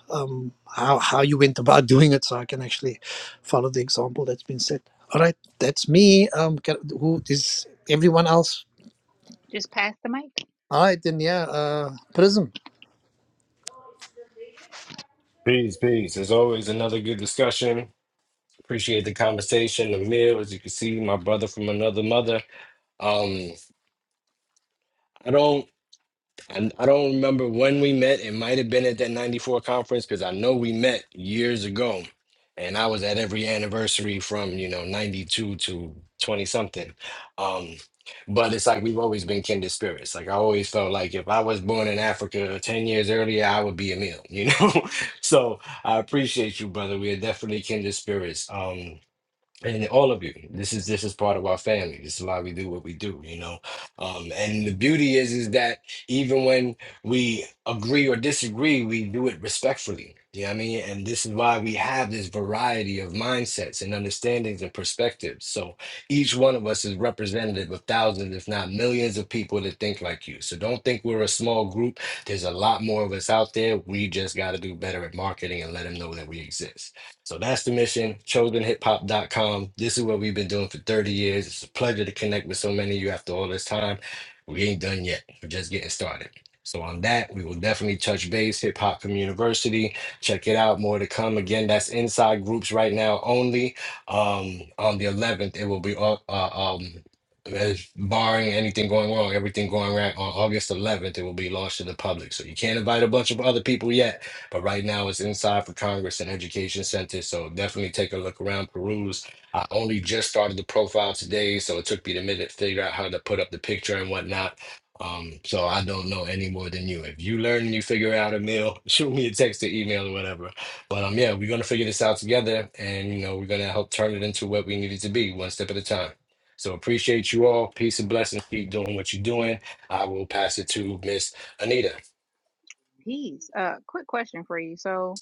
K: um, how, how you went about doing it so I can actually follow the example that's been set. All right, that's me. Um, can, who is everyone else?
B: Just pass the mic,
K: All right, then, yeah, uh, Prism.
G: peace peace as always another good discussion appreciate the conversation the meal as you can see my brother from another mother um I don't. I, I don't remember when we met. It might have been at that 94 conference because I know we met years ago. And I was at every anniversary from, you know, 92 to 20 something. Um, but it's like we've always been kindred spirits. Like I always felt like if I was born in Africa 10 years earlier, I would be a meal, you know? so I appreciate you, brother. We are definitely kindred spirits. Um, and all of you this is this is part of our family this is why we do what we do you know um and the beauty is is that even when we agree or disagree we do it respectfully you know what i mean and this is why we have this variety of mindsets and understandings and perspectives so each one of us is representative of thousands if not millions of people that think like you so don't think we're a small group there's a lot more of us out there we just got to do better at marketing and let them know that we exist so that's the mission, chosen hip hop dot com. This is what we've been doing for 30 years. It's a pleasure to connect with so many of you after all this time. We ain't done yet. We're just getting started. So on that, we will definitely touch base, Hip Hop from University. Check it out. More to come. Again, that's inside groups right now only. Um, on the 11th, it will be up, uh, um, as barring anything going wrong, everything going right on August 11th, it will be launched to the public. So you can't invite a bunch of other people yet but right now it's inside for Congress and Education Center. So definitely take a look around, peruse. I only just started the profile today, so it took me a minute to figure out how to put up the picture and whatnot. Um, so I don't know any more than you. If you learn and you figure out a meal, shoot me a text or email or whatever. But um yeah, we're gonna figure this out together and you know, we're gonna help turn it into what we need it to be, one step at a time. So appreciate you all. Peace and blessings. Keep doing what you're doing. I will pass it to Miss Anita.
B: please. Uh, quick question for you. So,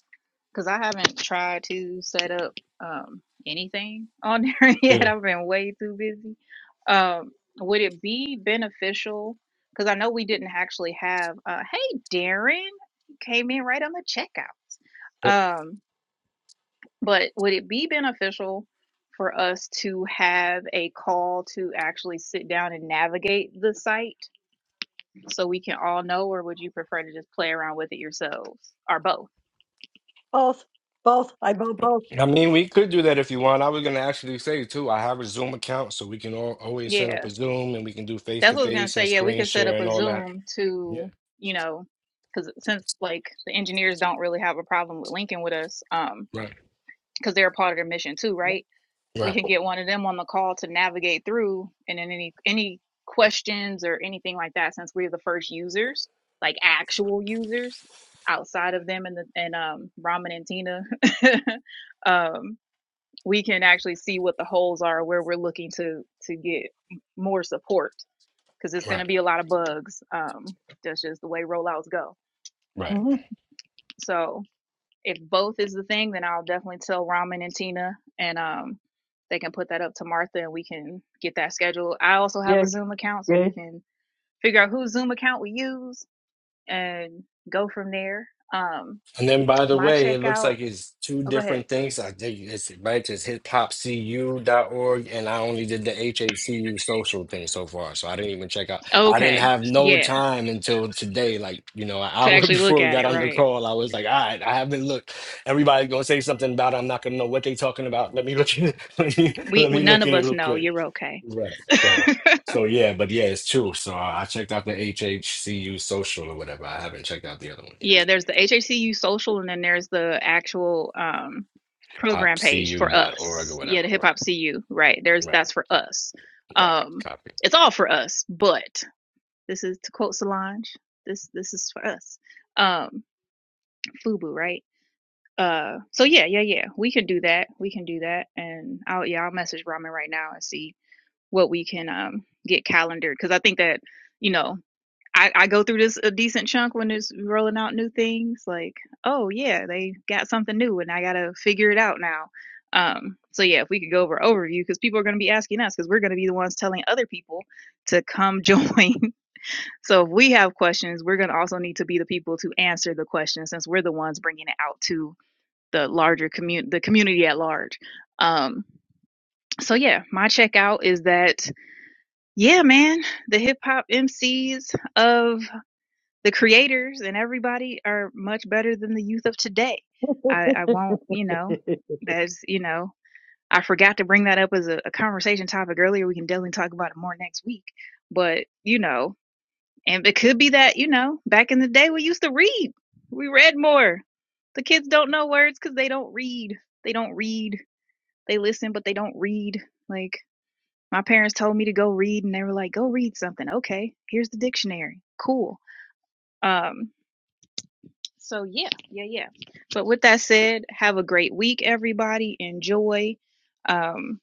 B: because I haven't tried to set up um anything on there yet,
G: Mm.
B: I've been way too busy. Um, would it be beneficial? Because I know we didn't actually have. Uh, hey, Darren came in right on the checkout. Um, But would it be beneficial for us to have a call to actually sit down and navigate the site so we can all know, or would you prefer to just play around with it yourselves or both?
A: Both, both. I vote both.
G: I mean, we could do that if you want. I was gonna actually say too, I have a Zoom account, so we can all, always set up
B: Yeah,
G: a Zoom and we can do face
B: that's
G: to
B: what I was gonna
G: face and
B: say. Yeah, we
G: screen
B: could set
G: share
B: up
G: and
B: a
G: all that.
B: Zoom to,
G: Yeah.
B: you know, because since like the engineers don't really have a problem with linking with us, um,
G: Right,
B: because they're a part of their mission too,
A: Yep.
B: right? we
G: right,
B: can get one of them on the call to navigate through and then any any questions or anything like that since we're the first users like actual users outside of them and the and um ramen and tina um we can actually see what the holes are where we're looking to to get more support because it's going to
G: right,
B: be a lot of bugs um that's just the way rollouts go
G: right.
A: hmm
B: so if both is the thing, then I'll definitely tell Ramen and Tina, and um, they can put that up to Martha, and we can get that scheduled. I also have
A: Yeah,
B: a Zoom account, so
A: yeah.
B: we can figure out whose Zoom account we use and go from there. Um,
G: And then, by the
B: my
G: way, it looks
B: checkout.
G: like it's two
B: Oh, go ahead.
G: different things. I did it's right. It's hip hop cu dot org, and I only did the HACU social thing so far. So I didn't even check out. I didn't
B: Okay,
G: have no
B: yeah,
G: time until today. Like you know, an
B: to
G: hour
B: actually look
G: before we
B: at
G: got
B: it,
G: on the
B: right?
G: call, I was like, all right, I haven't looked. Everybody's gonna say something about. it. I'm not gonna know what they're talking about. Let me look at it. Let me,
B: We,
G: let
B: we
G: me
B: none
G: look
B: of
G: at it
B: us
G: real
B: know.
G: quick.
B: You're okay.
G: Right. So. So yeah, but yeah, it's true. So I I checked out the HHCU social or whatever. I haven't checked out the other one yet.
B: Yeah, there's the HHCU social, and then there's the actual um, program page for
G: popcu.org or
B: us. Yeah,
G: whatever.
B: the Hip
G: Right,
B: Hop CU, right? There's
G: right,
B: that's for us.
G: right.
B: Um,
G: Copy.
B: it's all for us, but this is to quote Solange, this this is for us. Um, FUBU, right? Uh, so yeah, yeah, yeah, we can do that. We can do that, and I'll yeah, I'll message Ramen right now and see what we can um get calendared because I think that you know I, I go through this a decent chunk when it's rolling out new things. Like, oh yeah, they got something new, and I gotta figure it out now. Um, so yeah, if we could go over overview, because people are gonna be asking us, because we're gonna be the ones telling other people to come join. so if we have questions, we're gonna also need to be the people to answer the questions, since we're the ones bringing it out to the larger community, the community at large. Um, so yeah, my checkout is that yeah, man, the hip hop MCs of the creators and everybody are much better than the youth of today. I, I won't, you know, that's, you know, I forgot to bring that up as a, a conversation topic earlier. We can definitely talk about it more next week. But, you know, and it could be that, you know, back in the day we used to read, we read more. The kids don't know words because they don't read. They don't read. They listen, but they don't read. Like, my parents told me to go read, and they were like, go read something. Okay, here's the dictionary. Cool. Um, So yeah, yeah, yeah. But with that said, have a great week, everybody. Enjoy. Um,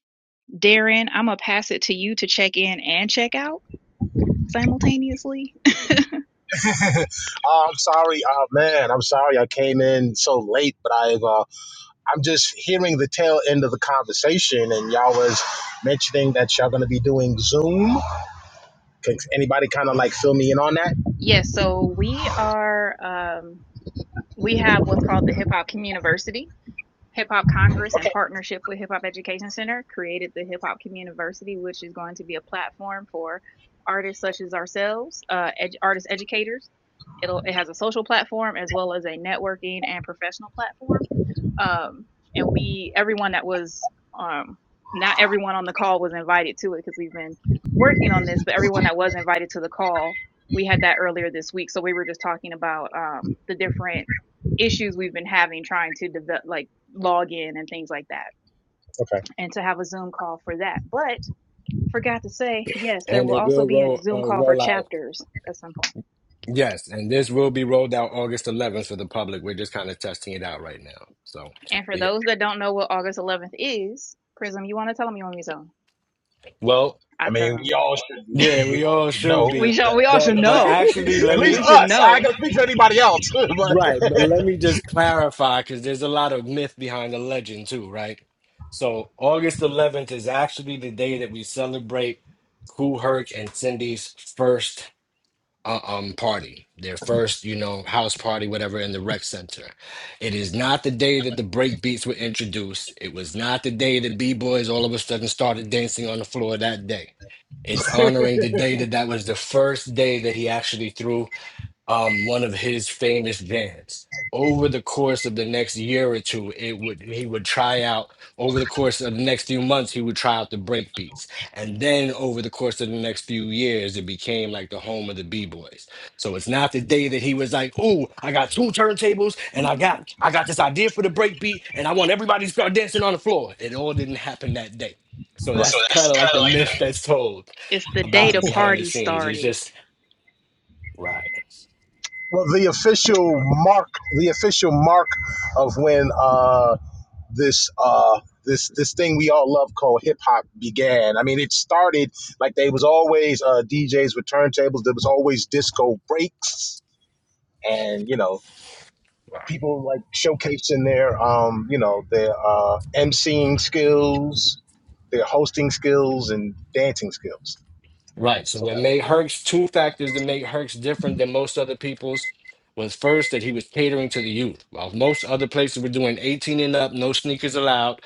B: Darren, I'm gonna pass it to you to check in and check out simultaneously.
M: Uh, I'm sorry, uh, man. I'm sorry I came in so late, but I've uh, I'm just hearing the tail end of the conversation, and y'all was mentioning that y'all gonna be doing Zoom. Can anybody kind of like fill me in on that?
B: yes, so we are um we have what's called the Hip Hop Community Hip Hop Congress, in
M: Okay,
B: partnership with Hip Hop Education Center, created the Hip Hop Community, which is going to be a platform for artists such as ourselves, uh, ed- artist educators. It'll, it has a social platform as well as a networking and professional platform um, and we everyone that was um, not everyone on the call was invited to it because we've been working on this but everyone that was invited to the call we had that earlier this week so we were just talking about um, the different issues we've been having trying to develop like log in and things like that
M: okay.
B: and to have a zoom call for that but forgot to say yes there
G: and
B: will
G: it
B: also
G: will
B: be a
G: roll
B: zoom
G: uh,
B: call for
G: roll out.
B: chapters at some point point.
G: Yes, and this will be rolled out August 11th for the public. We're just kind of testing it out right now. So,
B: and for
G: but
B: those
G: yeah.
B: that don't know what august 11th is prism you want to tell them you want me to tell 'em?
G: Well,
B: i
M: I
B: tell
M: mean,
B: them
M: we all should
G: yeah,
M: we we
G: we
M: all
G: all
M: should
G: should
M: know
B: we
G: be.
B: shall we all should
G: But but
B: know
G: actually,
M: that At
G: let
M: least
B: We
G: me
B: should
M: us. I
B: know.
M: ain't gonna speak to anybody else. but right.
G: right. But let me just clarify because there's a lot of myth behind the legend too, right? So August 11th is actually the day that we celebrate Kool Herc and Cindy's first uh, um party, their first, you know, house party, whatever, in the rec center. It is not the day that the break beats were introduced. It was not the day that b boys all of a sudden started dancing on the floor that day. It's honoring the day that that was the first day that he actually threw um, one of his famous bands. Over the course of the next year or two, it would he would try out. Over the course of the next few months, he would try out the break beats, and then over the course of the next few years, it became like the home of the b boys. So it's not the day that he was like, "Ooh, I got two turntables, and I got I got this idea for the break beat, and I want everybody to start dancing on the floor." It all didn't happen that day. So
M: So
G: that's kind
M: that's
G: of like
M: kind of
G: the
M: like
G: myth
M: the
G: that's told
B: It's the day
G: about
B: the
G: it behind the
B: party
G: scenes. It's
B: started.
G: just right.
M: Well, the official mark, the official mark of when. uh, this uh this this thing we all love called hip hop began. I mean, it started like they was always uh, DJs with turntables. There was always disco breaks, and you know
G: right.
M: people like showcasing their um you know their uh, emceeing skills, their hosting skills, and dancing skills.
G: Right. So
M: So
G: what
M: that-
G: made Herc's two factors that made Herc's different than most other people's was first that he was catering to the youth. While most other places were doing 18 and up, no sneakers allowed,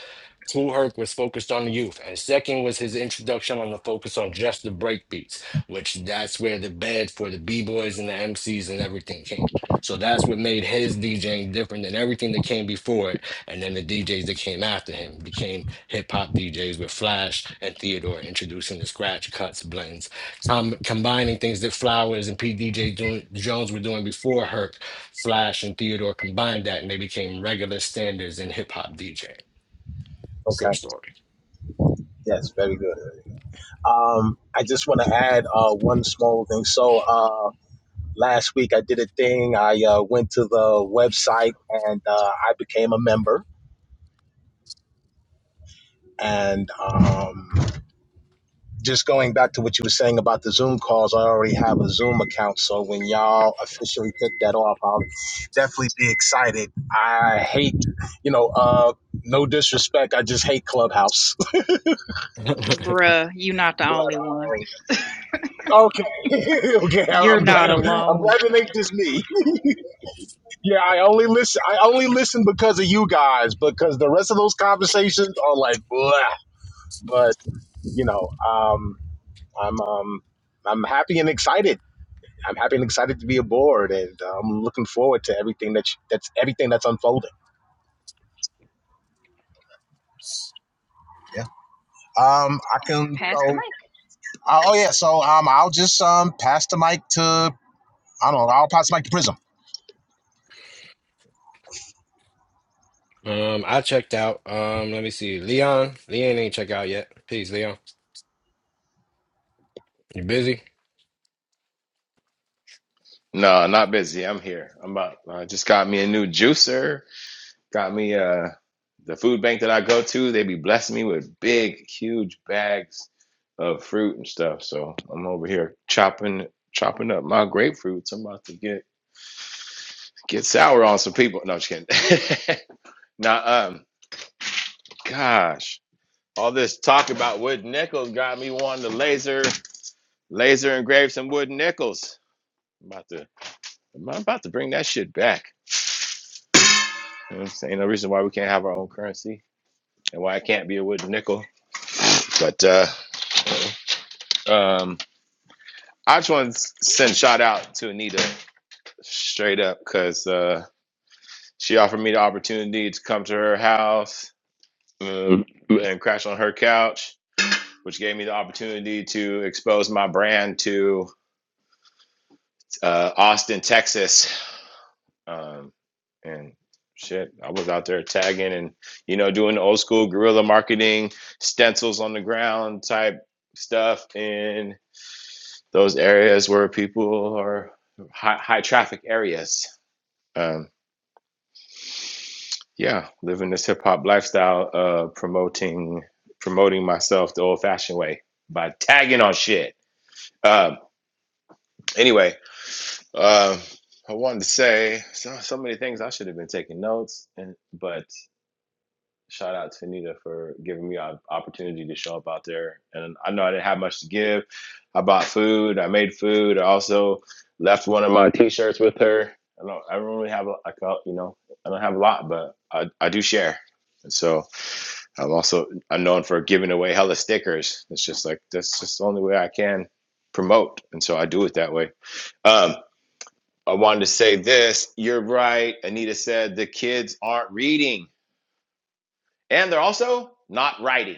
G: Cool Herc was focused on the youth. And second was his introduction on the focus on just the breakbeats, which that's where the bed for the B-boys and the MCs and everything came. So that's what made his DJing different than everything that came before it and then the DJs that came after him became hip hop DJs with Flash and Theodore introducing the scratch cuts, blends, com- combining things that Flowers and P. DJ doing, Jones were doing before Herc. Flash and Theodore combined that and they became regular standards in hip hop DJ. Still
M: okay,
G: story.
M: yes, very good. Um, I just want to add uh, one small thing. So. Uh, Last week I did a thing. I uh, went to the website and uh, I became a member. And um, just going back to what you were saying about the Zoom calls, I already have a Zoom account. So when y'all officially take that off, I'll definitely be excited. I hate, you know, uh, no disrespect. I just hate Clubhouse.
B: Bruh, you're not the
M: But
B: only one.
M: um, okay, okay,
B: You're
M: I'm
B: not
M: glad I'm, I'm
B: alone.
M: glad it ain't just me. Yeah, I only listen. I only listen because of you guys, because the rest of those conversations are like, blah. but you know, um, I'm um, I'm happy and excited. I'm happy and excited to be aboard, and uh, I'm looking forward to everything that you- that's everything that's unfolding. Yeah. Um, I
B: And
M: can.
B: pass the
M: So,
B: mic.
M: uh, oh yeah. So, um, I'll just um pass the mic to I don't know. I'll pass the mic to Prism.
G: Um, I checked out. Um, let me see. Leon. Leon ain't check out yet. Peace, Leon. You busy?
J: No, not busy. I'm here. I'm about, I just got me a new juicer. Got me uh, the food bank that I go to. They be blessing me with big, huge bags of fruit and stuff. So I'm over here chopping chopping up my grapefruits. I'm about to get get sour on some people. No, just kidding. nah, um, gosh. all this talk about wooden nickels got me wanting to laser laser engrave some wooden nickels. I'm about to I'm about to bring that shit back. You know what I'm saying? No reason why we can't have our own currency and why it can't be a wooden nickel. But uh um I just want to send shout out to Anita straight up because uh she offered me the opportunity to come to her house uh, and crash on her couch, which gave me the opportunity to expose my brand to uh, Austin, Texas. Um, and shit, I was out there tagging and you know doing the old school guerrilla marketing, stencils on the ground type stuff in those areas where people are high, high traffic areas. Um, yeah, living this hip hop lifestyle, uh, promoting promoting myself the old fashioned way by tagging on shit. Um, anyway, um uh, I wanted to say so, so many things. I should have been taking notes, and but shout out to Anita for giving me an opportunity to show up out there. And I know I didn't have much to give. I bought food. I made food. I also left one of my T-shirts with her. I don't. I don't really have. A, I call, you know. I don't have a lot, but I, I do share. And so I'm also I'm known for giving away hella stickers. It's just like that's just the only way I can promote, and so I do it that way. Um, I wanted to say this. You're right. Anita said the kids aren't reading, and they're also not writing.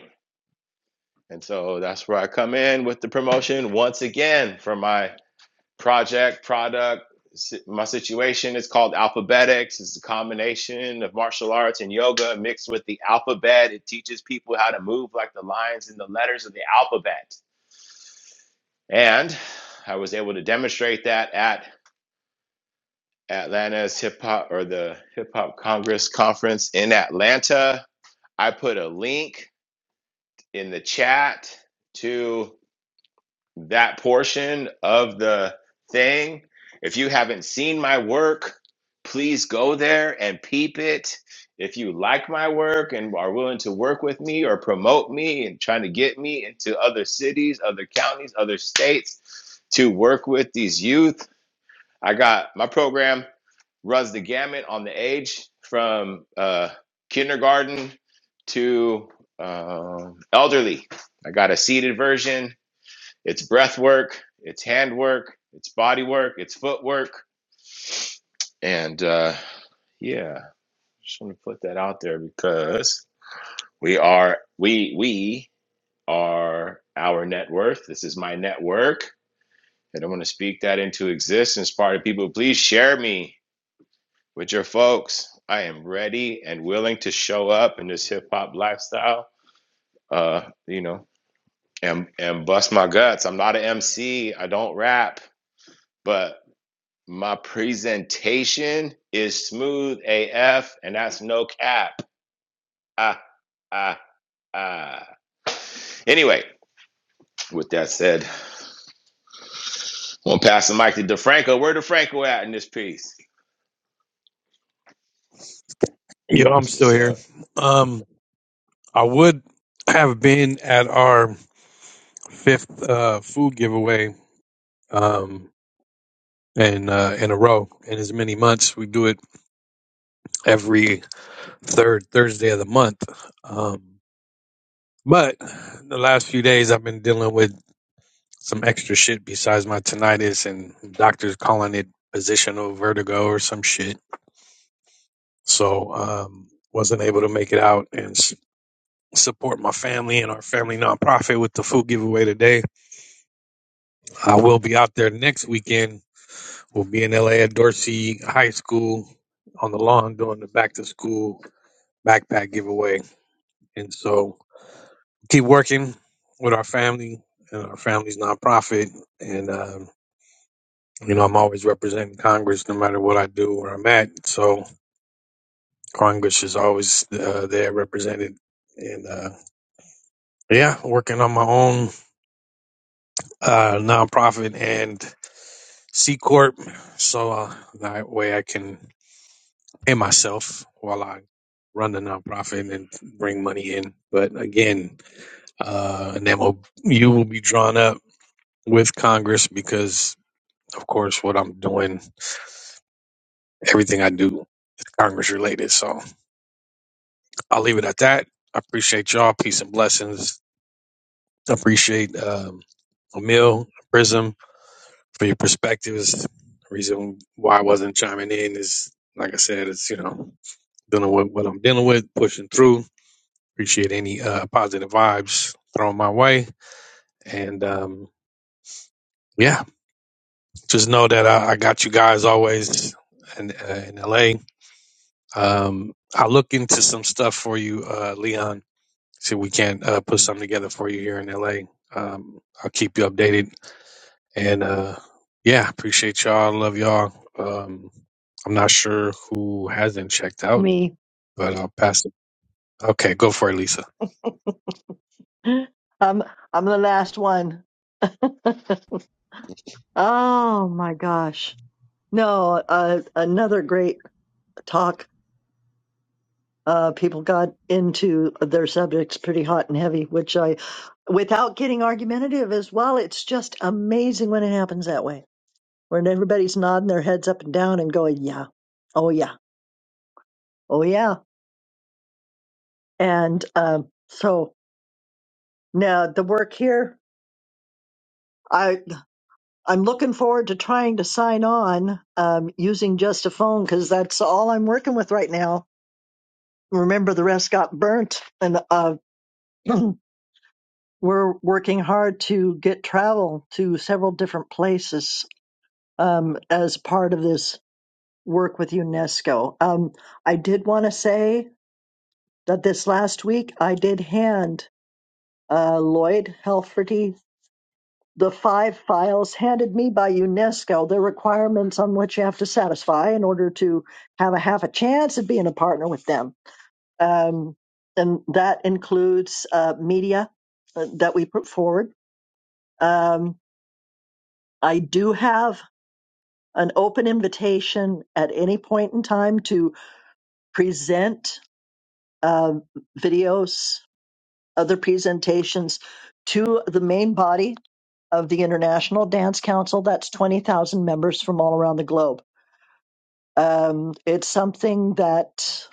J: And so that's where I come in with the promotion once again for my project, product. si- My situation is called Alphabetics. It's a combination of martial arts and yoga mixed with the alphabet. It teaches people how to move like the lines and the letters of the alphabet. And I was able to demonstrate that at Atlanta's hip hop or the hip hop congress conference in Atlanta. I put a link in the chat to that portion of the thing. If you haven't seen my work, please go there and peep it. If you like my work and are willing to work with me or promote me and trying to get me into other cities, other counties, other states to work with these youth, I got my program runs the gamut on the age from uh, kindergarten to um, elderly. I got a seated version it's breath work, it's hand work, it's body work, it's footwork. And uh, yeah, just want to put that out there because we are we we are our net worth. This is my network. I don't want to speak that into existence. Part of people, please share me with your folks. I am ready and willing to show up in this hip hop lifestyle. Uh, you know, and and bust my guts. I'm not an MC. I don't rap, but My presentation is smooth AF, and that's no cap. Ah, ah, ah. Anyway, with that said, I'm gonna pass the mic to DeFranco. Where DeFranco at in this piece?
D: Yo, I'm
J: That's
D: still
J: what's
D: here.
J: up.
D: Um, I would have been at our fifth uh, food giveaway um, in uh, in a row in as many months. We do it every third Thursday of the month. Um, but the last few days, I've been dealing with some extra shit besides my tinnitus and doctors calling it positional vertigo or some shit. so um, wasn't able to make it out and s- support my family and our family nonprofit with the food giveaway today. I will be out there next weekend. We'll be in LA at Dorsey High School on the lawn doing the back to school backpack giveaway, and so keep working with our family and our family's nonprofit and. Um, you know, I'm always representing Congress no matter what I do, where I'm at. So Congress is always uh, there represented. and. uh, Yeah, working on my own uh, nonprofit and C corp, so uh, that way I can pay myself while I run the nonprofit and bring money in. But again, uh, an MOU will be drawn up with Congress because, of course, what I'm doing, everything I do, Congress related. So I'll leave it at that. I appreciate y'all. Peace and blessings. I Appreciate um, Emil, Prism. for your perspectives. The reason why I wasn't chiming in is, like I said, it's, you know, dealing with what I'm dealing with, pushing through. Appreciate any uh, positive vibes thrown my way. And um, yeah, just know that I, I got you guys always in, uh, in LA. Um, I'll look into some stuff for you, uh, Leon. See if we can't uh, put something together for you here in LA. Um, I'll keep you updated And uh, yeah, appreciate y'all. Love y'all. Um, I'm not sure who hasn't checked out,
A: Me.
D: but I'll pass it. Okay, go for it, Lisa.
A: I'm I'm the last one. oh my gosh. No, uh, another great talk. Uh, people got into their subjects pretty hot and heavy, which I, without getting argumentative as well, it's just amazing when it happens that way, when everybody's nodding their heads up and down and going, yeah, oh yeah, oh yeah. And um, so Now, the work here, I I'm looking forward to trying to sign on um, using just a phone because that's all I'm working with right now. Remember, the rest got burnt, and uh, we're working hard to get travel to several different places um, as part of this work with UNESCO. Um, I did want to say that this last week I did hand uh, Lloyd Helferty the five files handed me by UNESCO, the requirements on which you have to satisfy in order to have a half a chance of being a partner with them. Um, and that includes uh, media uh, that we put forward. Um, I do have an open invitation at any point in time to present um videos, other presentations to the main body of the International Dance Council. That's 20,000 members from all around the globe Um, it's something that,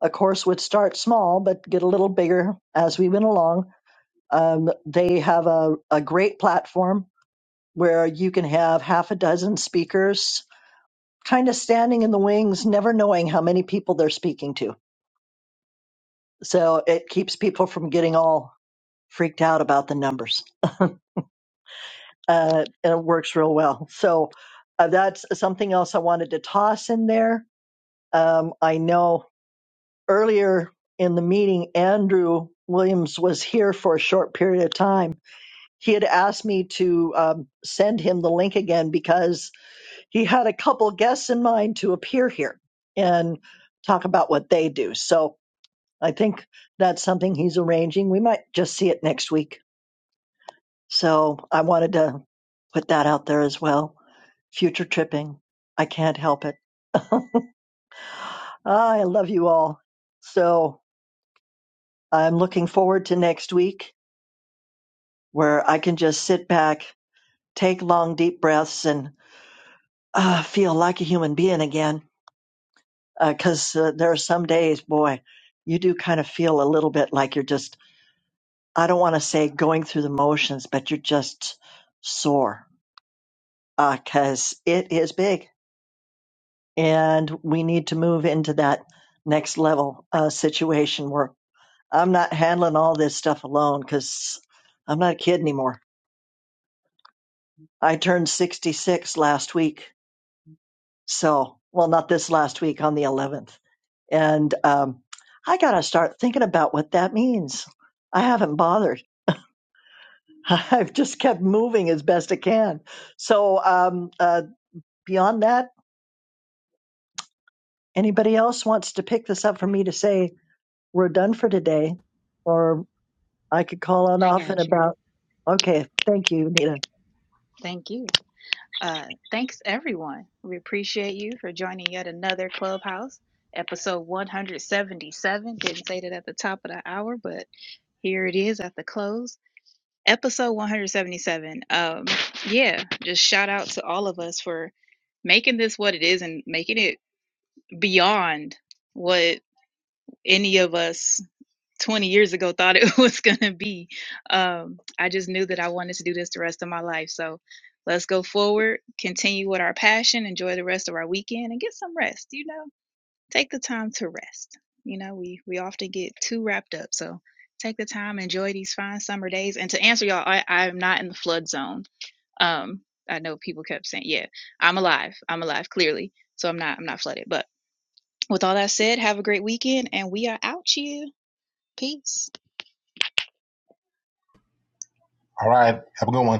A: of course, would start small but get a little bigger as we went along. Um, they have a, a great platform where you can have half a dozen speakers kind of standing in the wings, never knowing how many people they're speaking to. So it keeps people from getting all freaked out about the numbers. Uh, and it works real well. So uh, that's something else I wanted to toss in there. Um, I know earlier in the meeting, Andrew Williams was here for a short period of time. He had asked me to um, send him the link again because he had a couple guests in mind to appear here and talk about what they do. So I think that's something he's arranging. We might just see it next week. So I wanted to put that out there as well. Future tripping. I can't help it. I love you all. So I'm looking forward to next week where I can just sit back, take long, deep breaths, and uh, feel like a human being again. Because uh, there are some days, boy, you do kind of feel a little bit like you're just, I don't want to say going through the motions, but you're just sore because it is big. And we need to move into that next level uh, situation where I'm not handling all this stuff alone because I'm not a kid anymore. I turned 66 last week So, well, not this last week on the 11th. And um, I got to start thinking about what that means. I haven't bothered. I've just kept moving as best I can. So, um, uh, beyond that, anybody else wants to pick this up for me to say we're done for today, or I could call on
B: I
A: off in
B: got you.
A: about. Okay, thank you, Nita.
B: Thank you. Uh, thanks, everyone. We appreciate you for joining yet another Clubhouse, episode 177. Didn't say that at the top of the hour, but here it is at the close. Episode 177. Um, yeah, just shout out to all of us for making this what it is and making it beyond what any of us 20 years ago thought it was going to be. Um, I just knew that I wanted to do this the rest of my life. So let's go forward, continue with our passion, enjoy the rest of our weekend, and get some rest. You know, take the time to rest. You know, we we often get too wrapped up. So take the time, enjoy these fine summer days. And to answer y'all, I, I'm not in the flood zone. Um, I know people kept saying, "Yeah, I'm alive. I'm alive." Clearly, so I'm not. I'm not flooded. But with all that said, have a great weekend, and we are out, you. Peace.
M: All right. Have a good one.